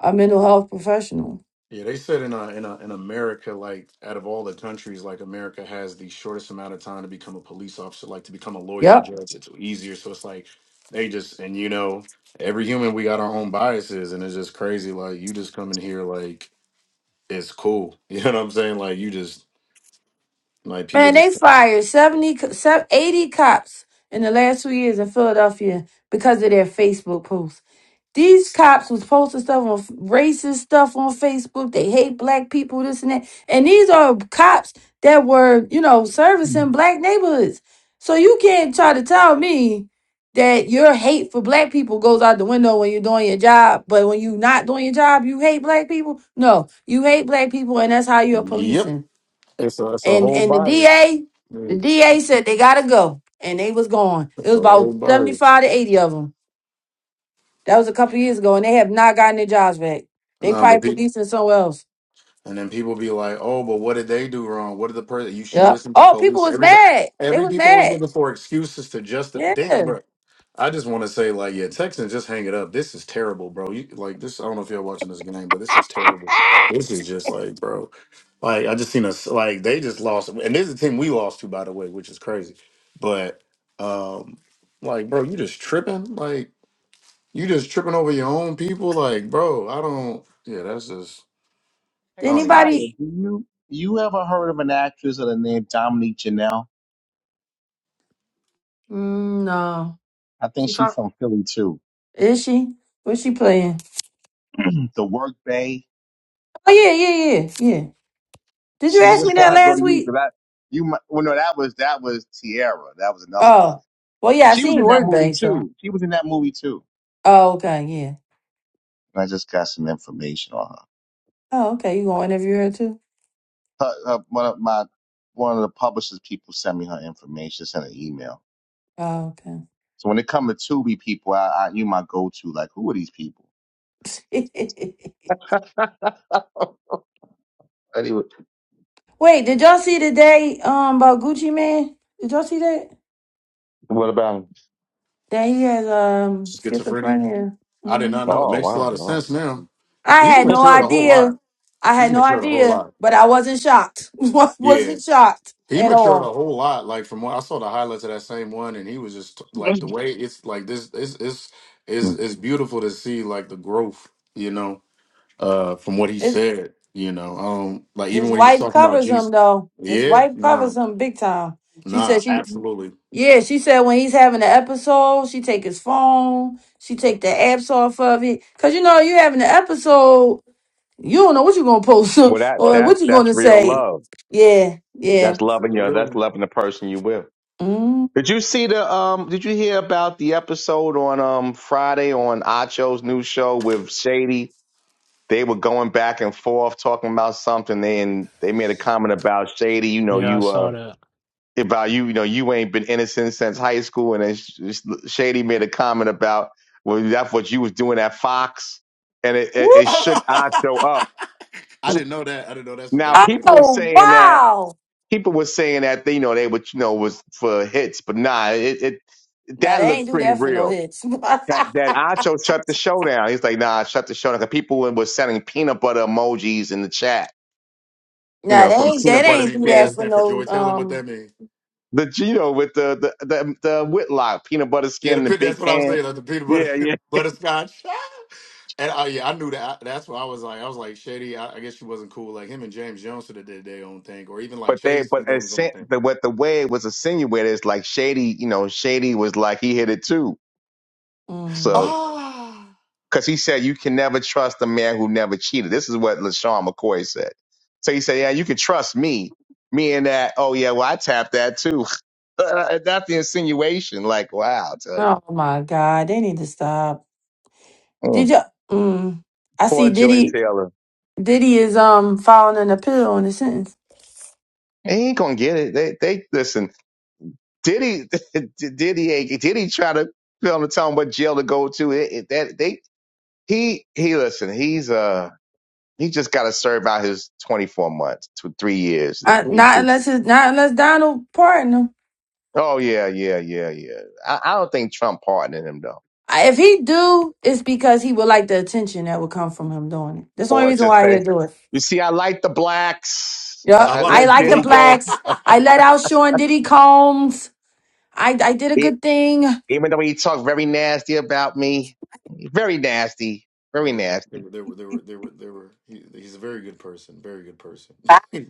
a mental health professional.
Yeah, they said in uh, in uh, in America, like out of all the countries, like America has the shortest amount of time to become a police officer, like to become a lawyer
Yep.
or judge. It's easier, so it's like they just and you know every human we got our own biases, and it's just crazy. Like you just come in here like it's cool, you know what I'm saying? Like you just like people
Man, they
just
fired 70, co- se- 80 cops in the last two years in Philadelphia because of their Facebook posts. These cops was posting stuff on f- racist stuff on Facebook. They hate black people, this and that. And these are cops that were, you know, servicing black neighborhoods. So you can't try to tell me that your hate for black people goes out the window when you're doing your job, but when you're not doing your job, you hate black people. No, you hate black people, and that's how you're
yep.
policing
It's a it's a
and
whole
and the
bias.
DA,
Yeah,
the DA said they gotta go, and they was gone. It
It's
was
a
about
whole
seventy
bias.
five to eighty of them. That was a couple years ago, and they have not gotten their jobs back. They
Nah, but
probably
people.
policing somewhere else.
And then people be like, "Oh, but what did they do wrong? What did the person? You should
Yep.
listen to the
Oh, people
police."
was
Everybody,
mad. They
every
was
people always
mad.
looking for excuses to just
Yeah.
damn,
Did
bro. I just want to say, like, yeah, Texans, just hang it up. This is terrible, bro. You like this? I don't know if y'all watching this game, but this is terrible. This is just like, bro, like I just seen us like they just lost, and this is a team we lost to, by the way, which is crazy. But um, like, bro, you just tripping, like you just tripping over your own people, like, bro. I don't. Yeah, that's just.
Hey
I don't even.
Tyler,
anybody?
do you you ever heard of an actress of the name Dominique Janelle?
Mm, no.
I think
She
she's
fuck.
from Philly too.
Is she? What's she playing?
the Work Bay.
Oh yeah, yeah, yeah, yeah. Did you
She says,
ask
that's
me that
why I go
last
to you
week?
because I you mi- well no that was that was Tierra that was another one.
Oh, well, yeah. I
She was
seen you
in that
work,
movie
babe. So.
too. She was in that movie too.
Oh, okay. Yeah.
And I just got some information on
Oh, okay. You gonna interview her too?
her. her, her one of my one of the publishers people sent me her information, sent an email.
Oh okay.
So when it come to Tubi people, I, I you my go to like who are these people? Anyway,
Wait, did y'all see today um about Gucci Man? Did y'all see that?
what about him?
That he has um
schizophrenia.
schizophrenia.
I did
Mm.
not know. It
Oh
makes a lot of
wow,
sense now.
I
He's
had
wow.
no
matured a whole
idea.
lot.
I
He's
had no
matured a whole
idea,
lot.
but I wasn't shocked. Wa-
Yeah.
wasn't shocked
He
at
matured
all.
a whole lot. Like from what I saw the highlights of that same one and he was just like the way it's like this it's it's it's,
well,
it's beautiful to see like the growth, you know, uh from what he
It's,
said, you know. Um like even
his
when he was
wife
talking about
covers him
Jesus.
though. His
Yeah,
wife
nah,
covers him big time. She
nah,
said she
absolutely.
yeah, she said when he's having an episode, she take his phone, she take the apps off of it. Cause you know, you having an episode You don't know what you're gonna post
that
or
Yeah.
that's
what you're
that's
gonna
real
say.
love.
Yeah,
Yep,
yeah.
That's
it's a
loving your.
real
That's
one.
loving the person you with.
Mm.
Did you see the um? Did you hear about the episode on um Friday on Acho's new show with Shady? They were going back and forth talking about something, and they made a comment about Shady. You know,
Yeah, I
you uh
saw that.
about you. You know, you ain't been innocent since high school, and then Sh- Shady made a comment about well, that's what you was doing at Fox, and it
Woo.
it, it shook
I
Acho up.
didn't know that. I didn't know that's what
Now
they
people
said.
were
Oh
saying that
wow!
people were saying that they, you know they would you know was for hits, but nah, it, it
No,
that
they ain't
looked
do
pretty
that for no
real.
hits. no,
That that Acho shut the show down. He's like, nah, shut the show down. 'Cause people were sending peanut butter emojis in the chat. You know,
they
What,
from
is,
ain't.
what
They
peanut
does that
butter
ain't
mean?
do
What does that
that
skin,
for
stand for?
no.
Joy Taylor? What
Um.
that mean?
the you know with the the the, the Whitlock peanut butter
Yeah,
skin
the,
and the
pin-
big
that's what I was
can.
saying. Like the peanut butter
Yeah, yeah.
butterscotch. and I, yeah, I knew that. That's why I was like, I was like, Shady. I, I guess she wasn't cool. Like him and James Jones should have did their own thing, or even like
But they
Chase be
but
doing his
as,
own thing.
the what the way it was insinuated is like Shady. You know, Shady was like he hit it too. So
mm.
Ah,
because he said you can never trust a man who never cheated. This is what LaShawn McCoy said. So he said, yeah, you can trust me, meaning that, oh yeah, well I tapped that too. That's the insinuation. Like, wow, I'll tell you,
Oh my God! They need to stop. Did
Mm.
you? Mm, I see.
poor Joy
Diddy.
Taylor,
Diddy is um filing an appeal on the sentence.
he ain't gonna get it. They, they listen. Diddy, Diddy, ain't- Diddy try to tell him, tell him what jail to go to. It, it, that they, he, he, listen, he's uh, he just got to serve out his twenty four months to three years, and
I,
he
not
just
unless it's not unless Donald pardon him.
Oh yeah, yeah, yeah, yeah. I, I don't think Trump pardoned him though.
I- If he do, it's because he would like the attention that would come from him doing it. That's the only
Or
reason
yeah.
just
why
say,
he'll do it.
you see, I like the blacks. I,
I
Yup.
I
I
like.
let
like the
Diddy go.
blacks. I let out Sean Diddy Combs. I, I did a
E-
good thing.
even though he talked very nasty about me, very nasty, very
There were, there
nasty.
were, there were, there were, there were, there were. He, he's a very good person. Very good person. it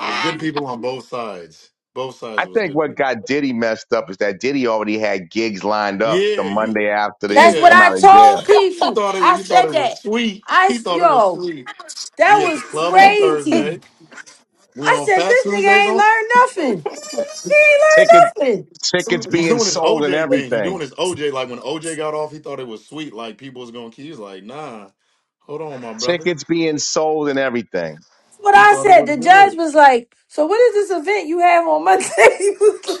was good people on both sides. Both sides.
I
It was
think
good
what
people.
got Diddy messed up is that Diddy already had gigs lined up the
Yeah, you.
Monday after they
That's
Yeah,
what
come
I
out of
told
jail.
He
people.
thought it. was-
I
He thought
said
it was
that.
sweet.
I
He
s-
thought it was
yo,
sweet.
that
We at the
was
club on
crazy.
Thursday. We
I
on
said
Fat
this nigga
Tuesdays
ain't
on.
learned nothing. He ain't
Ticket,
learned nothing.
tickets
He's
being
doing his
sold and
OJ thing. He
everything.
doing his OJ. Like when OJ got off, he thought it was sweet. Like people was gonna. He was like, nah, hold on, my brother.
Tickets being sold and everything.
That's what
He
I
thought it
said.
was
The judge
good.
was like, "So what is this event you have on Monday?"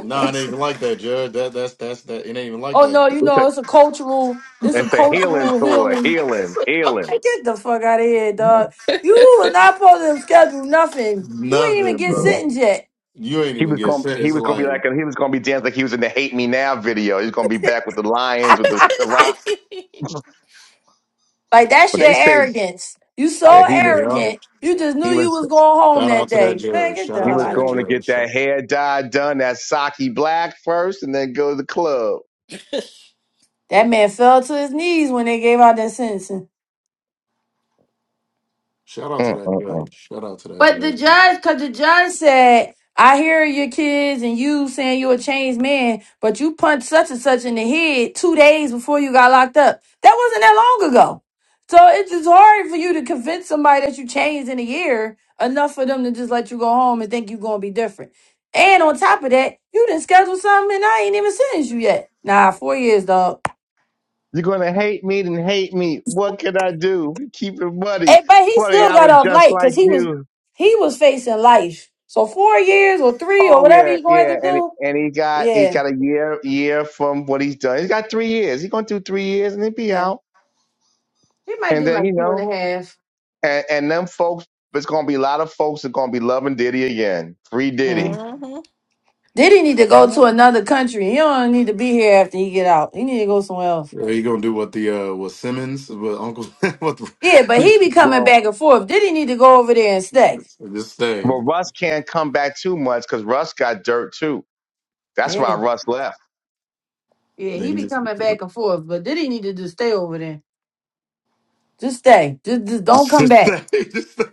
Nah, it ain't even like that, Judge. That that's that's that. It ain't even like
Oh
that,
no, you
It's
bro.
a,
know it's a cultural, it's a
it's a healing
cultural
tour,
healing.
It's
healing, healing.
Man,
like,
Get the fuck out of here, dog. You were not supposed to schedule nothing. You ain't even
Nothing,
get
bro.
sentenced yet.
You ain't
He
even
was
get
going.
sent.
He
It's
was going to be like.
like,
He was going to be dancing like he was in the "Hate Me Now" video. He's going to be back with the Lions with the, the Rock.
like that's
But
your
they said
arrogance. You so
that he was.
yeah.
arrogant. You just knew
He
you
was.
was going home
Shout out
that
to that
day. Man,
judge.
get the
Shout
He
out
hell
to
was
out of
that
going
here.
to get
judge.
that hair dye done, that Saki black first, and then go to the club.
That man fell to his knees when they gave out that sentence.
Shout out to that
Mm-mm-mm.
judge. Shout out to that
But the
judge.
judge, because the judge said, I hear your kids and you saying you're a changed man, but you punched such and such in the head two days before you got locked up. That wasn't that long ago. So it's just hard for you to convince somebody that you changed in a year enough for them to just let you go home and think you're going to be different. And on top of that, you didn't schedule something and I ain't even sentenced you yet. Nah, four years, dog.
You're going to hate me, then hate me. What can I do? Keep it muddy.
Hey, but he
Funny,
still
I
got
was
off
just
light because
like
he was
you.
he was facing life. So four years or three or
Oh
whatever
yeah,
he's going to
yeah,
have to
and
do,
and he got he
Yeah,
got a year year from what he's done. He's got three years. He's gonna do three years and then be
yeah.
out.
He might
And
do
then
like
you
two and
know
a half.
And and them folks, there's gonna be a lot of folks that gonna be loving Diddy again. Free Diddy.
Mm.
mhm,
Did he need to go to another country? He don't need to be here after he get out. He need to go somewhere else.
Yeah, he gonna do what the uh what Simmons, what Uncle what the,
Yeah, but he be coming
Well,
back and forth. Did he need to go over there and stay?
just stay.
well, Russ can't come back too much because Russ got dirt too. That's why
Yeah,
Russ left.
Yeah,
Yeah,
he
he
be
Just,
coming back and forth, but did he need to just stay over there? just stay. Just, just don't
just,
come
just
back.
stay. Just stay.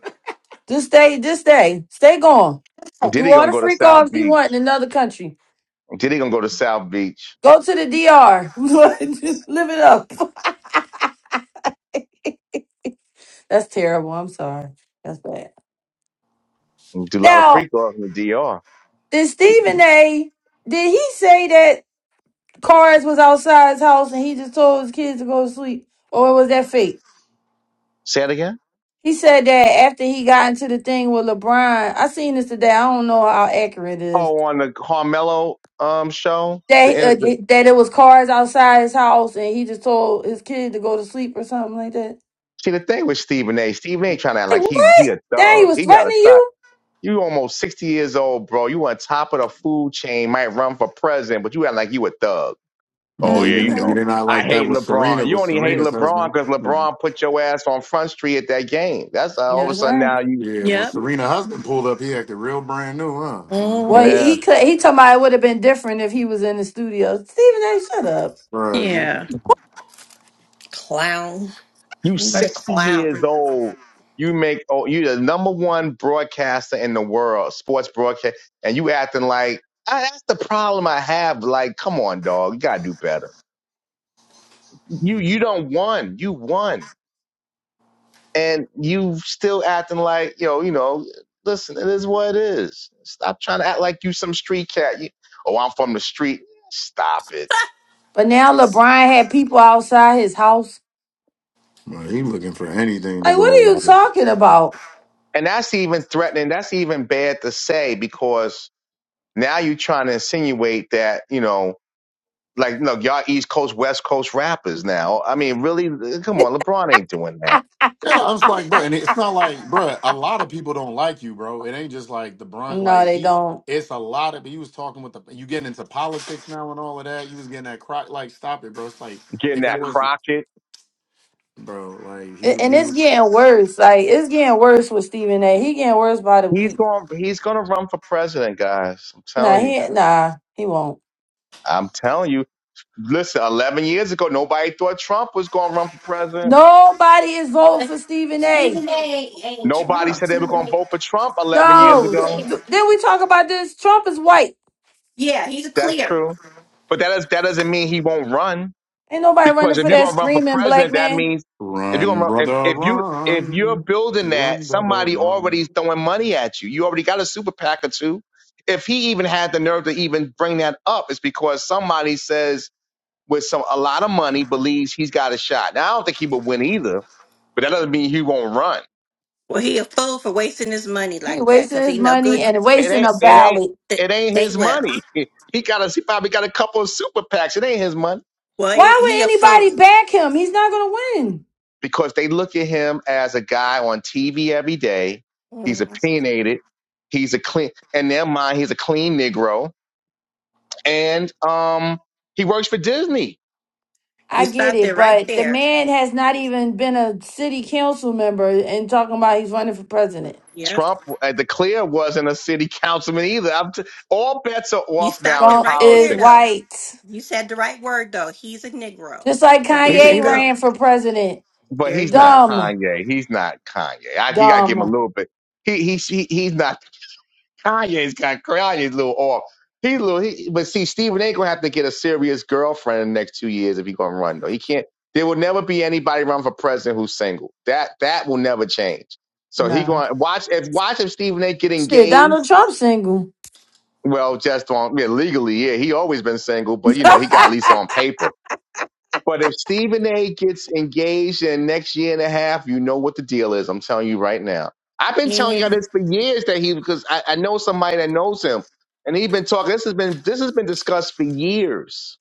Just stay. Just stay. Stay gone. Do
Diddy
all
gonna
the
go to
freak
South
offs you
Beach.
want in another country.
Diddy gonna go to South Beach
Go to the DR. just live it up. That's terrible. I'm sorry. That's bad.
and do a lot of freak offs in the DR.
Did Stephen A. Did he say that Cars was outside his house and he just told his kids to go to sleep, or was that fake?
Say it again.
He said that after he got into the thing with LeBron. I seen this today. I don't know how accurate it is.
Oh, on the Carmelo um show. The,
That
end
uh,
of the
that that it was cars outside his house and he just told his kid to go to sleep or something like that.
see the thing with Stephen A. Stephen A. trying to act
Like
like he he
what?
a
Dang, he
thug.
was
He gotta
threatening
stop.
you.
You almost sixty years old, bro. You on top of the food chain, might run for president, but you act like you a thug. Oh
Yeah, you
yeah, you
didn't you
mhm,
know.
did not
I
like that
hate
with
LeBron.
Serena
You
with
only hate
Serena's
LeBron
husband.
because
Mhm.
LeBron put your ass on front street at that game. That's uh, all
Yeah,
of a
that's
sudden
right.
now you
Yeah, when Serena husband pulled up, he acted real brand new, huh?
Mm.
mm
Well, he
yeah.
he, could. He told me it would have been different if he was in the studio. Stephen A. Shut up.
Bruh, you,
Yeah, clown.
You
What a
sixty years
clown.
old. You make oh you the number one broadcaster in the world, sports broadcast, and you acting like I, that's the problem I have. Like, come on, dog, you gotta do better. You you don't won. You won. and you still acting like yo, you know, listen, it is what it is. Stop trying to act like you some street cat. You, oh, I'm from the street. Stop it.
But now LeBron had people outside his house
bruh, he looking for anything to
Like, what
go.
are you
Like,
talking about?
And that's even threatening. That's even bad to say because now you're trying to insinuate that you know, like look, y'all East Coast, West Coast rappers. Now, I mean, really, come on, LeBron ain't doing that.
And I was like, bro, and it's not like, bro, a lot of people don't like you, bro. It ain't just like the brunt.
No,
Like
they
he,
don't.
it's a lot of. He was talking with the. You getting into politics now and all of that. You was getting that crock. Like, stop it, bro. It's like
Getting
if that
that
was,
Crockett.
bro. Like he,
A- And
he,
it's getting worse. Like it's getting worse with Stephen A. He getting worse by the
He's
week.
going. He's going to run for president, guys. I'm
Nah,
telling you.
he nah, he won't.
I'm telling you. Listen, 11 years ago, nobody thought Trump was going to run for president.
Nobody is voting for Stephen A.
Nobody said they were going to vote for Trump 11 years
No.
ago.
Th- Then we talk about this. Trump is white.
Yeah, he's
That's true. But that, is, that doesn't mean he won't run
Ain't nobody running
because if
for
you're
that
going to run for
screaming black
president, that
man.
means if you're going
run,
to run,
brother,
if, if you, if you're
run,
building that,
run, brother,
somebody already
run.
is throwing money at you. You already got a super PAC or two. If he even had the nerve to even bring that up, it's because somebody says with some, a lot of money believes he's got a shot. Now, I don't think he would win either, but that doesn't mean he won't run
well, he a fool for wasting his money
He
like that
wasting
because
his
he know
money
good
and
It
wasting
ain't
a
it ain't
ballot.
it ain't
ain't
his
well.
money. He got a he probably got a couple of super PACs. It ain't his money.
Well, he,
Why
he a
would anybody
fool.
back him? He's not gonna win.
Because they look at him as a guy on TV every day. He's
Mhm.
opinionated. He's a clean in their mind, he's a clean Negro. And um he works for Disney.
You
I get
stopped
it,
it right
but the
there.
man has not even been a city council member and talking about he's running for president.
Yep.
Trump uh, the clear, wasn't a city councilman either. I'm t- all bets are
You
off now
stopped
in
it
Trump
right
is
there
politics.
though.
white.
You said the right word though. He's a Negro.
Just like
So there
He's,
you
Kanye
he's in,
go.
ran for president.
but
There
he's
you
not
go.
Dumb.
Kanye. He's not Kanye. I, you got to give him a
Dumb.
little bit. He, he, he, he's not Kanye's got Kanye's a little off. He's a little, he, but see, Stephen ain't gonna have to get a serious girlfriend in the next two years if he gonna run though. He can't. There will never be anybody run for president who's single. That that will never change. So he
Nah.
going to watch if watch if Stephen A. get
Shit,
engaged.
Donald Trump single.
Well, just on yeah, legally, yeah, he always been single, but you know he got at
I,
least on paper. But if Stephen A gets engaged in the next year and a half, you know what the deal is. I'm telling you right now. I've been telling y'all
And
this for years that he because I, I know somebody that knows him. And he's been talking this has been this has been discussed for years.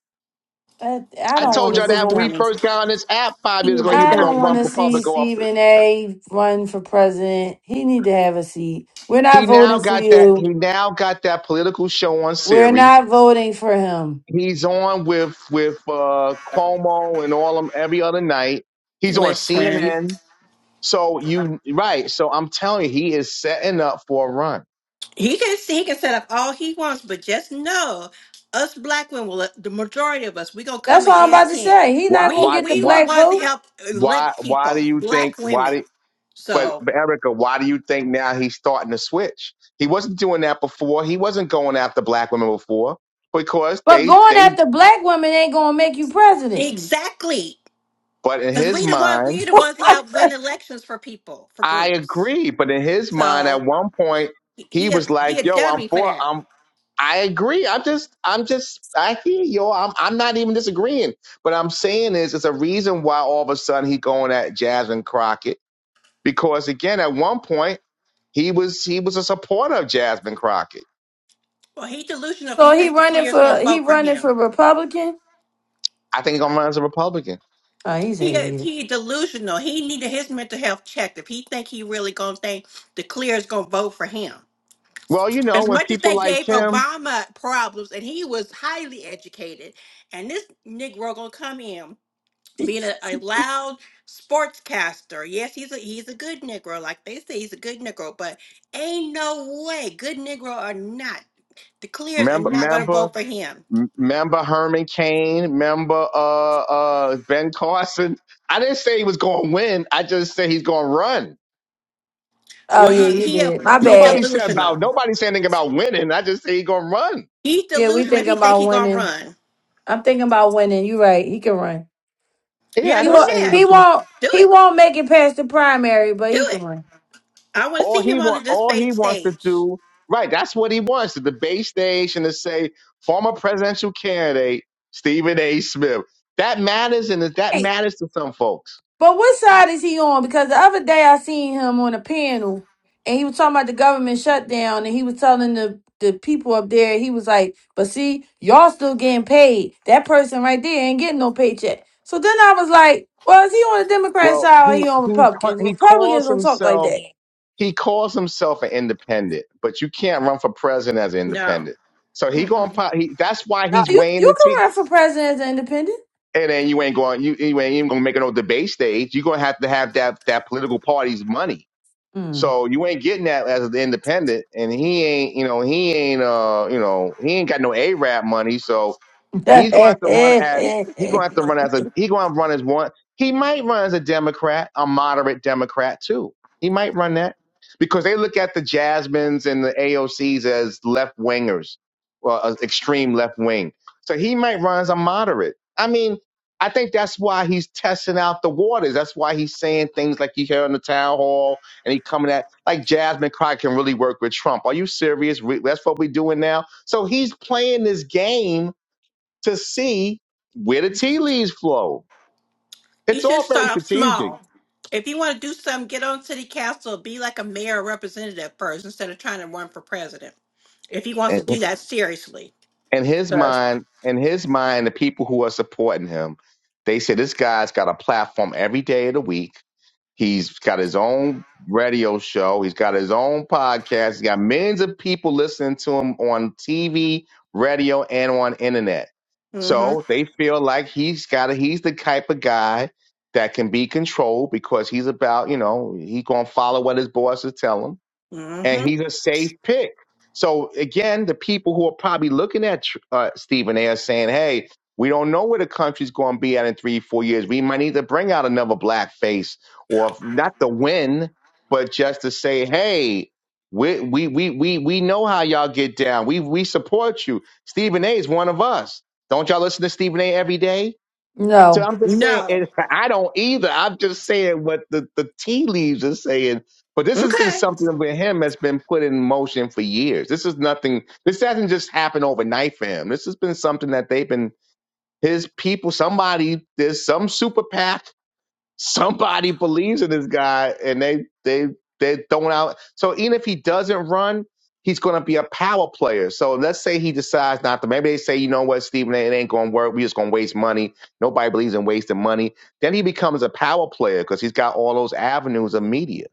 I
I
Well,
don't want
told
he,
to
y'all that when
see.
we first got on this app five years
he a
ago, he was
I
dummy.
don't
gonna
want
run
to
for
see
public office.
Stephen A. run for president. He need to have a seat. We're
He
not
now
voting for
got that he
you.
now got that political show on
We're
series.
not voting for him.
He's on with with uh Cuomo and all them every other night. He's on
Listen.
CNN. So you right. So I'm telling you, he is setting up for a run.
He can he can set up all he wants, but just know us black women, will the majority of us, we gonna come
That's what I'm about
against
to
him.
say. He
Why?
not gonna
We
Why?
get the
we were
Why?
the
black
ones to
vote.
help
Why?
elect
Why
people,
do you think?
black
Why?
women.
Do, but,
So
but Erica, why do you think now he's starting to switch? He wasn't doing that before. He wasn't going after black women before because
But
they
going
they.
after black women ain't gonna make you president.
exactly,
But in
because
his
we the one
mind,
we the ones to help win elections for people for
I
groups.
agree. But in his mind,
So
at one point,
he
he
he a,
was like,
he a
"Yo, I'm
dummy for
for.
that.
I'm." I agree. I'm just, I'm just, I hear you. I'm, I'm not even disagreeing. What I'm saying is, it's a reason why all of a sudden he going at Jasmine Crockett because again, at one point he was, he was a supporter of Jasmine Crockett.
Well, he delusional if he
So he
think the
running
clear's gonna
for he
vote for
running
him.
for Republican.
I think he's gonna run as a Republican.
Oh, he's an
He
idiot.
he delusional. He needed his mental health checked if he think he really gonna think the clear's gonna vote for him.
Well, you know,
As
when
much as
people
they
like
gave
him,
Obama problems, and he was highly educated, and this Negro gonna come in being a, a loud sportscaster. Yes, he's a he's a good Negro, like they say, he's a good Negro. But ain't no way, good Negro or not, the Clears are
remember,
not gonna
remember,
vote for him.
remember Herman Cain, remember uh, uh, Ben Carson. I didn't say he was going to win. I just said he's going to run.
Oh
Well,
yeah,
he
you
he a-
did. My
he
Nobody
bad.
said
delusional.
about, nobody said anything about winning. I just say he's going to run.
He's
Yeah, we
delusional if
thinking
he think
about
he gonna
winning.
run.
I'm thinking about winning. You right. He can run.
Yeah,
Yeah,
I
He
didn't
go
say
won't.
he
ahead,
He
was doing
won't.
do
He
it,
won't make it past the primary, but
do
he can
it.
run.
I want to
all
see him
he
on the
want. All
debate
he wants to
stage.
do, right? That's what he wants the debate stage and to say former presidential candidate Stephen A. Smith. That matters, and that
Hey,
matters to some folks.
But what side is he on? Because the other day I seen him on a panel and he was talking about the government shutdown and he was telling the, the people up there, he was like, But see, y'all still getting paid. That person right there ain't getting no paycheck. So then I was like, Well, is he on the Democrat
Well,
side or he
he
on
he cl-
Republicans?
he
Republicans
calls
don't talk like
himself
that.
he calls himself an independent, but you can't run for president as an
No.
independent. So he
Mm-mm.
going he, that's why
No,
he's
you,
weighing
you
the
can
tea.
run for president as an independent.
And then you ain't going you, you ain't even gonna make no debate stage. You're gonna have to have that that political party's money
Mm.
So you ain't getting that as an independent, and he ain't, you know, he ain't, uh, you know, he ain't got no A rap money, so he's going to have to run as he going to have to run as a he going to run as one. He might run as a Democrat, a moderate Democrat too. He might run that because they look at the Jasmines and the AOCs as left wingers, well, as extreme left wing. So he might run as a moderate. I mean, I think that's why he's testing out the waters. That's why he's saying things like you hear in the town hall and he coming at like Jasmine Crockett can really work with Trump. Are you serious? Re- That's what we're doing now. So he's playing this game to see where the tea leaves flow.
He
It's
should
all very
start off
strategic.
small. If you want to do something, get on city council, be like a mayor or representative first instead of trying to run for president. If he wants to
And
do that seriously.
in his mind, in his mind, the people who are supporting him, they say this guy's got a platform every day of the week He's got his own radio show. He's got his own podcast. He's got millions of people listening to him on TV, radio, and on internet.
Mm-hmm.
So they feel like he's got a, he's the type of guy that can be controlled because he's about, you know, he gonna follow what his bosses tell him and
Mm-hmm.
he's a safe pick. So again, the people who are probably looking at uh, Stephen A. are saying, "Hey, we don't know where the country's going to be at in three, four years. We might need to bring out another black face, or if not to win, but just to say, hey." We, we we we we know how y'all get down. We we support you. Stephen A. is one of us. Don't y'all listen to Stephen A. every day? So
no,
I'm just saying,
No.
and I don't either. I'm just saying what the, the tea leaves are saying. But this has been
Okay.
something with him that's been put in motion for years. This is nothing. This hasn't just happened overnight for him. This has been something that they've been his people. Somebody, there's some superpath somebody believes in this guy and they they they throwing out so even if he doesn't run he's going to be a power player so let's say he decides not to maybe they say you know what Stephen, it ain't going to work we just going to waste money nobody believes in wasting money then he becomes a power player because he's got all those avenues of media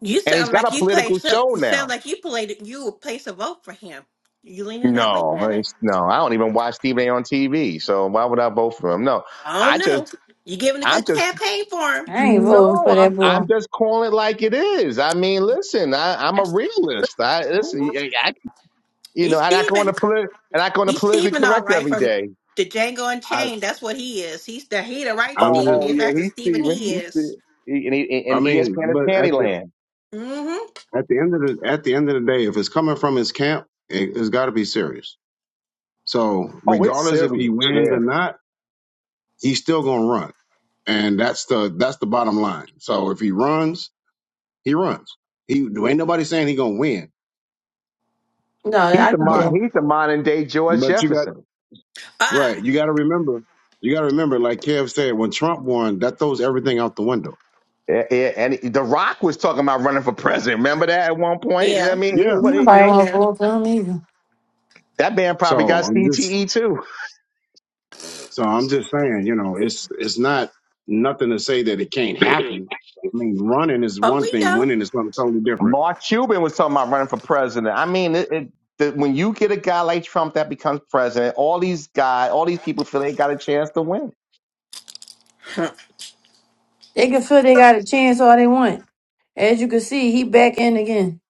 You
and he's
sound
got
like
a
you
political
placed a,
show
you sound
now
like you played you would place a vote for him. You leaning that way,
no I-
Kevin?
no i don't even watch stephen a on tv so why would i vote for him no
I
i
don't
just
know. You giving a
i'm
good
just
campaign for him.
I ain't voting
No,
for
I'm
that boy.
I'm just calling it like it is. I mean, listen, I, I'm a
That's-
realist. I listen, y- I, you know,
He's
I'm not going
Steven.
to polit- and I go on the
He's
politically
Steven all
correct
right
every
from
day.
the Django
I
Unchained. That's what he is. He's the he the right
I'm
Oh,
Steven.
just
oh
He's
yeah,
that's the
he's
Steven
Steven.
he
He's
is.
Steven. He, and, he,
I
and
mean,
ESPN is
but at the
Candyland.
Mm-hmm.
At the end of the at the end of the day, if it's coming from his camp, it, it's got to be serious. So
Oh, it's
regardless if he
serious.
wins or
Yeah,
not, he's still gonna run, and that's the that's the bottom line. So if he runs, he runs. He ain't nobody saying he gonna win,
No,
he's
I
the
could
but
that.
mon- he's the modern day George
but you got
Jefferson.
Ah.
right. You got to remember. You got to remember, like Kev said, when Trump won, that throws everything out the window.
Yeah, yeah, and The Rock was talking about running for president. Remember that at one point? I
Yeah.
mean, he,
Yeah.
what- you
Nobody
know,
want to
Yeah.
vote for him either.
that man
So
probably got
I'm just
CTE too.
So I'm just saying, you know, it's it's not nothing to say that it can't happen. I mean, running is
But
one
we
thing,
know.
winning is something totally different.
Mark Cuban was talking about running for president. I mean, it, it, the, when you get a guy like Trump that becomes president, all these guys, all these people feel they got a chance to win.
They can feel they got a chance all they want. As you can see, he back in again.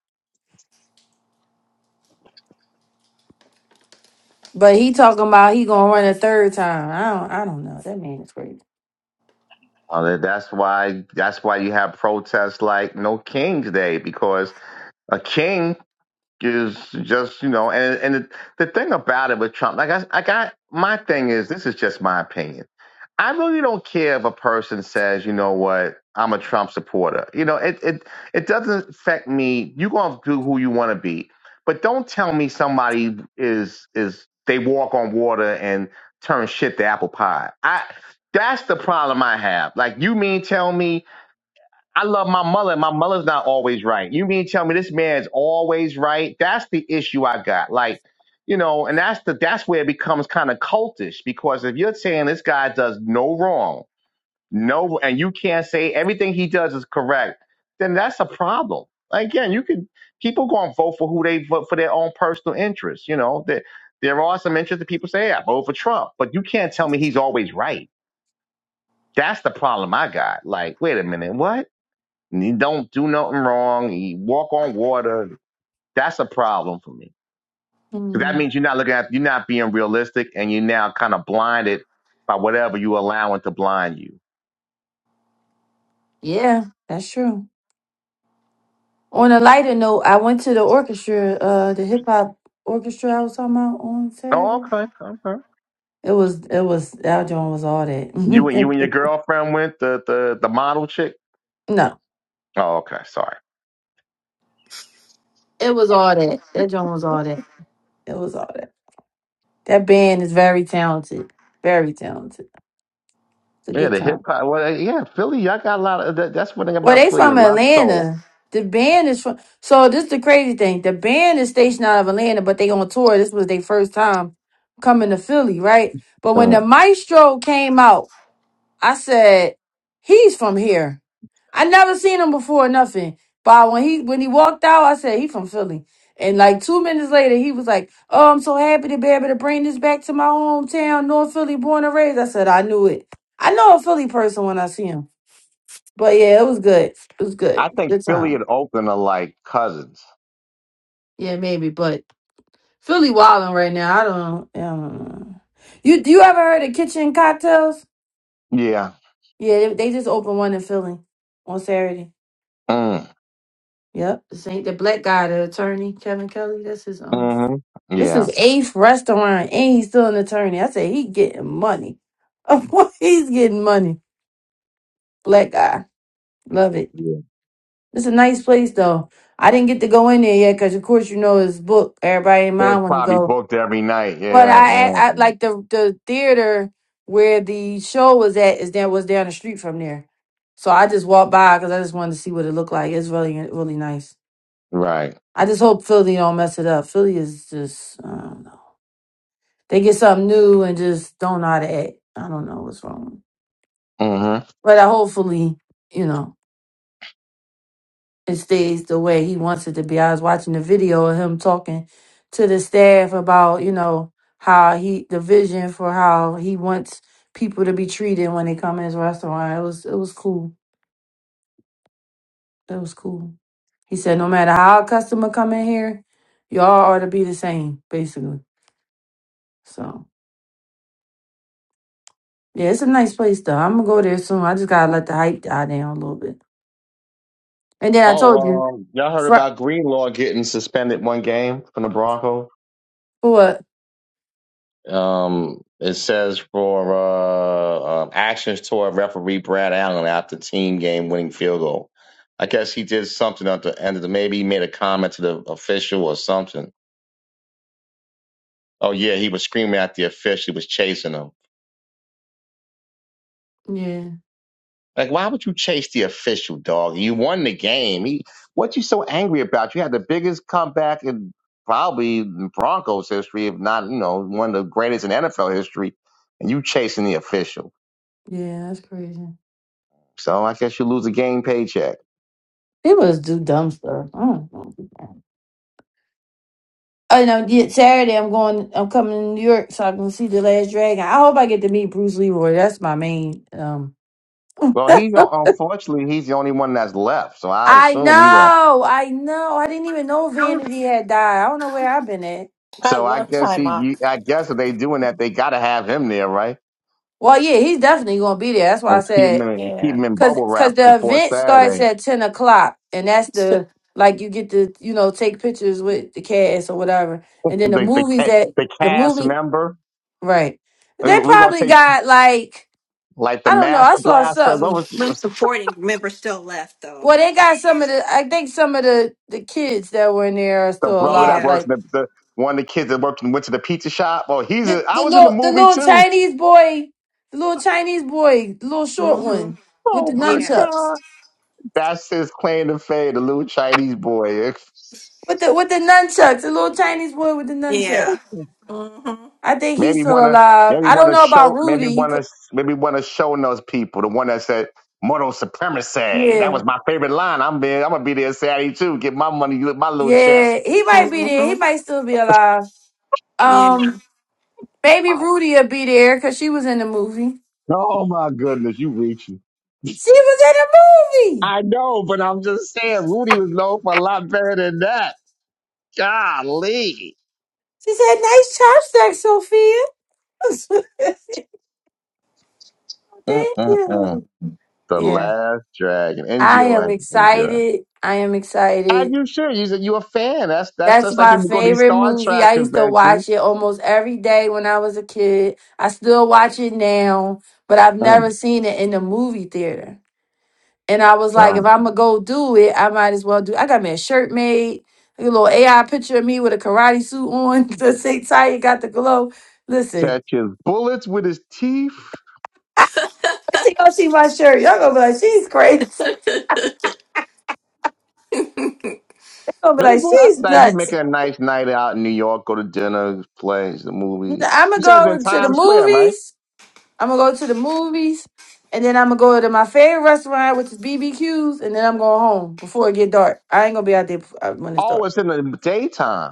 But he talking about he gonna run a third time. I don't I don't know. That man is crazy.
Uh, that- that's why. That's why you have protests like No King's Day because a king is just you know and and the, the thing about it with trump like i i got my thing is this is just my opinion i really don't care if a person says you know what i'm a trump supporter you know it it it doesn't affect me you going to do who you want to be but don't tell me somebody is is they walk on water and turn shit to apple pie i that's the problem i have like you mean tell me I love my mother. My mother's not always right. You mean tell me this man's always right? That's the issue I got. Like, you know, and that's the that's where it becomes kind of cultish because if you're saying this guy does no wrong, no, and you can't say everything he does is correct, then that's a problem. Again, you could people going to vote for who they vote for their own personal interests. You know that there there are some interests that people say, "Hey, I vote for Trump, but you can't tell me he's always right. That's the problem I got. Like, wait a minute, what? And He don't do nothing wrong. He walk on water. That's a problem for me. Because that
Mm,
means you're not looking at, you're not being realistic, and you're now kind of blinded by whatever you allowing to blind you.
yeah, that's true. On a lighter note, I went to the orchestra, uh the hip hop orchestra I was talking about on
Oh,
Saturday.
okay, okay.
It was it was that joint was all that.
You and you and your girlfriend went the the the model chick.
no.
Oh, okay, sorry.
It was all that. That joint was all that. It was all that. That band is very talented. Very talented. It's a
Yeah,
good
the
time.
hip hop. Well, yeah, Philly. Y'all got a lot of that, that's one thing
Well,
about
they
Philly. A
from
lot of soul.
Atlanta. The band is from. So this is the crazy thing. The band is stationed out of Atlanta, but they on tour. This was their first time coming to Philly, right? But when the
Mm.
maestro came out, I said, "He's from here." I never seen him before, nothing. But when he when he walked out, I said, "He from Philly." And like two minutes later, he was like, "Oh, I'm so happy to be able to bring this back to my hometown, North Philly, born and raised." I said, "I knew it. I know a Philly person when I see him." But yeah, it was good. It was good.
I think
Good
Philly
time.
and Oakland are like cousins.
Yeah, maybe. But Philly wilding right now. I don't. I don't know. You do you ever heard of Kitchen Cocktails?
Yeah.
Yeah, they, they just opened one in Philly on Saturday.
Mm.
Yep, this ain't the black guy, the attorney Kevin Kelly. That's his own.
hmm
This is
Yeah.
eighth restaurant, and he's still an attorney. I say he getting money. he's getting money. Black guy, love it.
Yeah.
It's a nice place though. I didn't get to go in there yet because, of course, you know it's booked. Everybody in
It's
mind want to
probably
go.
booked every night.
But
Yeah,
I,
yeah.
I like the the theater where the show was at is there was down the street from there, so I just walked by because I just wanted to see what it looked like. It's really really nice.
Right.
I just hope Philly don't mess it up. Philly is just I don't know. They get something new and just don't know how to act. I don't know what's wrong.
hmm
But I hopefully you know it stays the way he wants it to be. I was watching the video of him talking to the staff about, you know, how he the vision for how he wants people to be treated when they come in his restaurant. It was it was cool. It was cool. He said no matter how a customer come in here, y'all ought to be the same, basically. So yeah, it's a nice place though. I'm gonna go there soon. I just gotta let the hype die down a little bit. And then I
Oh,
told you,
um, y'all heard
fr-
about Greenlaw getting suspended one game from the Broncos?
for what?
Um, it says for uh, um, actions toward referee Brad Allen after team game winning field goal. I guess he did something at the end of the maybe he made a comment to the official or something. Oh yeah, he was screaming at the official. He was chasing him.
Yeah,
Like, why would you chase the official dog? You won the game. He, what you so angry about? You had the biggest comeback in probably Broncos history, if not, you know, one of the greatest in NFL history, and you chasing the official.
yeah, that's crazy.
So I guess you lose a game paycheck.
People just do dumb stuff. I don't know. Oh no, yeah, Saturday I'm going I'm coming to New York so I can see the last dragon. I hope I get to meet Bruce Leroy. That's my main um
Well, he don't. Unfortunately, he's the only one that's left. So I
I
assume he going.
know, I know. I didn't even know Vanity had died. I don't know where I've been at.
I
So I
love
guess he.
Time
you-
Ox.
I guess if they doing that, they got to have him there, right?
Well, yeah, he's definitely gonna be there. That's why I
And keep him
said
in, keep
Yeah.
him in
cause
bubble
cause
wrap
the
before
event starts
Saturday.
at ten o'clock and that's the like you get to, you know, take pictures with the cast or whatever. And then the
The the,
movies
ca-
that
the
the
cast
movie
member.
right. They
We're gonna
probably
take
got like
Like the
I don't know,
Master
I saw
Blaster. What
something
was
Some supporting members still left though.
Well, they got some of the. I think some of the the kids that were in there are
the
still
brother that
alive.
Yeah.
works
Like
in the, the one of the kids that worked and went to the pizza shop? Oh, he's
the
a, I
the
was in the
little the
movie
little
too.
Chinese boy, the little Chinese boy, the little short
Mm-hmm.
one with the
Oh my
Yeah.
God.
nunchucks.
That's his claim to fame, the little Chinese boy.
With the with the nunchucks, the little Chinese boy with the nunchuck.
Yeah. Mm-hmm.
I think he's
Maybe
still
wanna
alive.
maybe
I don't
wanna
know about
show maybe
Rudy. He
wanna
could-
maybe wanna show those people. The one that said Mortal supremacy. That
yeah,
was my favorite line. I'm being, I'm gonna be there Saturday too. Get my money, my little check.
yeah, he might be there. He
Mm-hmm.
might still be alive.
Yeah.
Um, maybe Rudy will be there because she was in the movie.
Oh my goodness, you reaching.
She was in the movie.
I know, but I'm just saying, Rudy was known for a lot better than that. Golly.
She said, "Nice chopstick, Sophia." Thank
Mm-mm-mm.
you.
The
Yeah,
Last Dragon.
I
Enjoy.
am
Enjoy.
excited. I am
As
excited.
you should. You said you're a fan. That's that's
That's
just like
my
people go to these
favorite
Star
movie.
Trek
I used to watch
conventions.
it almost every day when I was a kid. I still watch it now, but I've
Mm.
never seen it in the movie theater. And I was like,
Well,
if I'm gonna go do it, I might as well do. I got me a shirt made, a little AI picture of me with a karate suit on. The same tie you got the glow. Listen,
catches bullets with his teeth.
until y'all see my shirt, y'all gonna be like, she's crazy. Y'all gonna be
Man,
like,
boy, that's
she's
nice. You
nuts.
make it a nice night out in New York, go to dinner, play the movie.
I'm gonna
You said it's in
go to the
Times Square, right?
movies. I'm gonna go to the movies, and then I'm gonna go to my favorite restaurant, which is BBQ's, and then I'm going home before it get dark. I ain't gonna be out there bef- uh, when it's
Oh,
dark.
it's in the daytime.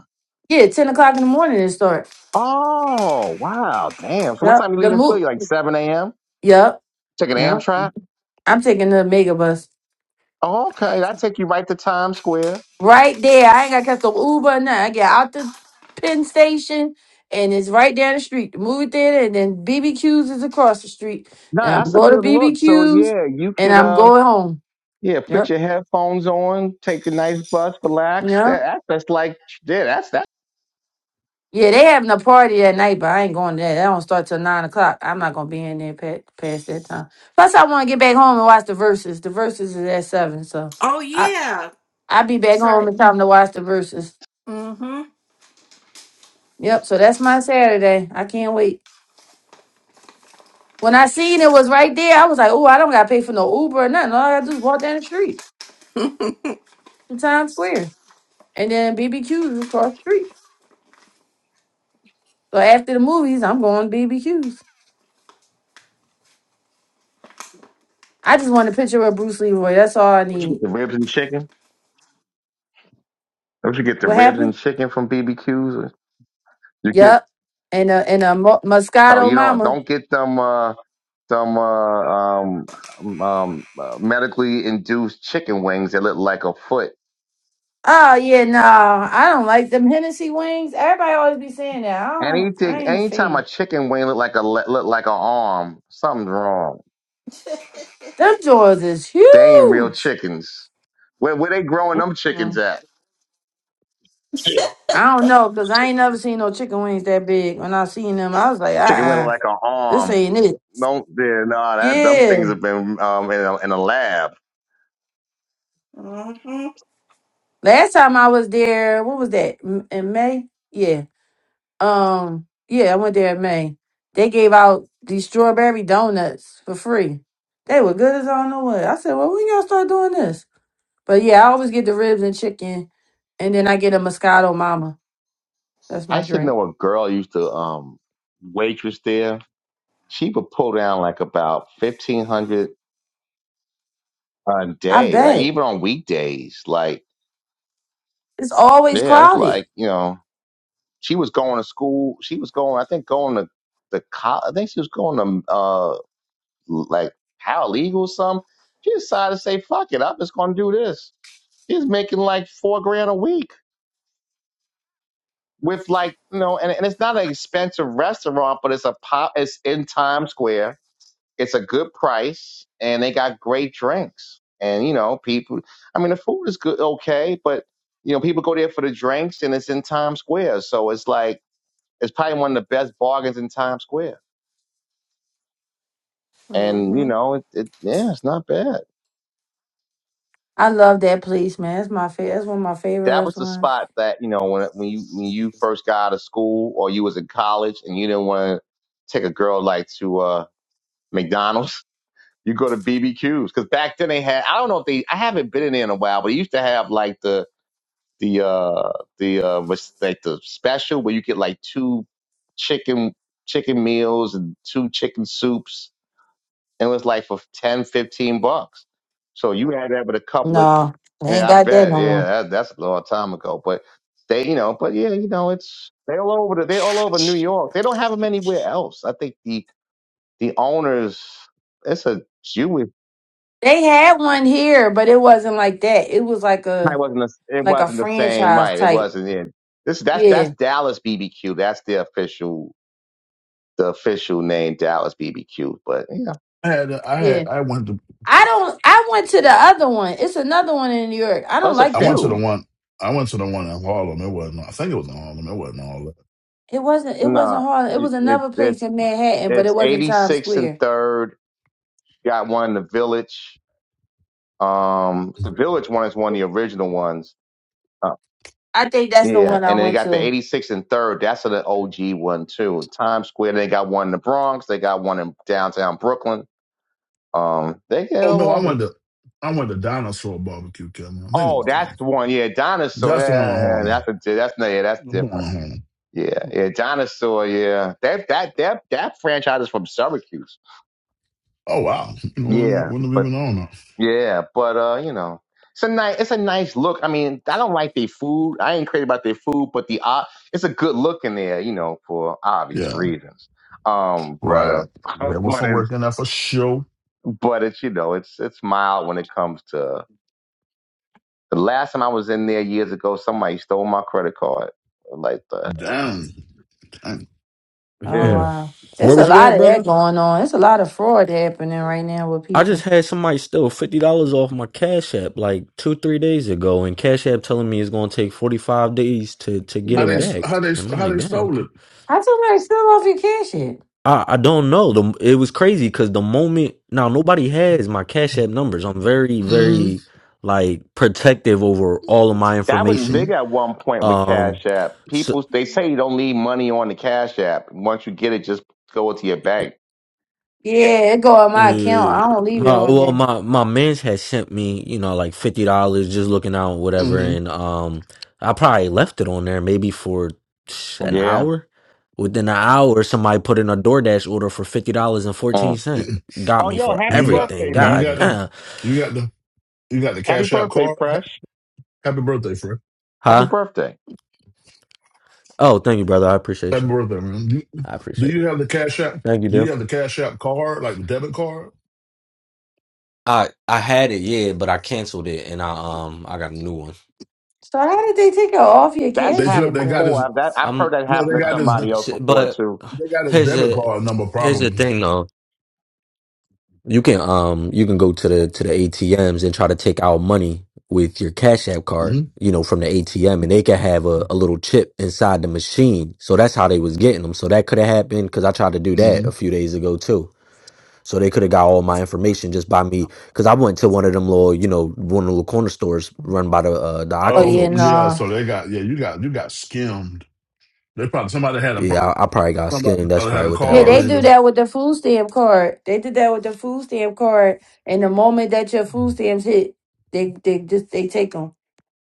Yeah, ten o'clock in the morning it start.
Oh, wow. Damn. So what
Yep.
time you
The
leaving Philly?
mo.
Like 7 a.m.?
Yep.
Take an
Yep.
Amtrak?
I'm taking the mega bus
Oh, okay. That take you right to Times Square.
right there. I ain't got to catch the Uber or nothing. I get out the Penn Station. And it's right down the street, the movie theater, and then BBQ's is across the street.
No,
And I'm
that's a
going
good
to
look. So
BBQ's,
yeah, you
and
could
I'm
uh
going home.
yeah, put
Yep.
your headphones on, take a nice bus, relax.
Yep.
That, that that's like yeah, that's that.
Yeah, they having a party at night, but I ain't going there. That don't start till nine o'clock. I'm not gonna be in there past, past that time. Plus, I want to get back home and watch the verses. The verses is at seven, so
Oh
I
yeah.
I be back
That's
home
right.
in time to watch the verses.
Mm-hmm.
Yep. So that's my Saturday. I can't wait. When I seen it was right there, I was like, oh, I don't gotta pay for no Uber or nothing. All I gotta do is walk down the street to Times Square, and then BBQs across the street. So after the movies, I'm going to BBQs. I just want a picture of Bruce Leroy. That's all I
Would you get
need.
the ribs and chicken? Would you get the
What
ribs
happened?
and chicken from BBQs? You get
Yep. And a and a mo-
oh
Moscato
you don't
Mama.
don't get them uh them uh um um uh, medically induced chicken wings that look like a foot.
Oh yeah, no, I don't like them Hennessy wings. Everybody always be saying that. I don't. I
Anything,
ain't a
anytime a
fan.
chicken wing look like a le- look like a arm, something's wrong.
Them jaws is
They ain't real
huge.
chickens. Where where they growing them chickens
Mm-mm.
at?
I don't know because I ain't never seen no chicken wings that big. When I seen them, I was like, uh,
Chicken wing look
uh
like an
this
arm.
ain't it.
Don't yeah, nah. That them things
Yeah.
have been um in a, in a lab.
Mm-hmm.
Last time I was there, what was that M- in May? Yeah. Um, yeah, I went there in May. They gave out these strawberry donuts for free. They were good as I don't know what. I said, well, when y'all start doing this? But yeah, I always get the ribs and chicken, and then I get a Moscato Mama. That's
I
my
should
drink.
know a girl used to um waitress there. She would pull down like about fifteen hundred a
I
day, like
bet
even on weekdays. Like
it's always
yeah, it's
crowded.
like you know. She was going to school. She was going, I think, going to the college. I think she was going to uh like paralegal or something. She decided to say, "Fuck it, I'm just going to do this." She's making like four grand a week with like you know, and, and it's not an expensive restaurant, but it's a pop. It's in Times Square. It's a good price, and they got great drinks. And you know, people. I mean, the food is good, okay, but you know, people go there for the drinks, and it's in Times Square, so it's like It's probably one of the best bargains in Times Square. And
Mm-hmm.
you know, it, it yeah, it's not bad.
I love that place, man. That's my favorite. That's one of my favorite
That was the
restaurants.
spot that you know when when you when you first got out of school or you was in college and you didn't want to take a girl like to uh McDonald's. You go to BBQs because back then they had I don't know if they I haven't been in there in a while, but they used to have like the the uh the uh was like the special where you get like two chicken chicken meals and two chicken soups It was like for 10, 15 bucks. So you had that with a couple of,
No, they ain't
yeah, I
got that
bet.
no
Yeah,
more.
that, that's a long time ago. But they, you know, but yeah, you know, it's, they're all over, the, they're all over New York. They don't have them anywhere else. I think the, the owners, it's a Jewish,
They had one here, but it wasn't like that. It was like
it
a
wasn't, the it
like a
wasn't the same,
franchise
right? It
type.
wasn't in. This, that's,
Yeah,
that's Dallas BBQ. That's the official, the official name, Dallas BBQ. But yeah,
I had I
yeah.
had I went to
I don't. I went to the other one. It's another one in New York. I don't
that's a
like
I went
that
to the
few.
one.
one I went to the one in Harlem. It wasn't I think it was in Harlem. It wasn't all that.
It wasn't. It wasn't
Nah,
Harlem. It
it,
was another place
it's,
in Manhattan, but
it's
it wasn't Times
86 and
Square.
third Got one in the village. Um, the village one is one of the original ones. Uh,
I think that's the
yeah,
one I
and then they
went
got the
to.
86 and third. That's an OG one too. Times Square. They got one in the Bronx. They got one in downtown Brooklyn. Um, they get
Oh no, I
along.
went to I went to Dinosaur Barbecue Kevin. I think it
Oh,
was Dinosaur.
that's the one.
Barbecue.
Yeah, dinosaur.
That's
Yeah,
the one in
yeah, yeah,
Harlem.
yeah, that's a that's no. Yeah, that's
That's The one
different.
in Harlem.
Yeah, yeah, dinosaur. Yeah, that that that that franchise is from Syracuse.
Oh wow. You know,
Yeah,
wouldn't have
but.
even known that.
Yeah, but uh, you know, it's a nice, it's a nice look. I mean, I don't like their food. I ain't crazy about their food, but the uh, it's a good look in there, you know, for obvious
Yeah.
reasons. Um, but
Right.
uh,
Yeah, was
but
some work
it's
in there for sure.
but it's you know, it's it's mild when it comes to the last time I was in there years ago. Somebody stole my credit card. Like the hell.
Damn. Damn.
Oh
Yeah,
Mm.
wow,
Where
there's a
was you
lot
at,
of
brother?
that going on. It's a lot of fraud happening right now with
I just
people.
had somebody steal fifty dollars off my Cash App like two, three days ago, and Cash App telling me it's gonna take forty five days to to get
How
it
yeah.
they
back,
how they
and I'm
how
like,
they
damn,
stole it.
okay.
How somebody steal off your cash? It.
I I don't know. The it was crazy because the moment now nobody has my Cash App numbers. I'm very
hmm
very like protective over all of my
That was
hmm
information.
big at one point with
Um,
Cash App.
so
People they say you don't leave money on the Cash App. Once you get it, just go to your bank.
Yeah, it go on my account.
Uh,
I don't leave it
my
on
well,
there.
my my man's had sent me, you know, like fifty dollars just looking out, whatever,
hmm
and um, I probably left it on there maybe for an
Yeah.
hour. Within an hour, somebody put in a DoorDash order for fifty dollars and
Mm.
fourteen cent. Got
Oh,
me
yo,
for
happy
You got
everything.
birthday,
you
man.
God
got the
damn,
you got the you got the
Happy
cash out
birthday,
card. Ha-
Fresh.
Happy birthday, Fred.
Happy
huh?
birthday.
Oh, thank you, brother. I appreciate
Happy
you.
birthday, man, do, you,
I
do
appreciate you.
you have the Cash App?
Thank you,
Do you
Diff.
have the Cash App card, like the debit card?
I I had it, yeah, but I canceled it, and I um I got a new one.
So how did they take it off your
That's
They
cash
took,
happened
app
they got
though?
before.
his
I've, that, I've heard
I'm,
that
no, they
happen to
uh,
got his
somebody else
s-
before,
but
too.
they got his
here's
debit
a
card number
here's the
probably.
thing though. You can um you can go to the to the ATMs and try to take out money with your Cash App card,
hmm
you know, from the ATM, and they can have a, a little chip inside the machine. So that's how they was getting them. So that could have happened because I tried to do that
hmm
a few days ago too. So they could have got all my information just by me because I went to one of them little, you know, one of the little corner stores run by the uh, the
Oh
Aki
Um,
yeah,
folks.
yeah,
no.
so they got yeah, you got you got skimmed. They probably somebody had a pro-
Yeah, I, I probably got
somebody
skinned. That's
probably had
probably
a
what that
Yeah,
card
they
was.
do
reader.
that with the food stamp card. They did that with the food stamp card, and the moment that your food stamps hit, they they just they take them.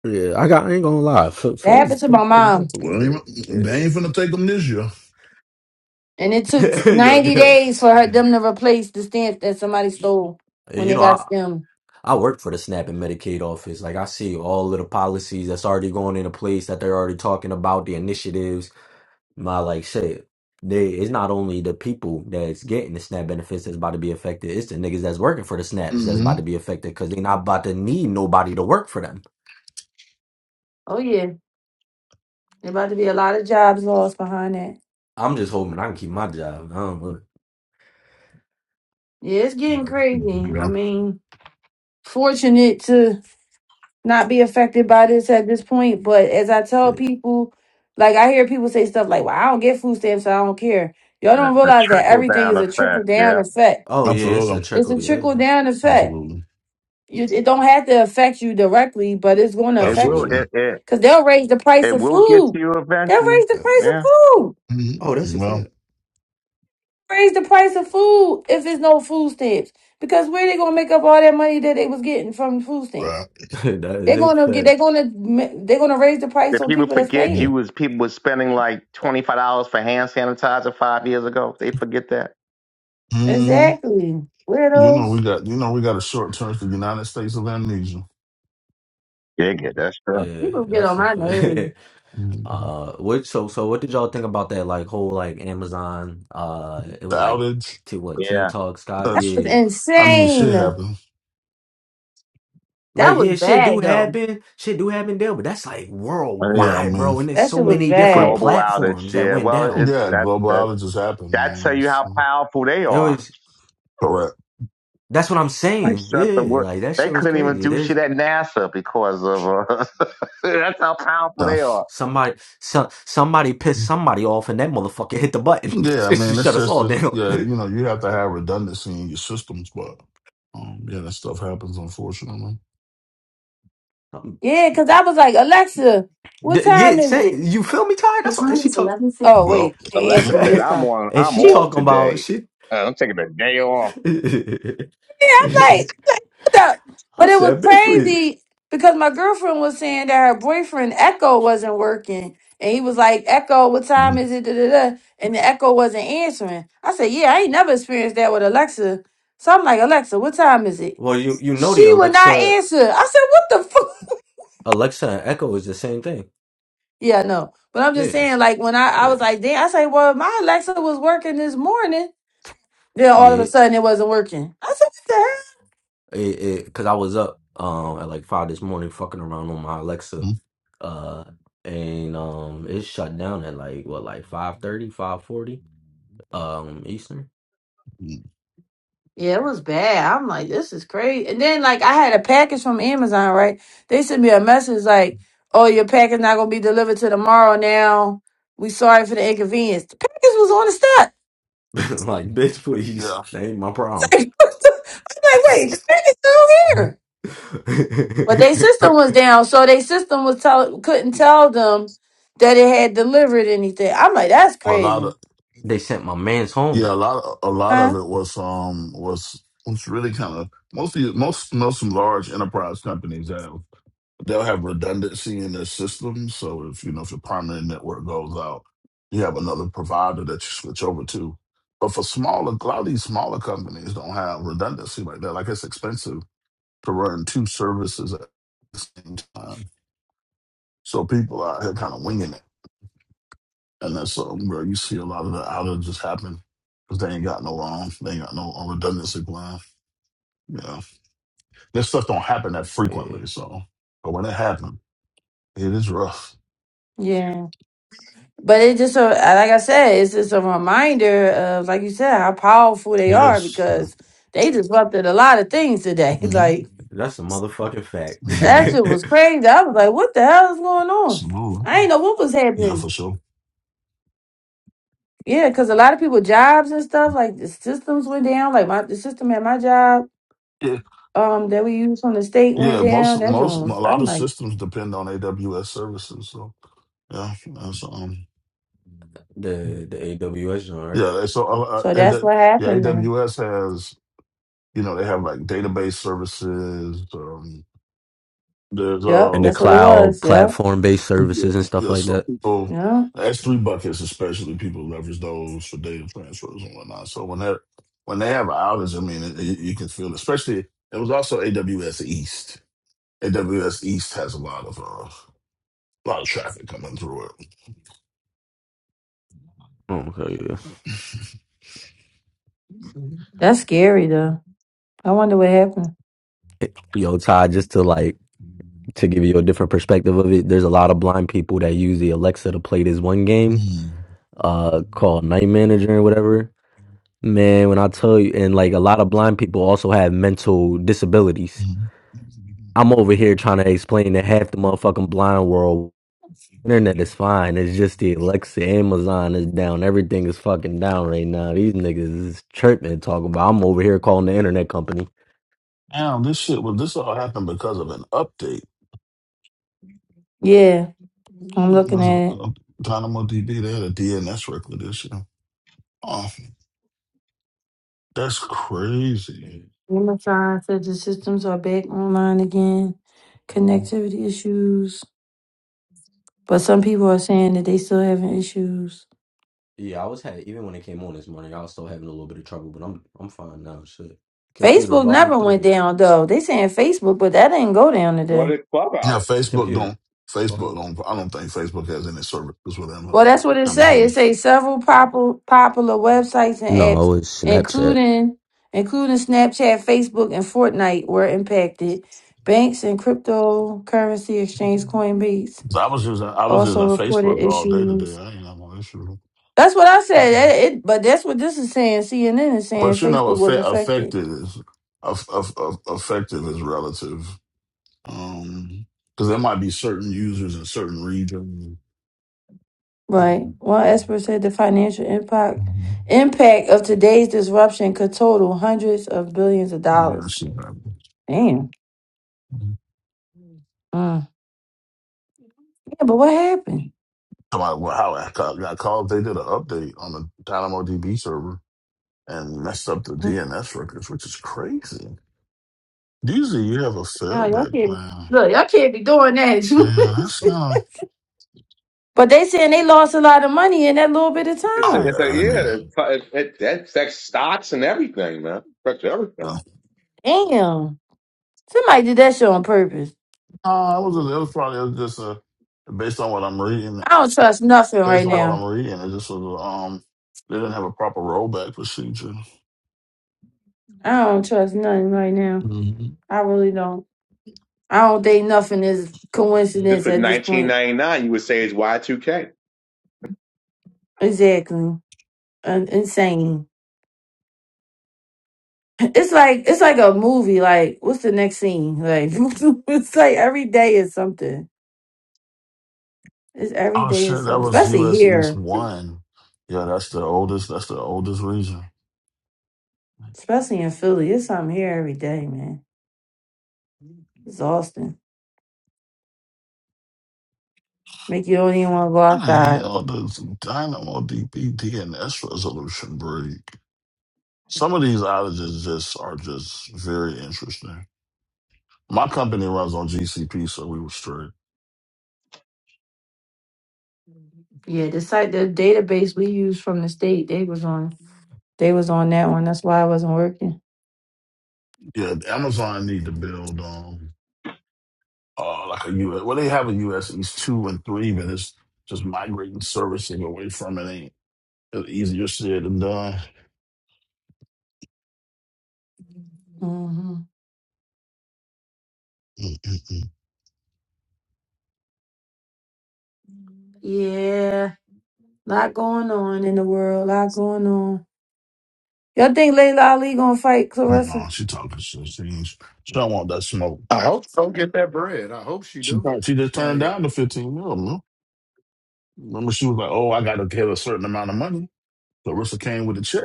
Yeah, I got. I ain't gonna lie. Phil,
That
Phil,
happened to
Phil,
my
Phil me up
mom,
a little
Well, they
bit.
ain't they
Yeah.
ain't finna take them this year.
and it took
Yo,
ninety
Dubs.
days for her them to replace the stamp that somebody stole
And
when
you
they
know,
got
I
stemmed.
I work for the SNAP and Medicaid office. Like I see all of the policies that's already going into place that they're already talking about, the initiatives. My like shit. They it's not only the people that's getting the SNAP benefits that's about to be affected, it's the niggas that's working for the SNAPs that's
hmm
about to be affected because they not about to need nobody to work for them.
Oh yeah, there about to be a lot of jobs lost behind that.
I'm just hoping I can keep my job. I don't know.
Yeah, it's getting
But,
crazy. I
Yeah,
mean, fortunate to. not be affected by this at this point. But as I tell
yeah.
people, like I hear people say stuff like, "Well, I don't get food stamps, so I don't care." Y'all
The,
don't
the
realize that
trickle
everything
down
is a trickle
effect,
down
yeah.
effect.
Oh yeah, it's a
absolutely,
It's
trickle,
a trickle
yeah.
down effect.
absolutely,
You, it don't have to affect you directly, but it's going to
It
affect
will,
absolutely.
you
it, it,
because they'll raise the price
it
of
will get to
food.
you
They'll
eventually.
raise the price
Yeah.
of food.
hmm
Oh, that's a
Well,
fact.
Raise the price of food if it's no food stamps. Because where they gonna make up all that money that they was getting from food stamps?
right.
that is
They're
a
gonna get. They're
fact.
gonna. They're gonna raise the price
If
on
people
people that's
forget you
paying.
was, people was spending like $25 for hand sanitizer five years ago. They forget that.
Mm-hmm.
Exactly.
You know we
widows.
got you know we got a short term for the United States of Amnesia.
Yeah, yeah, that's true.
Yeah,
People get
that's
on
a
my
fact.
nerves.
Mhm.
Uh, what so so what did y'all think about that like whole like Amazon uh it
The
was like
outage.
to what Teen
Yeah.
Talk Skype
That's,
It's
yeah
I mean, shit
insane.
happened.
like
That was
yeah shit do
bad though.
happen shit do happen there but that's like
Oh, yeah.
Yeah, I
worldwide
mean,
bro and there's
That
so
shit
The
was
many different
bad.
global outage.
platforms that
Yeah.
went
Well,
down
it's,
yeah,
that,
global
that,
outages happen,
that
man.
tell you
That's
how
uh,
powerful they
it
are
was
correct.
that's what I'm
They
saying
shut the
yeah
work.
like that
They
shit was
couldn't even
crazy
do shit
there's
at NASA because of uh, that's how powerful
Yeah,
they are.
somebody so, somebody pissed somebody off and that motherfucker hit the button
yeah. I
she
mean, it's
shut us
just
all
a,
down
yeah. You know, you have to have redundancy in your systems, but um, yeah, that stuff happens, unfortunately.
Yeah, because I was like, Alexa,
D-
what
yeah
time is it?
saying you feel me Ty
The
that's what and
time
she
is
talk
eleven fifty. Oh
Well,
wait, she answered
Alexa
me
said,
this
"I'm
time.
on.
and
I'm
she
off
talking about
today.
she.
Uh, I'm taking a day
I
off."
Yeah, I'm like, what the- but it was
said, "Bitch, please."
crazy because my girlfriend was saying that her boyfriend Echo wasn't working. And he was like, Echo, what time is it? Da, da, da. And the Echo wasn't answering. I said, Yeah, I ain't never experienced that with Alexa. So I'm like, Alexa, what time is it?
Well, you you know the
She would not
Alexa,
answer. I said, what the fuck?
Alexa and Echo is the same thing.
Yeah, no. But I'm just
Yeah,
saying, like, when I, I
yeah,
was like, damn, I say, well, my Alexa was working this morning. Then all of a
yeah.
sudden it wasn't working. I said, what the hell?
It, it, Cause I was up um at like five this morning, fucking around on my Alexa, uh, and um it shut down at like what like five thirty, five forty, um Eastern.
Yeah, it was bad. I'm like, this is crazy. And then, like, I had a package from Amazon, right? They sent me a message like, oh, your package not going to be delivered to tomorrow now. We sorry for the inconvenience. The package was on the step.
like, bitch, please,
yeah.
that ain't my problem.
I'm like, wait, the package still here. But their system was down, so their system was tell couldn't tell them that it had delivered anything. I'm like, that's
Well, a lot of
crazy,
they sent my man's home.
Yeah, a lot a lot of
huh?
it was um was was really kind of mostly most most large enterprise companies have they'll have redundancy in their system. So if you know if your primary network goes out, you have another provider that you switch over to. But for smaller, a lot of these smaller companies don't have redundancy like that. Like it's expensive to run two services at the same time. So people out here kind of winging it. And that's something, bro. You see a lot of the outages just happen because they ain't got no um, they ain't got no um, redundancy plan. You know, this stuff don't happen that
Yeah,
frequently. So, but when it happens, it is rough.
Yeah. But it just a, like I said, it's just a reminder of, like you said, how powerful they are
Yes.
because
Mm-hmm.
they disrupted a lot of things today. like
that's a motherfucking fact.
that
Mm-hmm.
shit was crazy. I was like, what the hell is going on?
Smooth.
I ain't know what was
Yeah,
happening.
for sure.
Yeah, because a lot of people jobs and stuff like the systems went down. Like my the system at my job
Yeah,
um that we use from the state went
yeah.
down.
Most,
That
most,
joint
a
was.
lot
I'm
of
like.
systems depend on AWS services. So, yeah, that's um.
the the AWS joint, right?
Yeah, so uh, uh,
So
and
that's what
yeah,
happened then.
AWS has you know, they have like database services. Um, there's
Yep,
And
uh,
the
that's what it
cloud
was. Yep.
platform based services and
yeah,
stuff
yeah,
like
so
that.
people,
Yep.
that's three buckets, especially people leverage those for data transfers and whatnot. So when that when they have an outage, I mean, it, it- you can feel, it. especially it was also AWS East. AWS East has a lot of uh, a lot of traffic coming through it.
Okay, yeah.
Mm.
That's scary though. I wonder what happened.
Yo, Todd, just to like to give you a different perspective of it, there's a lot of blind people that use the Alexa to play this one game, uh, called Night Manager and whatever. Man, when I tell you, and like a lot of blind people also have mental disabilities.
Mm.
I'm over here trying to explain to half the motherfucking blind world Internet is fine. It's just the Alexa, Amazon is down. Everything is fucking down right now. These niggas is chirping, and talking about. I'm over here calling the internet company.
Now this shit was this all happened because of an update.
Yeah, I'm
Mm,
looking
That's a,
at it.
a Dynamo DB. They had a DNS record this year. Oh, that's
Yeah,
crazy.
Human sign said the systems are back online again. Connectivity issues. But some people are saying that they still having issues.
yeah. I was had even when it came on this morning, I was still having a little bit of trouble, but I'm I'm fine now. Shit. Computer
Facebook
volume
never went
three.
down though. They saying Facebook, but that didn't go down
What
today.
did
Yeah,
Clubhouse?
Facebook don't.
Computer
Facebook
volume three.
don't. I don't think Facebook has any services with Am-
Well, that's what it say. It
Amazon.
say several popular popular websites and apps,
No, it was Snapchat.
including including Snapchat, Facebook, and Fortnite, were impacted. Banks and cryptocurrency exchange Coinbase
So I was using I was using
also reported
Facebook all day today.
issues.
I ain't have no issue.
That's what I said. That- it- but that's what this is saying. CNN is saying
But you know,
Facebook was
affe
affected.
affected is aff- aff- aff- affected is relative, because there might be certain users in certain regions.
Right.
You
One expert said the financial impact impact of today's disruption could total hundreds of billions of
know,
dollars.
shit happens.
Damn. Mm. Yeah, but what happened?
Somebody, well, how I got got called, they did an update on the DynamoDB server and messed up the
Mm.
DNS records, which is crazy. Usually, you have a
No, y'all
failback
can't
plan.
look, y'all can't be doing that.
Yeah, that's not.
but they saying they lost a lot of money in that little bit of
It's
Oh
a,
time.
it's a
yeah, I mean,
yeah. It, it, that affects stocks and everything, man. Affects everything.
uh,
Damn. Somebody did that shit on purpose.
uh, it was it was probably just a based on what I'm reading.
I don't trust nothing
based
right
on what
now.
I'm reading, it just was um they didn't have a proper rollback procedure.
I don't trust nothing right now.
hmm
I really don't. I don't think nothing is
This
coincidence
was
at this point.
1999. You would say it's Y2K.
Exactly. Un- insane. It's like it's like a movie. Like, what's the next scene? Like, it's like every day is something. It's every
Oh
day is
shit, that
something,
was
especially
US
here.
East one. Yeah, that's the oldest that's the oldest region.
especially in Philly. It's something here every day, man. Exhausting. Make you don't even want to go
How the
outside.
hell does Dynamo DB DNS resolution break? Some of these outages just are just very interesting. My company runs on GCP, so we were straight.
Yeah, the site, the database we use from the state, they was on, they was on that one. That's why I wasn't working.
Yeah, Amazon need to build um uh like a US well they have a US East two and three, but it's just migrating servicing away from it. It's Easier said than done.
hmm
Mm-mm-mm.
Yeah, lot going on in the world. Lot going on. Y'all think Layla Ali gonna fight
No,
Clarissa?
she talking shit. She, ain't- she don't want that smoke.
I hope so. Get that bread. I hope she
She
do.
thought she just turned
Like.
down the 15 mil, man. Remember, she was like, oh, I got to get a certain amount of money. Larissa came with a check.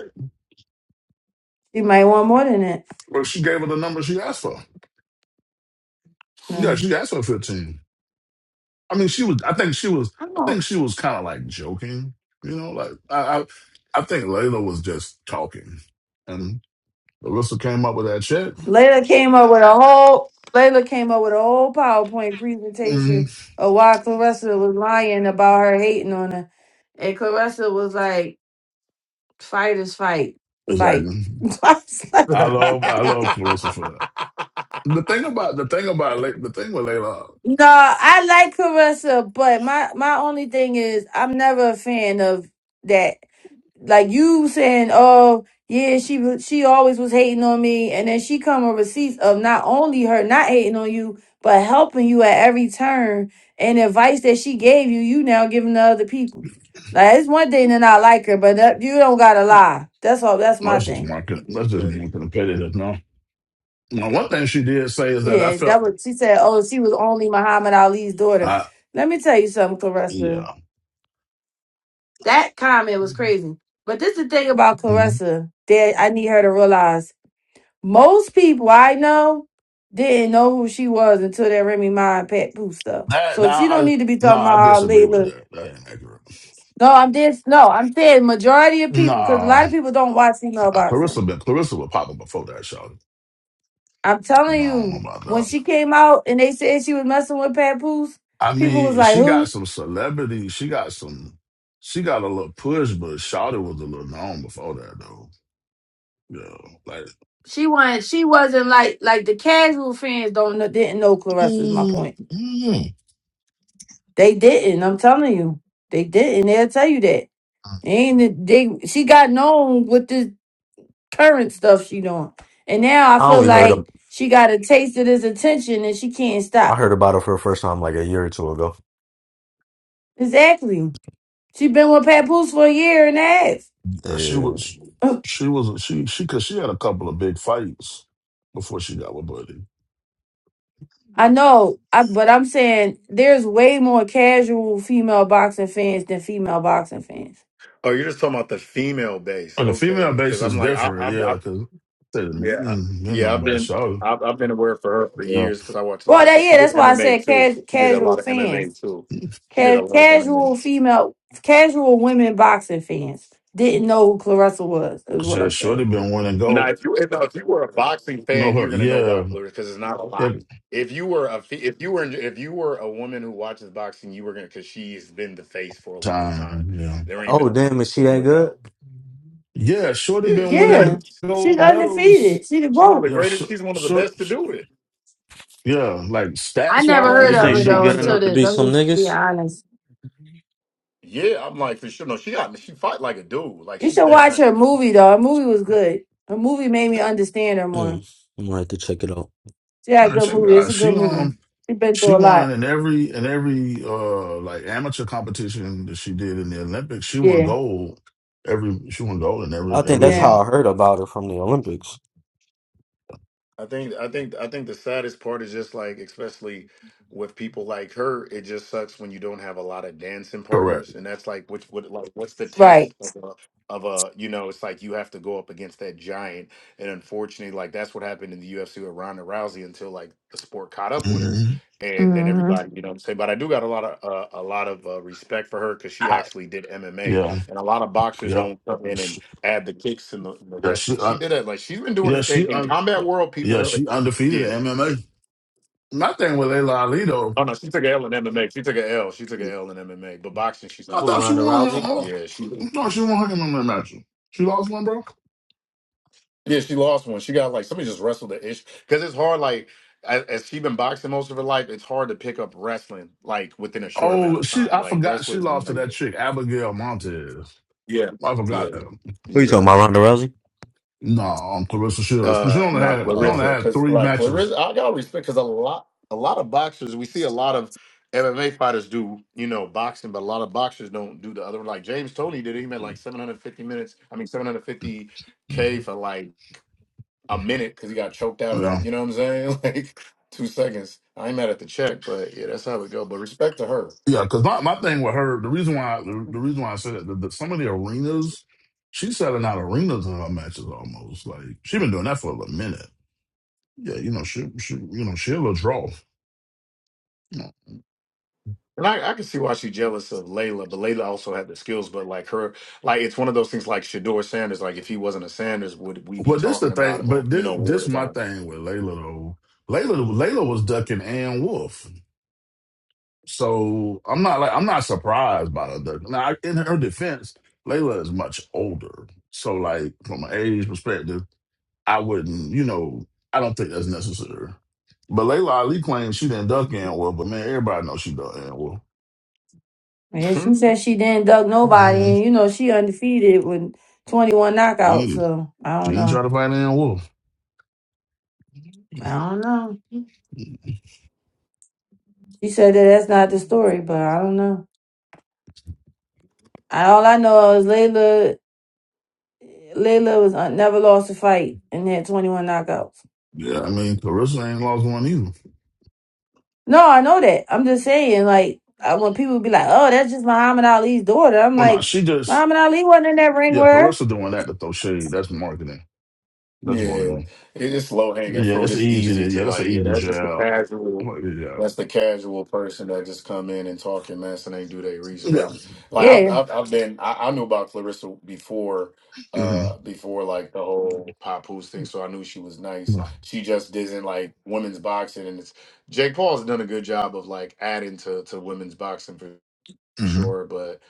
She might want more than that.
Well, she gave her the number she asked for. Yeah,
No.
she asked for 15. I mean, she was, I think she was, I think she was kind of like joking, you know, like, I, I, I think Layla was just talking. And Larissa came up with that check.
Layla came up with a whole Layla came up with a whole PowerPoint
hmm
presentation of why Clarissa was lying about her hating on her. And Clarissa was like, fight is fight. Fight.
Exactly.
I was like,
I love, I love Clarissa for that. The thing about the thing about Le- the thing with Layla, oh,
no, I like Clarissa, but my, my only thing is I'm never a fan of that. like you saying, oh yeah, she wa- she always was hating on me, and then she come with receipts of not only her not hating on you, but helping you at every turn, and advice that she gave you, you now giving to other people. Like it's one thing to not like her, but that, you don't gotta lie. That's all. That's my
that's just
thing.
market. That's
being
just
petty.
market competitive. No, now, one thing she did say
is
is that
being
I
Yeah,
felt,
that was she said. Oh, she was only Muhammad Ali's daughter.
I
Let me tell you something, Clarissa.
yeah,
That comment was crazy. But this is the thing about
Mhm.
Clarissa that I need her to realize. Most people I know didn't know who she was until that Remy Ma and Pat Pooh stuff.
that
So
now
she don't
I
need to be
no
talking
I
about her
disagree with
Layla.
that. That ain't accurate.
No, I'm just no. I'm saying majority of
No,
people because a lot
nah,
of people don't watch female
Clarissa
boxing.
been Clarissa was popping before that show.
I'm
I don't
telling
know
you,
about
when
that.
she came out and they said she was messing with Pat Pooh's,
I
people was
mean,
like,
she got
"Who?"
some celebrity. She got some. She got a little push, but Shawty was a little known before that, though. Yeah, like.
She wasn't. She wasn't like like the casual fans don't know, didn't know Clarissa. Is my point.
mm
They didn't. I'm telling you, they didn't. They'll tell you that.
mm.
And they, she got known with this. current stuff she doing. And now I
I
feel
only heard of
like she got a taste of this attention and she can't
I
stop.
heard about it for the first time like a year or two ago.
Exactly. She been with Papoose for a year and a
She
Yeah.
was
half.
she was she she cause she had a couple of big fights before she got with Buddy.
I know, I, but I'm saying there's way more casual female boxing fans than female boxing fans.
Oh, you're just talking about the female base,
And the female
okay?
base
Because I'm
is
like, I,
different,
I, I
yeah, cause I said,
yeah, I-
mm, you
yeah.
know
I've
about
been,
Shorty.
I've, I've been aware for her for
Yeah.
years because I watched a lot
Well,
of.
that
Cause she
yeah,
did
that's why I
MMA
said
too.
cas-
She did a lot
casual
of
fans,
MMA too. She did a
Ca-
lot of
casual
MMA.
female, casual women boxing fans didn't know who Clarissa was. Is what
She
I'm
Shorty
saying.
been winning
Now,
gold.
if you, if, if you were a boxing
No
fan,
her
you're gonna know
yeah,
about Clarissa because it's not a
yeah
lot. If you were a, fe- if you were, if you were a woman who watches boxing, you were gonna because she's been the face for a long
time,
time.
yeah.
There ain't
Oh
been a lot
damn,
of
is she
people to
that
look
good?
out.
Yeah, Shorty
Yeah,
been
she
Yeah,
winning
nice.
she's
gold medals.
undefeated. She the
She's one of
GOAT.
the
Yeah, sh-
greatest. She's one of the
sh-
best to do it.
yeah, like
I
stats
Uh,
never heard
You
wise, are
of
think
we
her
she
doing
though
this
good
thing?
until
enough to
this.
be
I'm
some
just be
niggas?
honest.
Yeah, I'm like for sure. No, she got she fight like a dude. Like
You
she's
should
that.
watch
nice.
her movie though. Her movie was good. Her movie made me understand her more.
Mm, I'm gonna have to check it out.
She had a
I
good
check it
movie. It's
out.
a good
She um
movie. She been
She
through a lot.
won in every in every uh like amateur competition that she did in the Olympics. She won
Yeah.
gold every she won gold in
I
every
think
every
that's
Yeah.
how
joint.
I heard about her from the Olympics.
I think I think I think the saddest part is just like especially with people like her, it just sucks when you don't have a lot of dancing
Correct.
partners, and that's like which what like what's the
Right.
test of a of a you know it's like you have to go up against that giant, and unfortunately like that's what happened in the UFC with Ronda Rousey until like the sport caught up with her,
hmm
and then
hmm
everybody you know what I'm saying. But I do got a lot of uh, a lot of uh, respect for her because she actually did MMA,
Yeah.
and a lot of boxers
Yeah.
don't come in and
She,
add the kicks and the, and the
yeah. She.
wrestling. She
Uh,
did it. Like she's been doing
yeah.
her
She.
thing in
Uh,
combat world. People
yeah.
know it.
She undefeated
Yeah.
in MMA. My thing with Layla Ali though,
Oh no, she took an L in MMA. She took an L. She took an L in MMA. But boxing, she's
I
Who,
thought she
undefeated.
Ronda
won her.
Rousey?
her
Yeah, she.
I thought she won her MMA match. She lost one, bro.
Yeah, she lost one. She got like somebody just wrestled the ish because it's hard. Like as, as she been boxing most of her life, it's hard to pick up wrestling like within a short amount
Oh,
of
she.
time.
I
Like
forgot she
wrestling.
lost to
Like,
that chick Abigail Montez.
yeah.
I forgot.
Yeah.
that.
Who you
Yeah.
talking
Yeah.
about, Ronda Rousey?
No, on Clarissa Shields. 'Cause She
uh
only
Uh,
not
had she only
uh
Clarissa
had
because
three
like
matches.
Clarissa I got respect because a lot a lot of boxers we see a lot of MMA fighters do you know boxing but a lot of boxers don't do the other one. like James Tony did it he made like 750 minutes I mean 750k for like a minute because he got choked out in a,
Yeah,
you know what I'm saying like two seconds I ain't mad at the check but yeah that's how it go but respect to her
yeah. Because my, my thing with her, the reason why the, the reason why I said that, that some of the arenas, she's selling out arenas in her matches almost. Like she been doing that for a minute. Yeah, you know she she you know she'll draw. You know.
And I, I can see why she's jealous of Layla, but Layla also had the skills. But like her, like it's one of those things. Like Shador Sanders, like if he wasn't a Sanders, would we be
But this the
talking about
thing.
him or
But
you
this,
know
this
worried
my
about
thing with Layla though. Layla Layla was ducking Ann Wolf. So I'm not like I'm not surprised by the duck. Now in her defense, Layla is much older. So like from an age perspective, I wouldn't, you know, I don't think that's necessary. But Layla Ali claims she didn't duck Ann Wolf, but man, everybody knows she ducked Ann Wolf.
Yeah, she
him?
said she didn't duck nobody
Mm,
and you know she undefeated with twenty one
she,
knockouts,
didn't-
so I
she
don't
did try
know.
to fight Ann Wolf.
I don't know. She said that that's not the story, but I don't know. I- All I know is Layla Layla was uh, never lost a fight and had twenty one knockouts.
Yeah, I mean Clarissa ain't lost one either.
No, I know that. I'm just saying, like, I, when people be like, "Oh, that's just Muhammad Ali's daughter," I'm
Well no,
like,
she just
Muhammad Ali wasn't in that ring
yeah,
with her.
Clarissa doing that to throw shade. That's marketing. That's
Yeah,
marketing.
it's low hanging
Yeah,
fruit.
that's
It's
easy
easy
to,
to
yeah, that's
like,
an
yeah,
easy
that's just the
job.
casual.
Well, Yeah.
That's the casual person that just come in and talk and mess and ain't do their research.
Yeah.
Like, like I've
Yeah,
I've, I've been I, I knew about Clarissa before,
hmm
uh, before like the whole pop Papoose thing. So I knew she was nice.
hmm
She just isn't like women's boxing, and it's Jake Paul's done a good job of like adding to to women's boxing for sure. But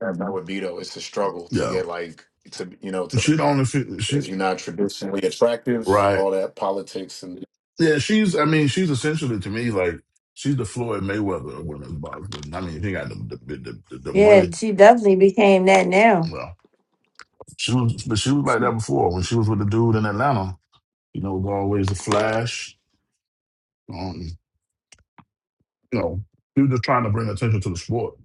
that's not what Beto. It's a struggle to
Yeah.
get like to you know to
She the only fe- she
if you're not traditionally attractive,
right.
all that politics and
Yeah, she's I mean, she's essentially to me like she's the Floyd Mayweather of women's boxing. I mean, she got the the, the, the, the
yeah,
money.
she definitely became that now.
Well, she was but she was like that
She-
before when she was with the dude in Atlanta. You know, it was always a flash. Um, you know, she was just trying to bring attention to the sport.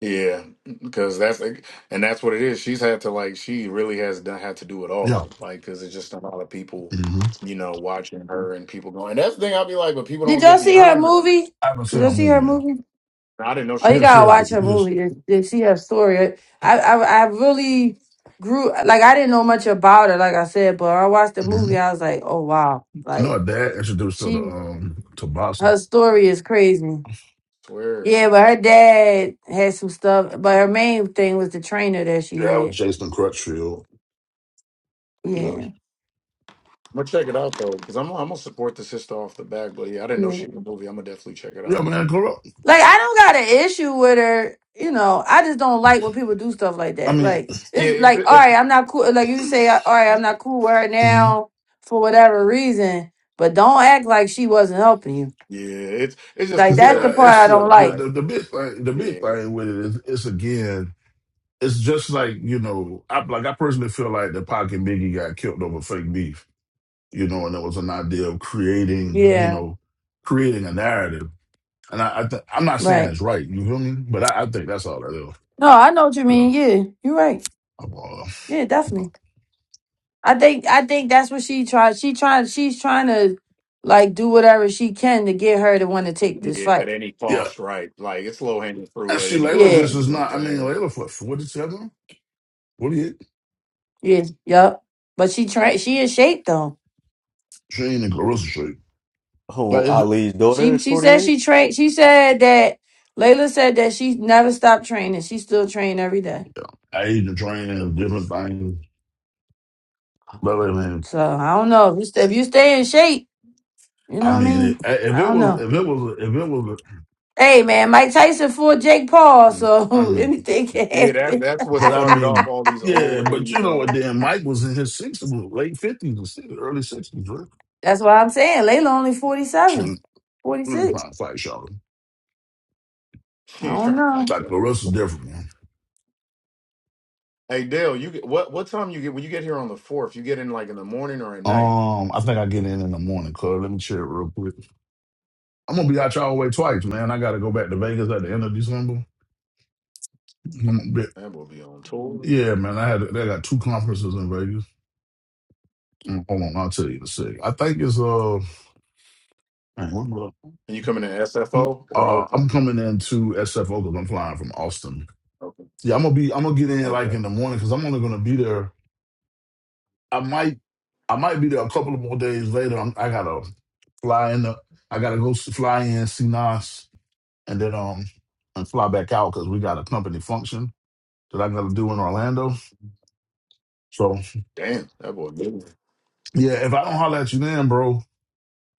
yeah, because that's like, and that's what it is. She's had to like, she really has done had to do it all,
Yeah.
like, because it's just a lot of people,
hmm
you know, watching her and people going. And that's the thing I'll be like, but people
Did
don't
y'all
get
see her
behind her. Though.
movie?
I haven't
Did
seen
y'all
a
see her
movie yet.
movie?
And I didn't know
Oh,
she
you
had a
Yes,
gotta
yeah,
movie.
watch her
yes.
movie to, to see her story. I, I, I really grew like I didn't know much about her, like I said, but I watched the
Mm-hmm.
movie. I was like, oh wow,
I know
like
her dad introduced her to
she,
um to boxing.
her story is crazy.
I Swear, I'm,
Yeah,
I'm
but her dad had some stuff. But her main thing was the trainer that she
Yeah, I was
had.
Jason Crutchfield. Yeah,
Yeah.
gonna check it out though, because I'm, I'm gonna support the sister off the back. But yeah, I didn't know
Yeah.
she had a movie. I'm gonna definitely check it
yeah
out.
man, corrupt.
Like I don't got an issue with her. You know, I just don't like when people do stuff like
I
that.
mean,
Like
Yeah,
it's
it's,
like, all
it's
right, I'm not cool. Like you say, uh, all right, I'm not cool with her
Mhm.
now for whatever reason. But don't act like she wasn't helping you.
yeah, it's it's just a
Like that's
yeah,
the
sell, it's
part
a
it's
I
the,
don't
sell
the
like.
fight.
the the big thing. The big
Yeah,
thing with it is, it's again, it's just like you know, I like I personally feel like the Pac and Biggie got killed over fake beef, you know, and it was an idea of creating, you
Yeah.
know, creating a narrative. And I, I th- I'm not saying
Right.
it's right, you feel me? But I, I think that's all that is.
No, I know what you
Yeah,
mean. Yeah, you're right.
I'm all-
Yeah, definitely. I think I think that's what she tried. She trying she's trying to like do whatever she can to get her to want to take this
Yeah,
fight.
at any
yeah.
cost, right? Like it's low hanging fruit
And
at
see,
any
Layla
Yeah,
just
cost. You
is
know what I'm
not. I mean,
saying?
Layla for forty seven, forty eight.
yeah, yup. But she train she in shape though.
She ain't in Clarissa
who
Street.
Ali's daughter
She
is
she
forty
said
eight.
she train she said that Layla said that she never stopped training. She still train every day.
I used to train in different things. But I mean,
So I don't know. If you stay, if you stay in shape, you
I
know what I
mean,
mean?
it, if
I
it
don't
was,
know.
if it was, if it was,
Hey man, Mike Tyson fought Jake Paul,
I
so
mean,
anything can
Yeah, that
happen.
that's what
but I
started off
mean,
all these
yeah,
older,
but
you
you know what?
know,
Then Mike was in his sixties, late fifties, or sixties, early sixties, right?
That's what I'm saying. Layla only 47.
Shit, Let me
46.
find a fight, y'all.
I don't know.
Like
transactions.
the rest is different, man.
Hey Dale, you get what what time you get when you get here on the fourth? You get in like in the morning or at night?
Um, I think I get in in the morning, cuz. Let me check real quick. I'm gonna be out y'all way twice, man. I gotta go back to Vegas at the end of December. I'm gonna
That will be on tour.
yeah, man. I had they got two conferences in Vegas. Mm, Hold on, I'll tell you in a sec. I think it's uh. Man, I'm gonna-
And you coming to SFO or
Uh,
Oakland?
I'm coming into SFO because I'm flying from Austin.
Okay.
Yeah, I'm gonna be. I'm gonna get in like
Okay.
in the morning because I'm only gonna be there. I might. I might be there a couple of more days later. I'm, I gotta fly in. The, I gotta go s- fly in, see Nas, and then um and fly back out because we got a company function that I gotta do in Orlando. So
Damn, that boy. good.
yeah, if I don't holler at you then, bro,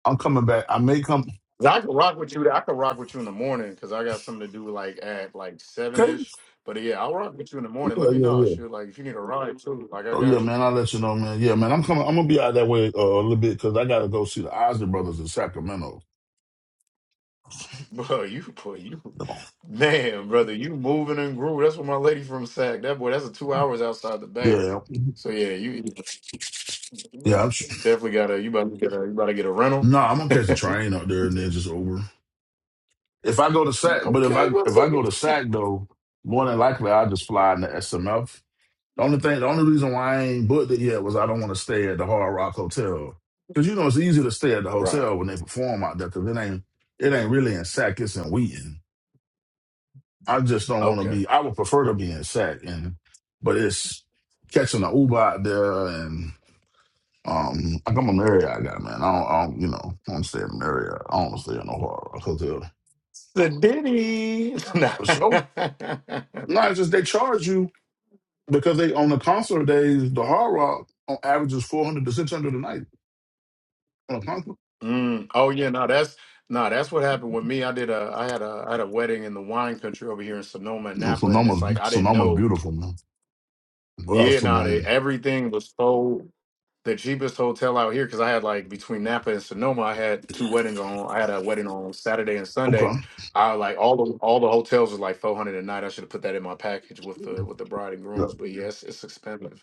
I'm coming back. I may come.
'Cause I could rock with you. I could rock with you in the morning because I got something to do like at like seven
Okay.
ish. But yeah, I'll rock with you in the morning.
Yeah,
Let me
yeah,
know.
yeah.
Shoot, like if you need a ride too, like I
Oh yeah,
got you.
man. I'll let you know, man. Yeah, man. I'm coming. I'm gonna be out that way uh, a little bit because I gotta go see the Osley Brothers in Sacramento.
Bro, you, boy, you, man, brother, you moving and groove. That's what my lady from Sac. That boy, that's a two hours outside the bay.
Yeah,
So yeah, you
yeah. I'm sure.
definitely gotta. You about to get a. You about to get a rental.
No, I'm gonna catch the train up there and then just over. If I go to Sac, but if
okay,
I
well,
if
so,
I go to Sac though, more than likely I'll just fly in the SMF. The only thing, the only reason why I ain't booked it yet was I don't want to stay at the Hard Rock Hotel because you know it's easier to stay at the
right.
hotel when they perform out there because it ain't it ain't really in Sac, it's in Wheaton. I just don't want to
Okay.
be. I would prefer to be in sack, and but it's catching an Uber out there, and um, like I'm a Marriott guy, man. I don't, I don't you know, I don't stay in Marriott. I don't stay in no Hard Rock Hotel.
The Diddy.
For sure. No, it's just they charge you because they on the concert days, the Hard Rock on average is four hundred to six hundred a night on a concert.
mm, oh yeah, no, that's no, that's what happened with me. I did a. I had a. I had a wedding in the wine country over here in Sonoma and
You know,
Napa, and
Sonoma's
it's like I didn't
Sonoma's
know.
beautiful, man. Well,
Yeah, no, they,
Simone.
everything was so the cheapest hotel out here because I had like between Napa and Sonoma, I had two weddings on. I had a wedding on Saturday and Sunday.
Okay.
I like all the all the hotels was like four hundred a night. I should have put that in my package with the with the bride and
Yeah.
grooms. But yes, it's expensive.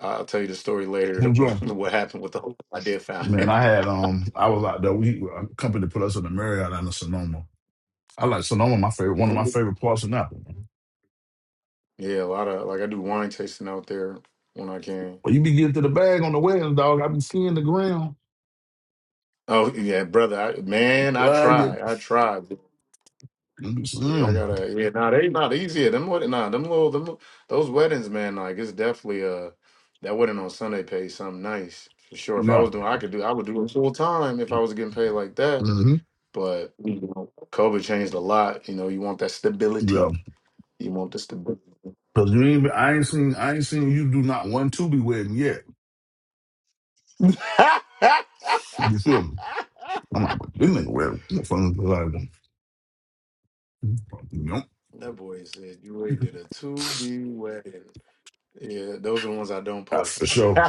I'll tell you the story later.
Who's wrong?
what happened with the hotel I did find?
Man, I had um, I was out there. We a company put us in the Marriott out in Sonoma I like Sonoma, my favorite, one of my favorite parts of Napa.
yeah, a lot of like I do wine tasting out there when I can.
When you be getting to the bag on the wedding, dog, I be seeing the ground.
Oh yeah, brother, I, man, I
Well, you,
try, I try.
you
Yeah, I gotta. Yeah, nah, they not easy. Yeah, Them wed- nah, them little them li- those weddings, man. Like it's definitely uh that wedding on Sunday pays something nice for sure. If I
yeah,
was doing, I could do. I would do it full time if I was getting paid like that.
mm-hmm.
But you know, COVID changed a lot. You know, you want that stability.
yeah.
You want the stability.
Cause you ain't, I ain't seen, I ain't seen you do not one to be wedding yet. You feel me? I'm like, but this nigga wedding, I'm fucking like, nope,
That boy said you already did a two B wedding. Yeah, those are the ones I don't
that's for
post.
sure.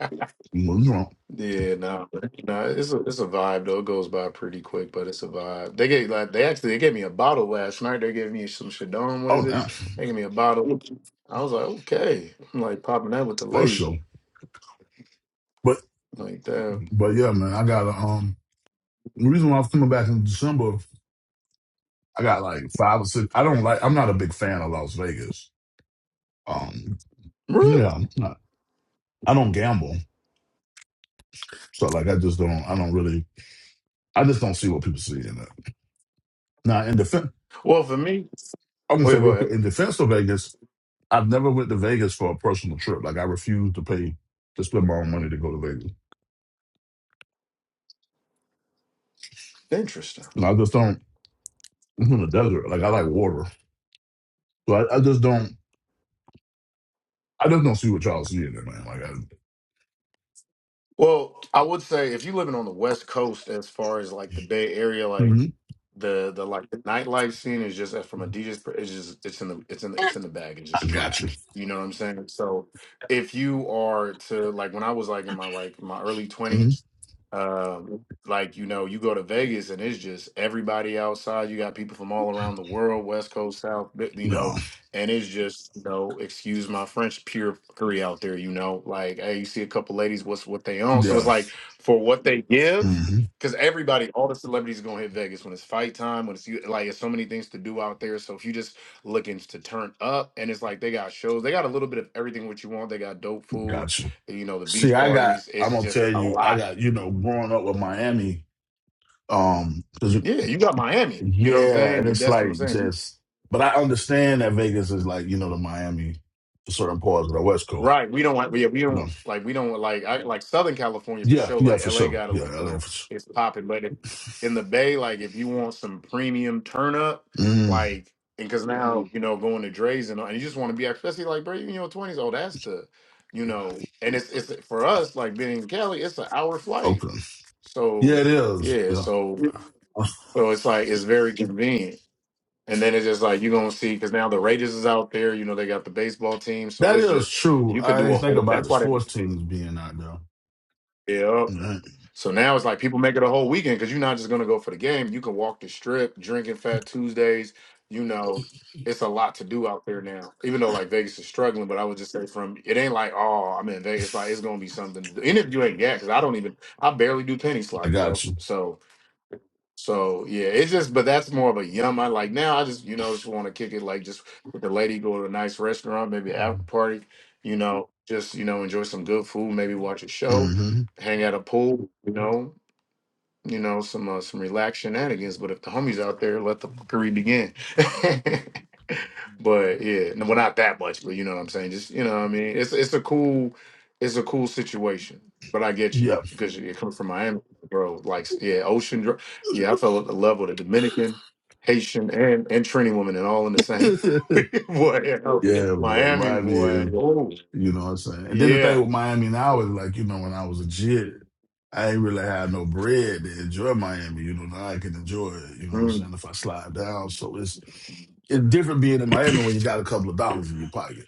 Well, you know,
Yeah, no, no, it's a it's a vibe though. It goes by pretty quick, but it's a vibe. They gave like they actually they gave me a bottle last night. They gave me some Shadon. What is
oh
it?
damn,
They gave me a bottle. I was like, okay. I'm like popping that with the
for
lady.
sure. But,
Like that.
but yeah, man, I got a um. The reason why I'm coming back in December, I got like five or six. I don't like. I'm not a big fan of Las Vegas. Um. Yeah,
Really?
I'm not- I don't gamble, so like I just don't. I don't really. I just don't see what people see in it. Now, in defense,
Well, for me,
I'm gonna
wait,
say
go
real quick.
ahead.
In defense of Vegas, I've never went to Vegas for a personal trip. Like I refuse to pay to spend my own money to go to Vegas.
Interesting.
And I just don't. It's in the desert. Like I like water, so I, I just don't. I just don't see what y'all see in it, man. Like I,
Well, I would say if you're living on the West Coast, as far as like the Bay Area, like
Mhm.
the the like the nightlife scene is just uh, from a DJ's. per- It's just it's in the it's in the, it's in the bag. It's
I
just
got you.
trash. You know what I'm saying? So if you are to like when I was like in my like my early
hmm
twenties, um, like you know you go to Vegas and it's just everybody outside. You got people from all around the world, West Coast, South. You
No,
know and it's just you know excuse my french pure fuckery out there you know like hey you see a couple ladies what's what they own so it's
yeah,
like for what they give
hmm
because everybody all the celebrities gonna hit vegas when it's fight time when it's you- like it's so many things to do out there so if you just looking to turn up and it's like they got shows they got a little bit of everything what you want they got dope food
got you.
you know the
See,
beach
I got.
parties
I'm
it's
gonna
just
tell
a
you, I
lot
got. You know, growing up with Miami, um 'cause
yeah you got miami you know what i'm
Yeah, and
saying
it's
that's what i'm
like
saying
just, but I understand that Vegas is like you know the Miami, for certain parts of the West Coast.
Right. We don't want. Yeah, we
You know,
don't like. We don't like. I like Southern California for
yeah,
sure.
yeah,
Like
for
L.A.
sure.
got a
Yeah,
you
LA
know
for sure.
it's popping, but if, in the Bay, like if you want some premium turn up,
Mm,
like and because now you know going to Dre's and all, and you just want to be especially like bro, you in your twenties. Oh, that's the you know, and it's it's for us like being in Cali, it's an hour flight.
okay. Yeah,
So
it is.
yeah,
Yeah,
so so it's like it's very convenient. And then it's just like you're gonna see because now the Raiders is out there. You know they got the baseball team, so
that
it's
is
just
true.
you could
I
do
didn't
a
think
whole.
about
That's
the
why they did
sports
it.
teams being out there.
Yeah.
Right.
So now it's like people make it a whole weekend because you're not just gonna go for the game. You can walk the strip, drinking Fat Tuesdays. You know, it's a lot to do out there now. Even though like Vegas is struggling, but I would just say from it ain't like oh I'm in Vegas. Like it's gonna be something. To do. And if you ain't yet, because I don't even I barely do penny
I
slots,
got
bro.
you.
So so yeah, it's just but that's more of a yum. I like now I just, you know, just want to kick it like just with the lady, go to a nice restaurant, maybe after party, you know, just, you know, enjoy some good food, maybe watch a show,
hmm
hang at a pool, you know you know, some uh, some relaxed shenanigans. But if the homies out there, let the fuckery begin. but yeah, no, well, not that much, but you know what I'm saying. Just you know, what I mean, it's it's a cool, it's a cool situation. But I get you
Yeah.
because you come from Miami, bro. Like yeah, ocean. Dr- Yeah, I fell at the level of the Dominican, Haitian, and and Trini woman, and all in the same.
yeah,
boy, yeah,
man.
Miami
Miami
boy.
is.
Oh
You know what I'm saying? And then the thing
yeah.
with Miami now is like, you know, when I was a kid, I ain't really had no bread to enjoy Miami. You know, now I can enjoy it. You know what I'm
Mm.
saying? If I slide down, so it's it's different being in Miami when you got a couple of dollars in your pocket.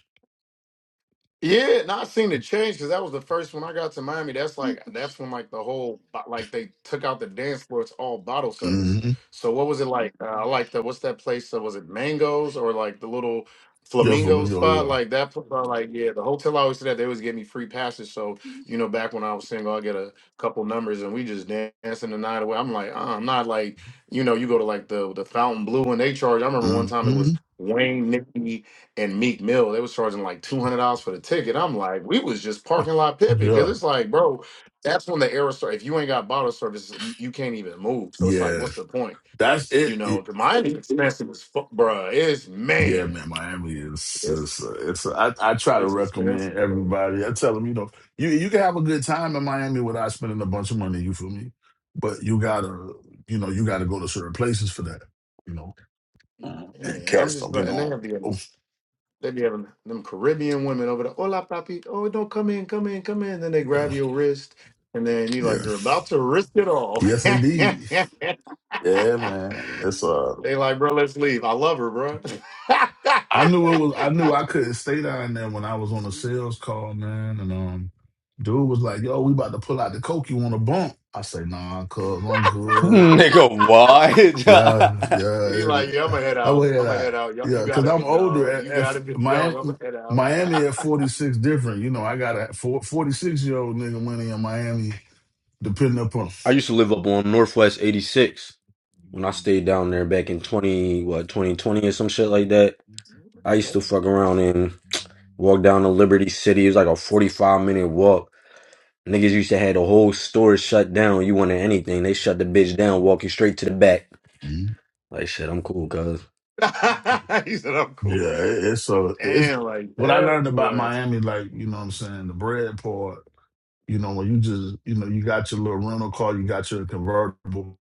Yeah, no, I seen it change because that was the first when I got to Miami. That's like that's when like the whole bo- like they took out the dance floor. It's all bottle service.
Mm-hmm.
So what was it like? Uh, like the what's that place? Uh, was it Mangoes or like the little
Yeah, for
Flamingo
me, yo,
spot?
yeah.
Like that? pl- uh, Like yeah, the hotel I always stayed at. They always gave me free passes. So you know, back when I was single, I get a couple numbers and we just dancing the night away. I'm like, uh, I'm not like you know, you go to like the the Fountain Blue and they charge. I remember one time it
Mm-hmm.
was Wayne, Nikki and Meek Mill, they was charging like two hundred dollars for the ticket. I'm like, we was just parking lot pimping because
Yeah,
it's like, bro, that's when the era started. If you ain't got bottle service, you, you can't even move. So it's like,
yeah.
what's the point?
That's
You
it.
know, the Miami expensive as fuck, bruh. It's
Yeah,
man,
man, Miami is
it's
is it's. I, I try to
it's expensive.
recommend
Bro.
everybody. I tell them, you know, you you can have a good time in Miami without spending a bunch of money. You feel me? But you gotta, you know, you gotta go to certain places for that. You know, Mhm. and
Man, I'm
cats
just,
don't
but
get
and they
on.
have the um,
Oh,
they be having them Caribbean women over there. Hola, papi. Oh, don't come in, come in, come in. Then they grab
yeah,
your wrist, and then you like
yeah,
you're about to risk it all.
yes, indeed. Yeah, man, it's uh.
they like, bro, let's leave. I love her, bro.
I knew it was. I knew I couldn't stay down there when I was on a sales call, man, and um. Dude was like, "Yo, we about to pull out the coke. You want a bump?" I say, "Nah, cuz I'm good."
Nigga,
Yeah,
what?
he
yeah.
like, yeah, I'm gonna head
I weigh
out. I'm gonna head
that.
out. Y'all, you
Yeah,
got
because
a
I'm
big
older.
dog.
At,
You
at
got a big
Miami,
dog. I'm gonna head out.
Miami at 46 different. You know, I got a 46 year old nigga money in Miami, depending upon.
I used to live up on Northwest eighty six when I stayed down there back in twenty what twenty twenty or some shit like that. I used
okay.
to fuck around and walk down to Liberty City. It was like a forty five minute walk. Niggas used to have the whole store shut down. You wanted anything, they shut the bitch down, walk you straight to the back.
Mhm.
Like shit, I'm cool, cuz.
he said, I'm cool.
Yeah, it, it's so it's
Damn, like
what I
that
learned about
was
Miami. Like you know, what I'm saying the bread part. You know, when you just you know you got your little rental car, you got your convertible.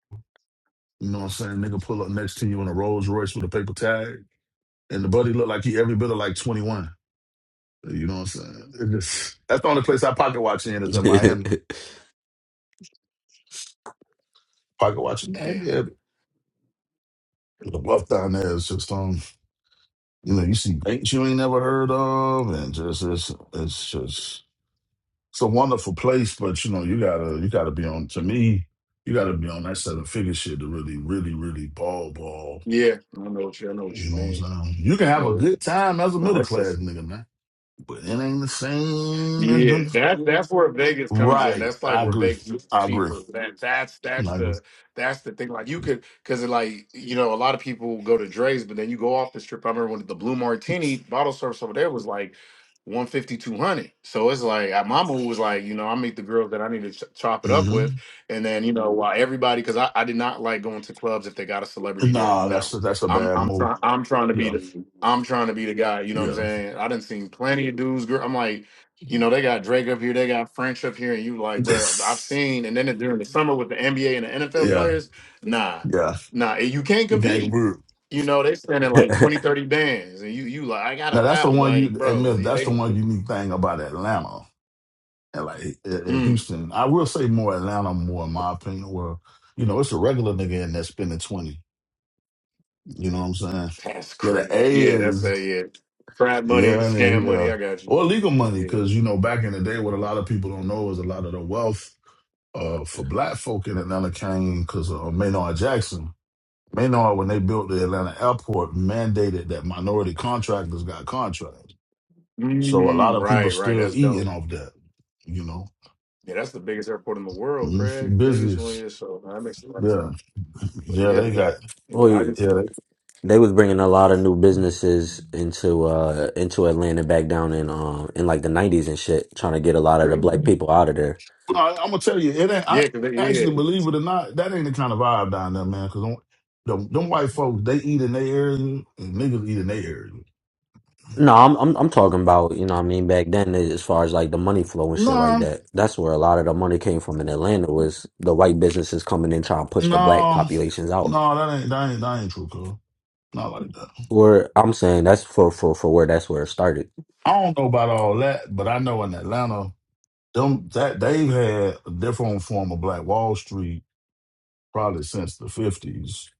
You know, what I'm saying nigga pull up next to you in a Rolls Royce with a paper tag, and the buddy look like he every bit of like 21. You know what I'm saying? It just, that's the only place I pocket watch in is in Miami. Pocket watch in Miami.
damn.
yeah. The bluff down there is just um, you know, you see banks you ain't never heard of, and just it's it's just it's a wonderful place, but you know you gotta you gotta be on. To me, you gotta be on that set of figure shit to really really really ball ball.
Yeah, I know what you. I know what
You
you
know what I'm
mean.
saying? You can have a
No,
good time as a
no,
middle
that's just
class nigga, man, but it ain't the same as
Yeah,
the
that that's where Vegas comes in.
right.
That's like
I
where
agree.
Vegas is
I agree.
cheaper. That that's that's
I agree.
the that's the thing. Like you could because like you know a lot of people go to Dre's, but then you go off the strip. I remember when the Blue Martini bottle service over there was like one fifty two hundred. So it's like I- my mom was like, you know, I meet the girls that I need to ch- chop it up
Mm-hmm.
with, and then you know while everybody because I, I did not like going to clubs if they got a celebrity there.
Nah,
No,
that's a, that's a
I'm
bad
I'm
move.
trying I'm trying to be
Yeah,
the I'm trying to be the guy. You know what I'm
yeah,
saying? I done seen plenty of dudes. Girl, I'm like. You know, they got Drake up here, they got French up here, and you like, bruh, I've seen. And then during the summer with the NBA and the NFL
yeah,
players, nah,
yeah.
nah, you can't
You can't
compete.
root.
You know, they standing like 20, 30 bands, and you, you like, I got
Now
a
that's the
thousand,
one
like,
you
bro,
admit.
they,
That's the
they
one unique thing about Atlanta and like uh, uh,
mm,
Houston. I will say more Atlanta, more in my opinion. Where you know it's a regular nigga in there spending twenty. You know what I'm saying?
that's
Yeah, the
crazy.
A
Yeah, that's
is
that. Yeah, frat money,
yeah,
scam
and
money.
yeah,
I got you.
or legal money
Yeah.
because you know back in the day, what a lot of people don't know is a lot of the wealth uh, for black folk in Atlanta came because of Maynard Jackson. Maynard, when they built the Atlanta airport, mandated that minority contractors got contracts. So a lot
Mm,
of people
right, right.
still
That's dope.
eating off that, you know.
Yeah, that's the biggest airport in the world,
Mhm.
Craig. Biggest one
Business.
is so that makes a lot of
Yeah.
sense. But
Yeah,
yeah,
they got
yeah, I
well,
just
yeah, they
they was bringing a lot of new businesses into uh into Atlanta back down in um in like the nineties and shit, trying to get a lot of the
agree
black
with you.
people out of there.
I, am gonna tell you, it ain't I
Yeah, 'cause they, yeah.
actually believe it or not, that ain't the kind of vibe down there, man, because them, them white folks, they eat in their area and niggas eat in their area.
No, I'm I'm I'm talking about you know what I mean back then eh, as far as like the money flow and shit like
Nah,
that. That's where a lot of the money came from in Atlanta was the white businesses coming in trying to push the black
no,
populations out.
no, that ain't that ain't that ain't true, cuz. Not like that.
Where I'm saying that's for for for where that's where it started.
I don't know about all that, but I know in Atlanta. Them that they've had a different form of Black Wall Street probably since the fifties.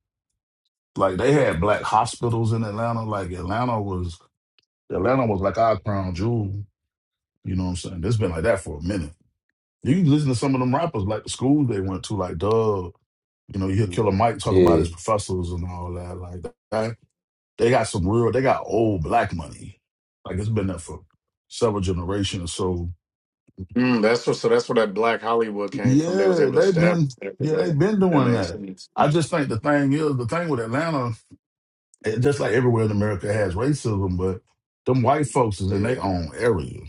Like they had black hospitals in Atlanta. Like Atlanta was Atlanta was like our crown jewel. You know what I'm saying? It's been like that for a minute. You can listen to some of them rappers, like the schools they went to, like Doug. You know, you hear Killer Mike talk about
Yeah.
his professors and all that. Like that. they got some real. They got old black money. Like it's been there for several generations. So
Mm, that's what. So that's where that Black Hollywood came from. They was
Yeah,
able to
they've
establish
been
after
yeah,
that.
they've been
That
doing
makes
that.
sense.
I just think the thing is the thing with Atlanta, eh, just like everywhere in America it has racism, but them white folks is in
Yeah,
their own area.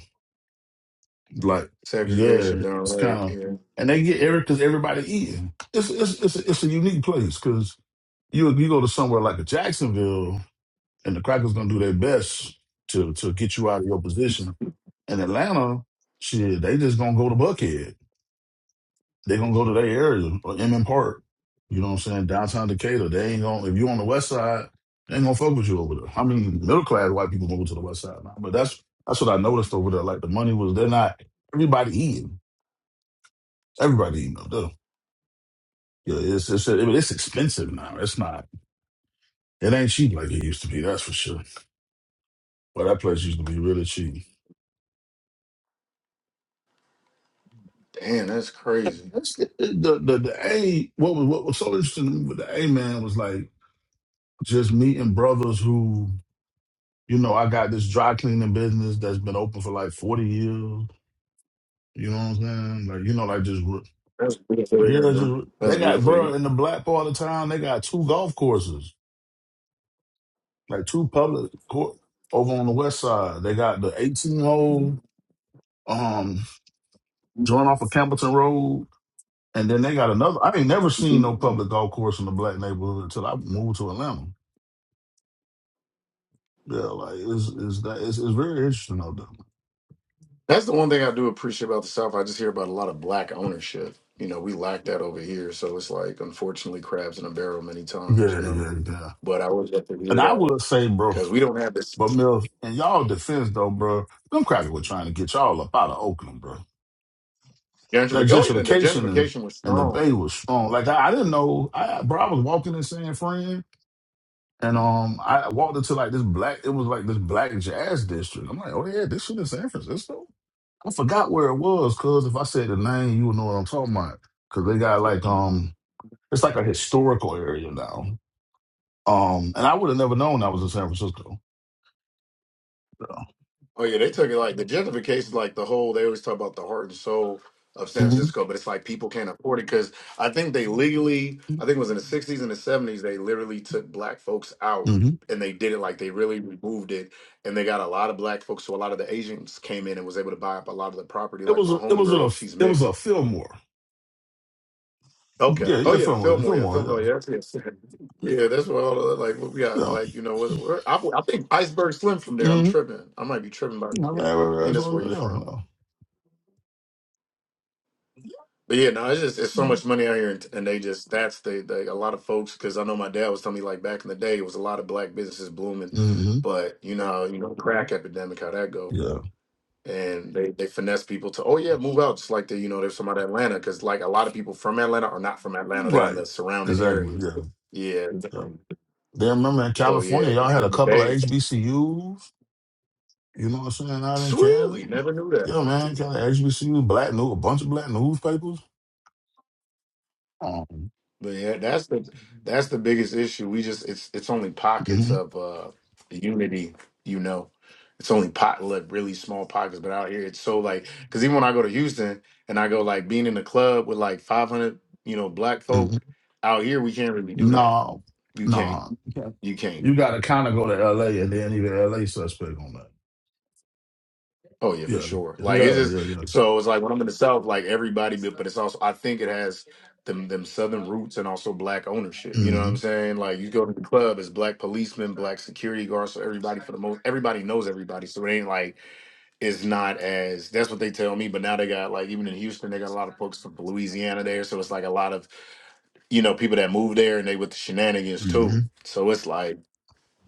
Like, yeah,
segregation done
it's kind
right.
of
Yeah.
and they get every because everybody eating. It's it's it's a, it's a unique place because you you go to somewhere like a Jacksonville and the crackers gonna do their best to to get you out of your position. In Atlanta, shit, they just gonna go to Buckhead. They gonna go to their area, like M M Park. You know what I'm saying? Downtown Decatur. They ain't gonna if you on the west side, they ain't gonna fuck with you over there. I mean, middle class white people gonna go to the west side now. But that's that's what I noticed over there. Like the money was they're not everybody eating. Everybody eating up there. Yeah, it's it's it's expensive now. It's not it ain't cheap like it used to be, that's for sure. But that place used to be really cheap.
Damn, that's crazy.
That's the the the, the A what was what was so interesting with the A man was like just meeting brothers who You know, I got this dry cleaning business that's been open for like 40 years. You know what I'm saying? Like, you know, like just, re-
That's beautiful to
yeah,
hear, man.
just, they
That's
got,
beautiful
bro,
to
in the black part of town, they got two golf courses, like two public court over on the west side. They got the 18 hole, um, joint off of Campbellton Road. And then they got another, I ain't never seen
hear.
no public golf course in the black neighborhood until I moved to Atlanta. Yeah, like it's, it's that it's, it's very interesting out
That's the one thing I do appreciate about the South. I just hear about a lot of black ownership. You know, we lack that over here. So it's like, unfortunately, crabs in a barrel many
there.
times. You
Yeah,
know,
yeah, yeah.
but I always have to
And
hear
I will
that
say, bro,
because we don't have this
But Mills, in y'all defense though, bro, them crackers were trying to get y'all up out of Oakland, bro. That
gentrification. Oh yeah, the
gentrification and,
gentrification was
and the
strong.
bay was strong. Like I, I didn't know, I, bro. I was walking in San Fran, and
Mhm.
um, I walked into like this black. It was like this black jazz district. I'm like, oh yeah, this shit in San Francisco. I forgot where it was, cause if I said the name, you would know what I'm talking about. Cause they got like um, it's like a historical area now. Um, and I would have never known I was in San Francisco.
Oh yeah, they took it like the gentrification, like the whole. They always talk about the heart and soul of San
hmm
Francisco, but it's like people can't afford it because I think they legally, I think it was in the '60s and the '70s, they literally took black folks out
hmm
and they did it like they really removed it, and they got a lot of black folks. So a lot of the Asians came in and was able to buy up a lot of the property.
It
Like
was
my
a, it was
homegirl,
a
she's
it was
mixed.
a Fillmore. Yeah,
Okay. Oh
yeah,
yeah, the
Fillmore,
Fillmore. Yeah, the
Fillmore, yeah,
Fillmore. Yeah, that's- yes. yeah. That's what all the like. What we got?
yeah.
Like you know, what? where, I, I think Iceberg Slim from there. I'm
Mm-hmm.
tripping. I might be tripping by.
All
Yeah, I
right, right,
think
right,
that's where you from.
so, yeah,
But yeah, no, it's just it's so much money out here, and, and they just that's the, the a lot of folks. Because I know my dad was telling me like back in the day, it was a lot of black businesses blooming,
yeah. Mm-hmm.
but you know, how, you know, crack epidemic, how that go,
Yeah,
and they they finesse people to oh yeah, move out. Just like the you know, there's some out of Atlanta because like a lot of people from Atlanta are not from Atlanta. They're in
right.
the surrounding
Exactly.
areas.
Yeah,
Yeah.
yeah. Then remember in
So
California,
yeah,
y'all
the,
had
the,
a
the
couple of
days.
HBCUs. You know what I'm saying? Out in Canada.
Really, never knew that.
Yeah, man, kind of HBCU, black news, a bunch of black newspapers. Um,
But yeah, that's the that's the biggest issue. We just it's it's only pockets
mhm,
of uh unity, you know. It's only pot like really small pockets, but out here it's so like because even when I go to Houston and I go like being in the club with like 500, you know, black
mhm.
folk out here, we can't really do that.
No,
You can't,
no. Yeah.
you can't.
You got to kind of go to LA and then even LA suspect on that.
Oh yeah, for
Yeah,
sure. Like it's
yeah,
just
yeah, yeah.
so it's like when I'm in the South, like everybody, but but it's also I think it has them them Southern roots and also black ownership. You know what I'm
Mm-hmm.
saying? Like you go to the club, it's black policemen, black security guards, so everybody for the most everybody knows everybody. So it ain't like it's not as that's what they tell me. But now they got like even in Houston, they got a lot of folks from Louisiana there, so it's like a lot of you know people that move there and they with the shenanigans
Mm-hmm.
too. So it's like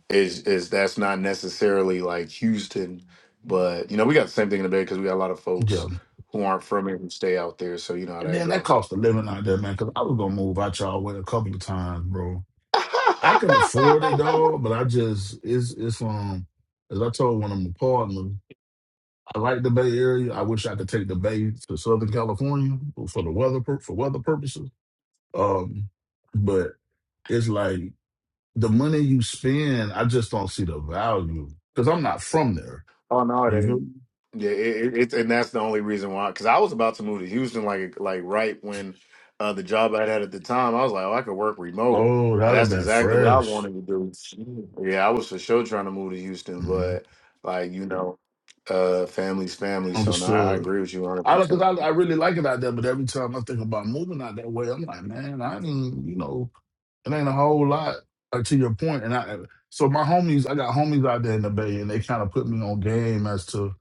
is is that's not necessarily like Houston, but you know we got the same thing in the Bay because we got a lot of
Yeah.
folks who aren't from here who stay out there, so you know how
And
that
then that
go.
cost a living out there, man, because I was gonna move out y'all way a couple of times, bro. I can afford it dog, but I just it's it's um as I told one of my partners, I like the Bay Area. I wish I could take the Bay to Southern California for the weather pur- for weather purposes. Um, but it's like the money you spend, I just don't see the value because I'm not from there.
oh no,
You
it
feel
ain't.
me?
Yeah, it, it, it's and that's the only reason why. Because I was about to move to Houston, like like right when uh, the job I had at the time, I was like, oh, I could work remote.
Oh,
Uh,
that'd have
That's
been
exactly what I
fresh.
wanted to do. Yeah, I was for sure trying to move to Houston,
hmm
but like you know, uh, family's family. So no, I I
Understood.
agree with you 100.
I because
percent
I, I really like it out there, but every time I think about moving out that way, I'm like, man, I ain't you know, it ain't a whole lot uh, to your point. And I uh, so my homies, I got homies out there in the Bay, and they kind of put me on game as to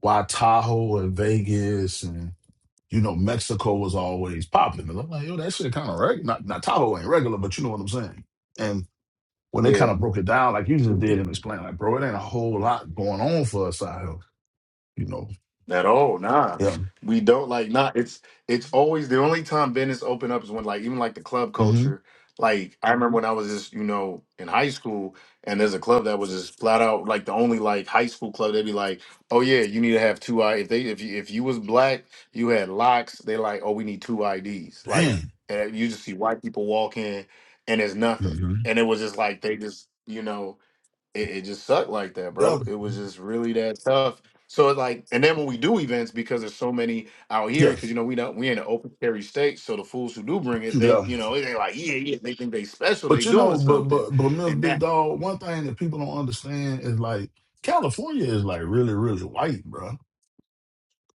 why Tahoe and Vegas and you know Mexico was always popping. And I'm like, yo, that shit kind of regular. Not, not Tahoe ain't regular, but you know what I'm saying. And when they
Yeah.
kind of broke it down, like you just did and explained, like, bro, it ain't a whole lot going on for us out here, you know.
At all. Nah.
Yeah.
We don't like nah. It's it's always the only time Venice open up is when like even like the club
hmm
culture. Like I remember when I was just, you know, in high school and there's a club that was just flat out like the only like high school club, they'd be like, Oh yeah, you need to have two I if they if you if you was black, you had locks, they like, oh, we need two IDs. Like and you just see white people walk in and there's nothing.
Damn.
And it was just like they just, you know, it, it just sucked like that,
hmm
bro. It was just really that tough. So it's like, and then when we do events, because there's so many out here,
Yeah,
because you know we don't we in an open carry state, so the fools who do bring it, they
yeah.
you know they like yeah yeah they think they special,
But
they
you know,
doing
but
something,
but but Miss
and
Big
that
Dog, one thing that people don't understand is like California is like really, really white, bro.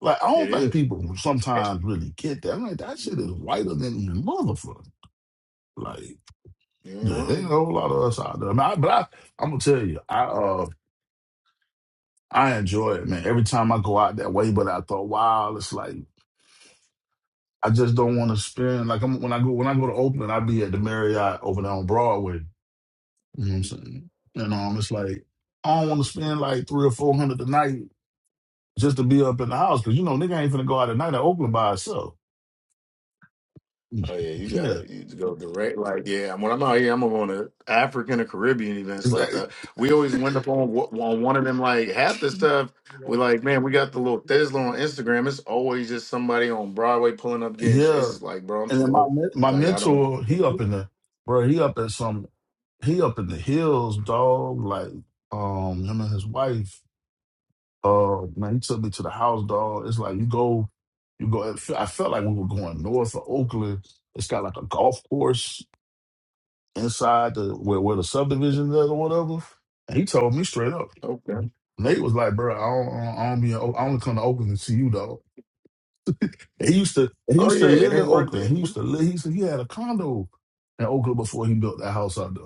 Like I
it
don't think
is.
people
Yes.
sometimes really get that. I'm like, that shit
You
is whiter than the motherfucker. Like,
ain't
yeah, ain't a
lying.
whole lot of us out there. I mean, I, but I I'm gonna tell you, I uh I enjoy it, man. Every time I go out that way, but after a while, it's like I just don't want to spend like I'm when I go when I go to Oakland, I be at the Marriott over there on Broadway. You know what I'm saying? And um, it's like I don't want to spend like three or four hundred a night just to be up in the house because you know nigga ain't finna go out at night in Oakland by itself.
Oh yeah, you
yeah,
gotta you go direct. Like yeah, when I'm out here, I'm on a African or Caribbean
It's
events
like,
like that. We always wind up on wh- on one of them. Like half the stuff we like, man, we got the little Tesla on Instagram. It's always just somebody on Broadway pulling up getting shit. It's
yeah.
just like, bro, I'm
And then
too
my
old.
men- my
Like I don't.
mentor,
yeah,
he up in the bro, he up at some, he up in the hills, dog. Like um, him and his wife. Uh, man, he took me to the house, dog. It's like you go, you go. I felt like we were going north of Oakland. It's got like a golf course inside the where, where the subdivision is or whatever. And he told me straight up.
Okay.
Nate was like, bro, I don't, I don't, I don't be, in Oak- I only come to Oakland to see you, dog. he used to, he
Oh
used to
yeah,
live
it
in
ain't worth
Oakland. He
it.
used to live. He said he had a condo in Oakland before he built that house out there.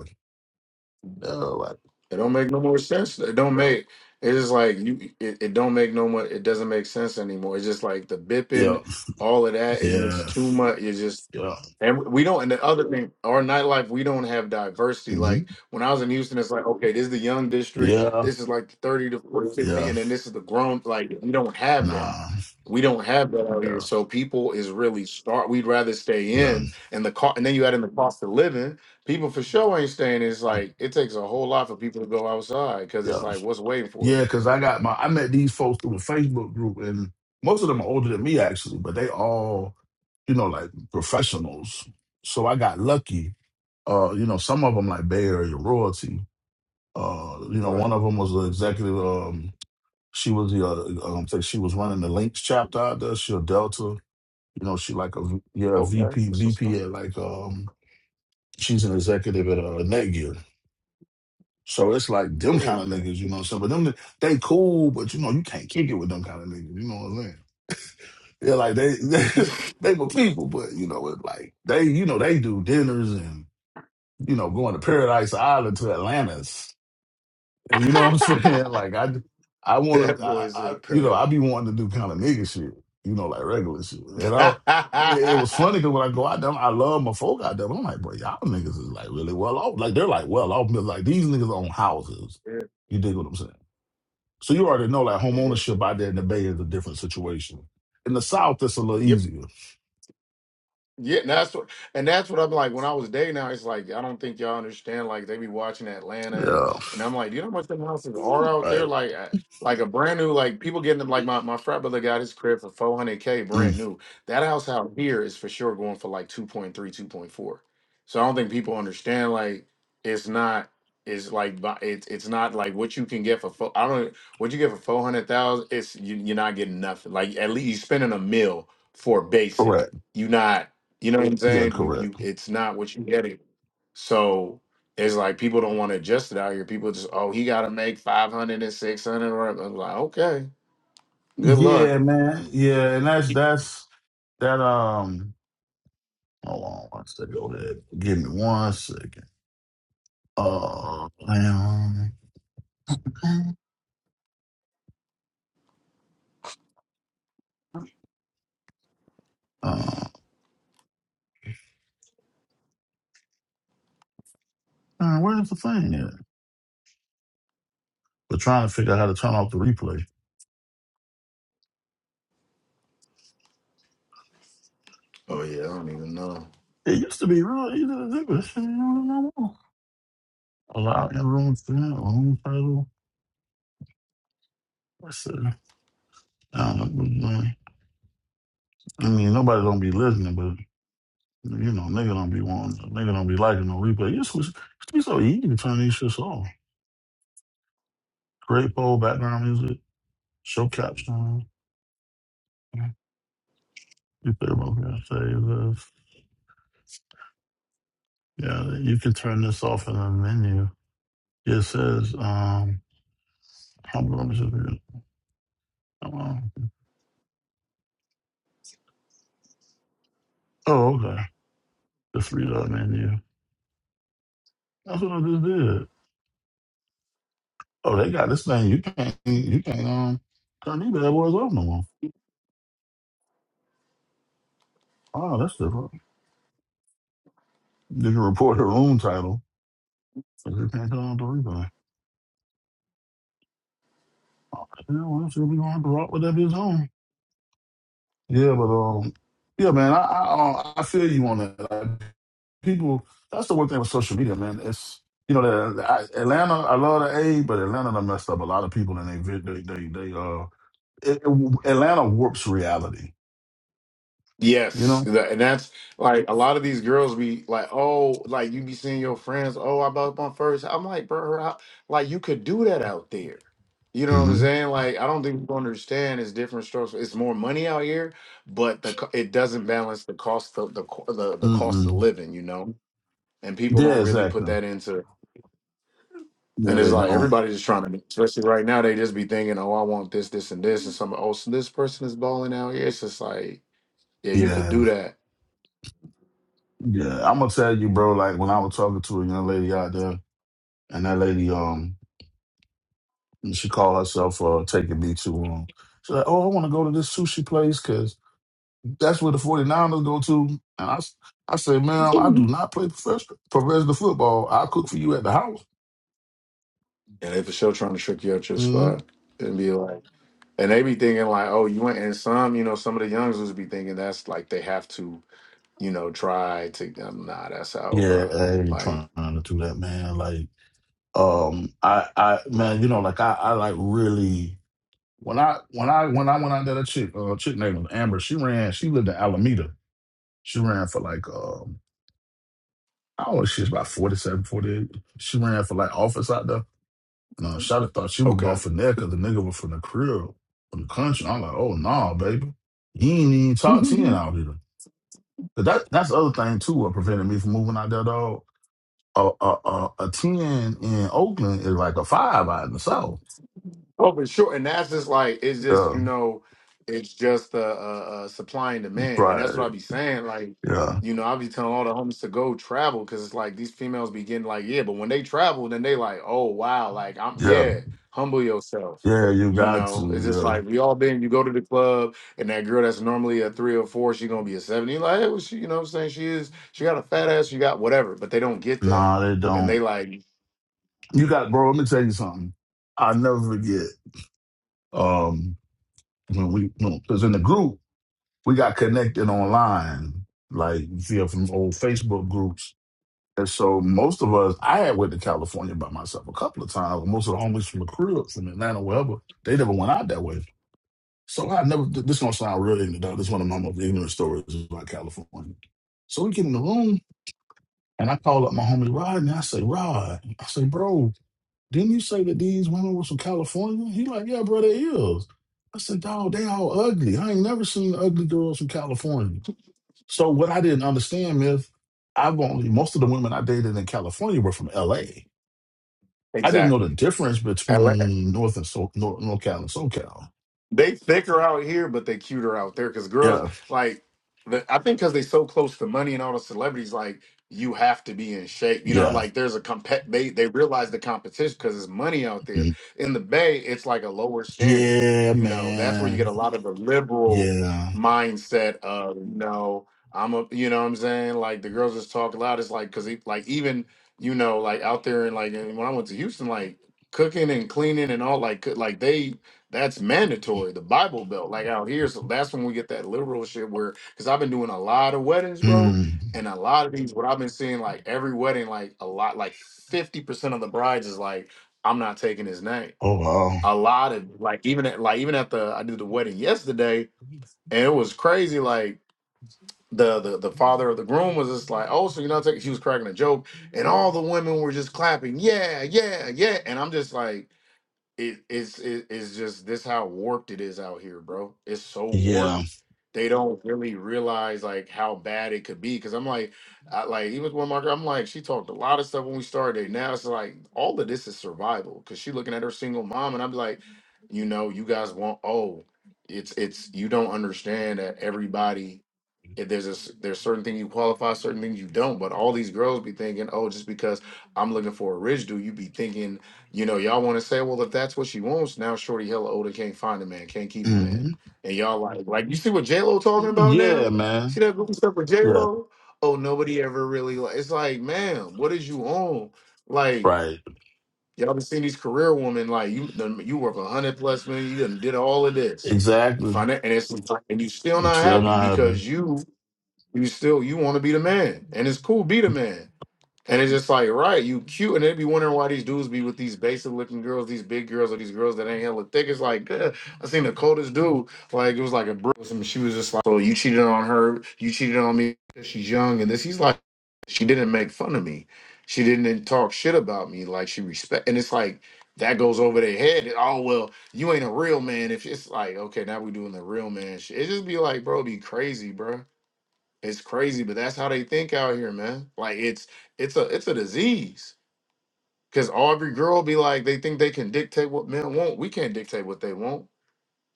Yeah, like,
It don't make no more sense. It don't make. It's just like you. It, it don't make no more. It doesn't make sense anymore. It's just like the
yeah, yeah,
bipping, all of that is
yeah,
just too much. It's just
yeah,
And we don't, and the other thing, our nightlife, we don't have diversity.
hmm
Like when I was in Houston, it's like, okay, this is the young district,
yeah,
this is like 30 to 40, fifty,
yeah.
and then this is the grown. Like we don't have that.
Nah,
We don't have that out here.
yeah,
So people is really start. We'd rather stay
yeah.
in and the cost, and then you add in the cost of living. People for sure ain't staying. It's
Um,
like it takes a whole lot for people to go outside because
yeah.
it's like, what's waiting for
Yeah,
you?
because I got my I met these folks through the Facebook group and most of them are older than me actually, but they all, you know, like professionals. So I got lucky. Uh, you know, some of them like Bay Area royalty. Uh, you know, one
Right.
of them was an executive. Um, she was the uh, um, say she was running the Links chapter out there. She a Delta. You know, she like a v- yeah a
Okay.
VP
This is
VP
fun.
at like um she's an executive at uh, Netgear. So it's like them kind
Oh,
of
okay.
niggas, you know what I'm saying? But them, they cool, but you know, you can't kick it with them kind of niggas, you know what I'm saying? Yeah, like they, they, they were people, but you know, it like they, you know, they do dinners and, you know, going to Paradise Island to Atlantis. You know what I'm saying? Like I, I want
that
to,
boy
I,
is
I,
in
you know, I be wanting to do kind of nigga shit, you know, like regular shit. And I,
yeah,
it, it was funny because when I go out there, I love my folk out there. But I'm like, bro, y'all niggas is like really well off. Like they're like well off. but, Like these niggas own houses. You dig what I'm saying? So you already know like home
yeah.
ownership out there in the Bay is a different situation. In the South, it's a little
Yep.
easier.
Yeah, and that's what, and that's what I'm like. When I was dating, now it's like I don't think y'all understand. Like they be watching Atlanta, and
Yeah.
and I'm like, you know how much them houses are out there?
Right.
Like, uh, like a brand new, like people getting them. Like my my frat brother got his crib for 400k, brand
Mm,
new. That house out here is for sure going for like 2.3, 2.4. So I don't think people understand. Like, it's not. It's like bu- it's it's not like what you can get for fo- I don't what you get for four hundred thousand. It's you, you're not getting nothing. Like at least you're spending a mill for basic.
correct.
You not. You know what I'm
Yeah.
saying? You
Correct.
you it's not what you get it. So it's like people don't want to adjust it out here. People just, oh, he gotta make five hundred and six hundred or I'm like, okay, good luck.
Yeah, man. Yeah, and that's that's that. Um. Hold on one second. Go ahead. Give me one second. Oh, damn. Uh, man, where's the thing at? We're trying to figure out how to turn off the replay.
Oh yeah, I don't even know.
It used to be real easy to do, but shit, ain't really no more. Allow everyone to have own title. That's it. I don't know, I mean, nobody don't be listening, but you know, nigga don't be wanting, nigga don't be liking no replay. It used to, it used to be so easy to turn these shits off. Create poll, background music, show caption. You think about that? Yeah, you could turn this off in the menu. It says, um, how about is it?" um, oh, okay. Just read that menu. That's what I just did. Oh, they got this thing. You can't, you can't, um, turn these bad boys off no more. Oh, that's different. You can report the room title, but you can't turn on the replay. Oh, yeah, well, so we're going to have to rock with that bitch on. Yeah, but, um, yeah, man, I, I, uh, I feel you on that. people that's the one thing with social media man it's you know the, the- I, atlanta i love the a but atlanta done messed up a lot of people and they vi- they they, they uh it, it- atlanta warps reality you
Yes,
know
tha- and that's like a lot of these girls be like, oh, like you be seeing your friends, oh, I bought my first. I'm like, bro, how, like you could do that out there. You know what I'm
mm-hmm.
saying? Like, I don't think people understand it's different strokes. It's more money out here, but the co- it doesn't balance the cost of the co- the the cost
Mm-mm.
of living, you know. And people
yeah
don't really put
exactly
that into.
yeah
And it's
they
like
don't
everybody just trying to, especially right now, they just be thinking, oh, I want this, this, and this, and some. Oh, so this person is balling out here. It's just like, yeah, you could
yeah
do that
yeah i'm gonna tell you bro like when i was talking to a young lady out there and that lady um she called herself uh taking me to um she's like oh i want to go to this sushi place 'cause That's where the 49ers go to. And I, s- I say, ma'am, I do not play professional, professional football. I'll cook for you at the house.
And they for sure trying to trick you out your
hmm
spot and be like, and they be thinking like, oh, you went. And some, you know, some of the youngsters be thinking that's like they have to, you know, try to. Um, nah, that's out,
Yeah,
bro.
I ain't
Like,
trying to do that, man. Like, um, I, I, man, you know, like I, I like really. When I when I when I went out there, that chick, uh, chick named Amber, she ran, she lived in Alameda. She ran for like um, I don't know, she's about 47, 48. She ran for like office out there. No, Shotty thought she was going
okay,
for neck because the nigga was from the crib, from the country. I'm like, oh no, baby, he ain't even top ten out here. But that that's the other thing too. What prevented me from moving out there, dog. A a a, a ten in Oakland is like a five out in the south.
Oh, for sure. And that's just like it's just
Yeah,
you know, it's just uh, uh, uh supply and demand, and that's what
right.
I be saying. Like,
Yeah,
you know, I be telling all the homies to go travel because it's like these females be getting like, yeah, but when they travel, then they like, oh wow, like I'm
yeah,
yeah, humble yourself.
yeah. You
You
got
know, it's just
to.
like we all been. You go to the club, and that girl that's normally a three or four, she gonna be a seven. You like, hey, well, she, you know, what I'm saying she is. She got a fat ass. She got whatever, but they don't get
Yeah.
that,
Nah, they
and they
don't.
like
You got, bro. Let me tell you something. I never forget. Um, when we, because in the group we got connected online, like via from old Facebook groups. And so most of us, I had went to California by myself a couple of times. Most of the homies from the crib, from Atlanta, wherever, they never went out that way. So I never, th- this gonna sound really ignorant. This is one of my most ignorant stories about California. So we get in the room and I call up my homie Rod and I say, Rod, I say, bro, didn't you say that these women was from California? He like, yeah, bro, they is. I said, dog, they all ugly. I ain't never seen ugly girls from California. So what I didn't understand is I've only most of the women I dated in California were from LA. I didn't know the
exactly.
difference between North and so North, North and SoCal.
They thicker out here, but they cuter out there. Because girls,
Yeah.
like, the, I think because they so close to money and all the celebrities, like, you have to be in shape. You know,
Yeah.
like, there's a compet. They they realize the competition because there's money out there.
Mm.
In the Bay, it's like a lower standard.
Yeah,
You know, that's where you get
man.
a lot of the liberal
Yeah.
mindset of you know, I'm a, you know, what I'm saying, like, the girls just talk loud. It's like because like even you know, like out there and like and when I went to Houston, like cooking and cleaning and all like cook- like they that's mandatory. The Bible Belt, like out here, so that's when we get that liberal shit. Where, because I've been doing a lot of weddings, bro,
Mm.
and a lot of these, what I've been seeing, like every wedding, like a lot, like fifty percent of the brides is like, I'm not taking his name.
Oh wow.
A lot of like, even at like even at the I did the wedding yesterday, and it was crazy. Like the the the father of the groom was just like, oh, so you're not taking? She was cracking a joke, and all the women were just clapping, yeah, yeah, yeah, and I'm just like it, it's it, it's just this how warped it is out here, bro. It's so
Yeah.
warped. They don't really realize like how bad it could be. Cause I'm like, I, like even with one marker, I'm like, she talked a lot of stuff when we started. Now it's like all of this is survival. Cause she looking at her single mom, and I'm like, you know, you guys want oh, it's it's you don't understand that everybody if there's a s there's certain things you qualify, certain things you don't. But all these girls be thinking, oh, just because I'm looking for a rich dude, you be thinking, you know, y'all want to say, well, if that's what she wants, now shorty hella older can't find a man, can't keep a man,
Mm.
and y'all like, Mhm. like you see what J Lo talking about
Yeah,
now? See
man.
that goofy stuff with J
Yeah.
Lo? Oh, nobody ever really like. It's like, man, what is you on? Like
Right.
y'all been seeing these career women, like you done- you worth a hundred plus million, you done did all of this, you find
Exactly.
it, and it's Mhm. and you still not
Still
happy
not happening.
because you you still you want to be the man, and it's cool be the man. And it's just like right, you cute, and they be wondering why these dudes be with these basic looking girls, these big girls, or these girls that ain't hella thick. It's like uh, I seen the coldest dude, like it was like a bro. And she was just like, "Oh, you cheated on her, you cheated on me." 'cause She's young, and this he's like, she didn't make fun of me, she didn't talk shit about me, like she respect. And it's like that goes over their head. Oh well, you ain't a real man. If it's like okay, now we doing the real man shit. It just be like, bro, be crazy, bro. It's crazy, but that's how they think out here, man. Like it's it's a it's a disease. Cause every girl be like, they think they can dictate what men want. We can't dictate what they want.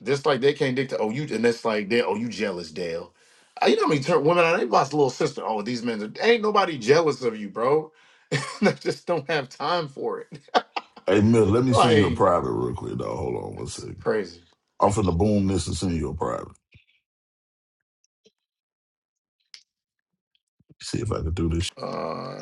Just like they can't dictate. Oh, you and that's like they. Oh, you jealous, Dale. Uh, You know how many turn women on they lost little sister. Oh, these men are- ain't nobody jealous of you, bro. they just don't have time for it.
Hey Mill, let me send you a
Like
private real quick, dog. Hold on one second.
crazy.
I'm finna boom this and send you a private. See if I can do this
Uh,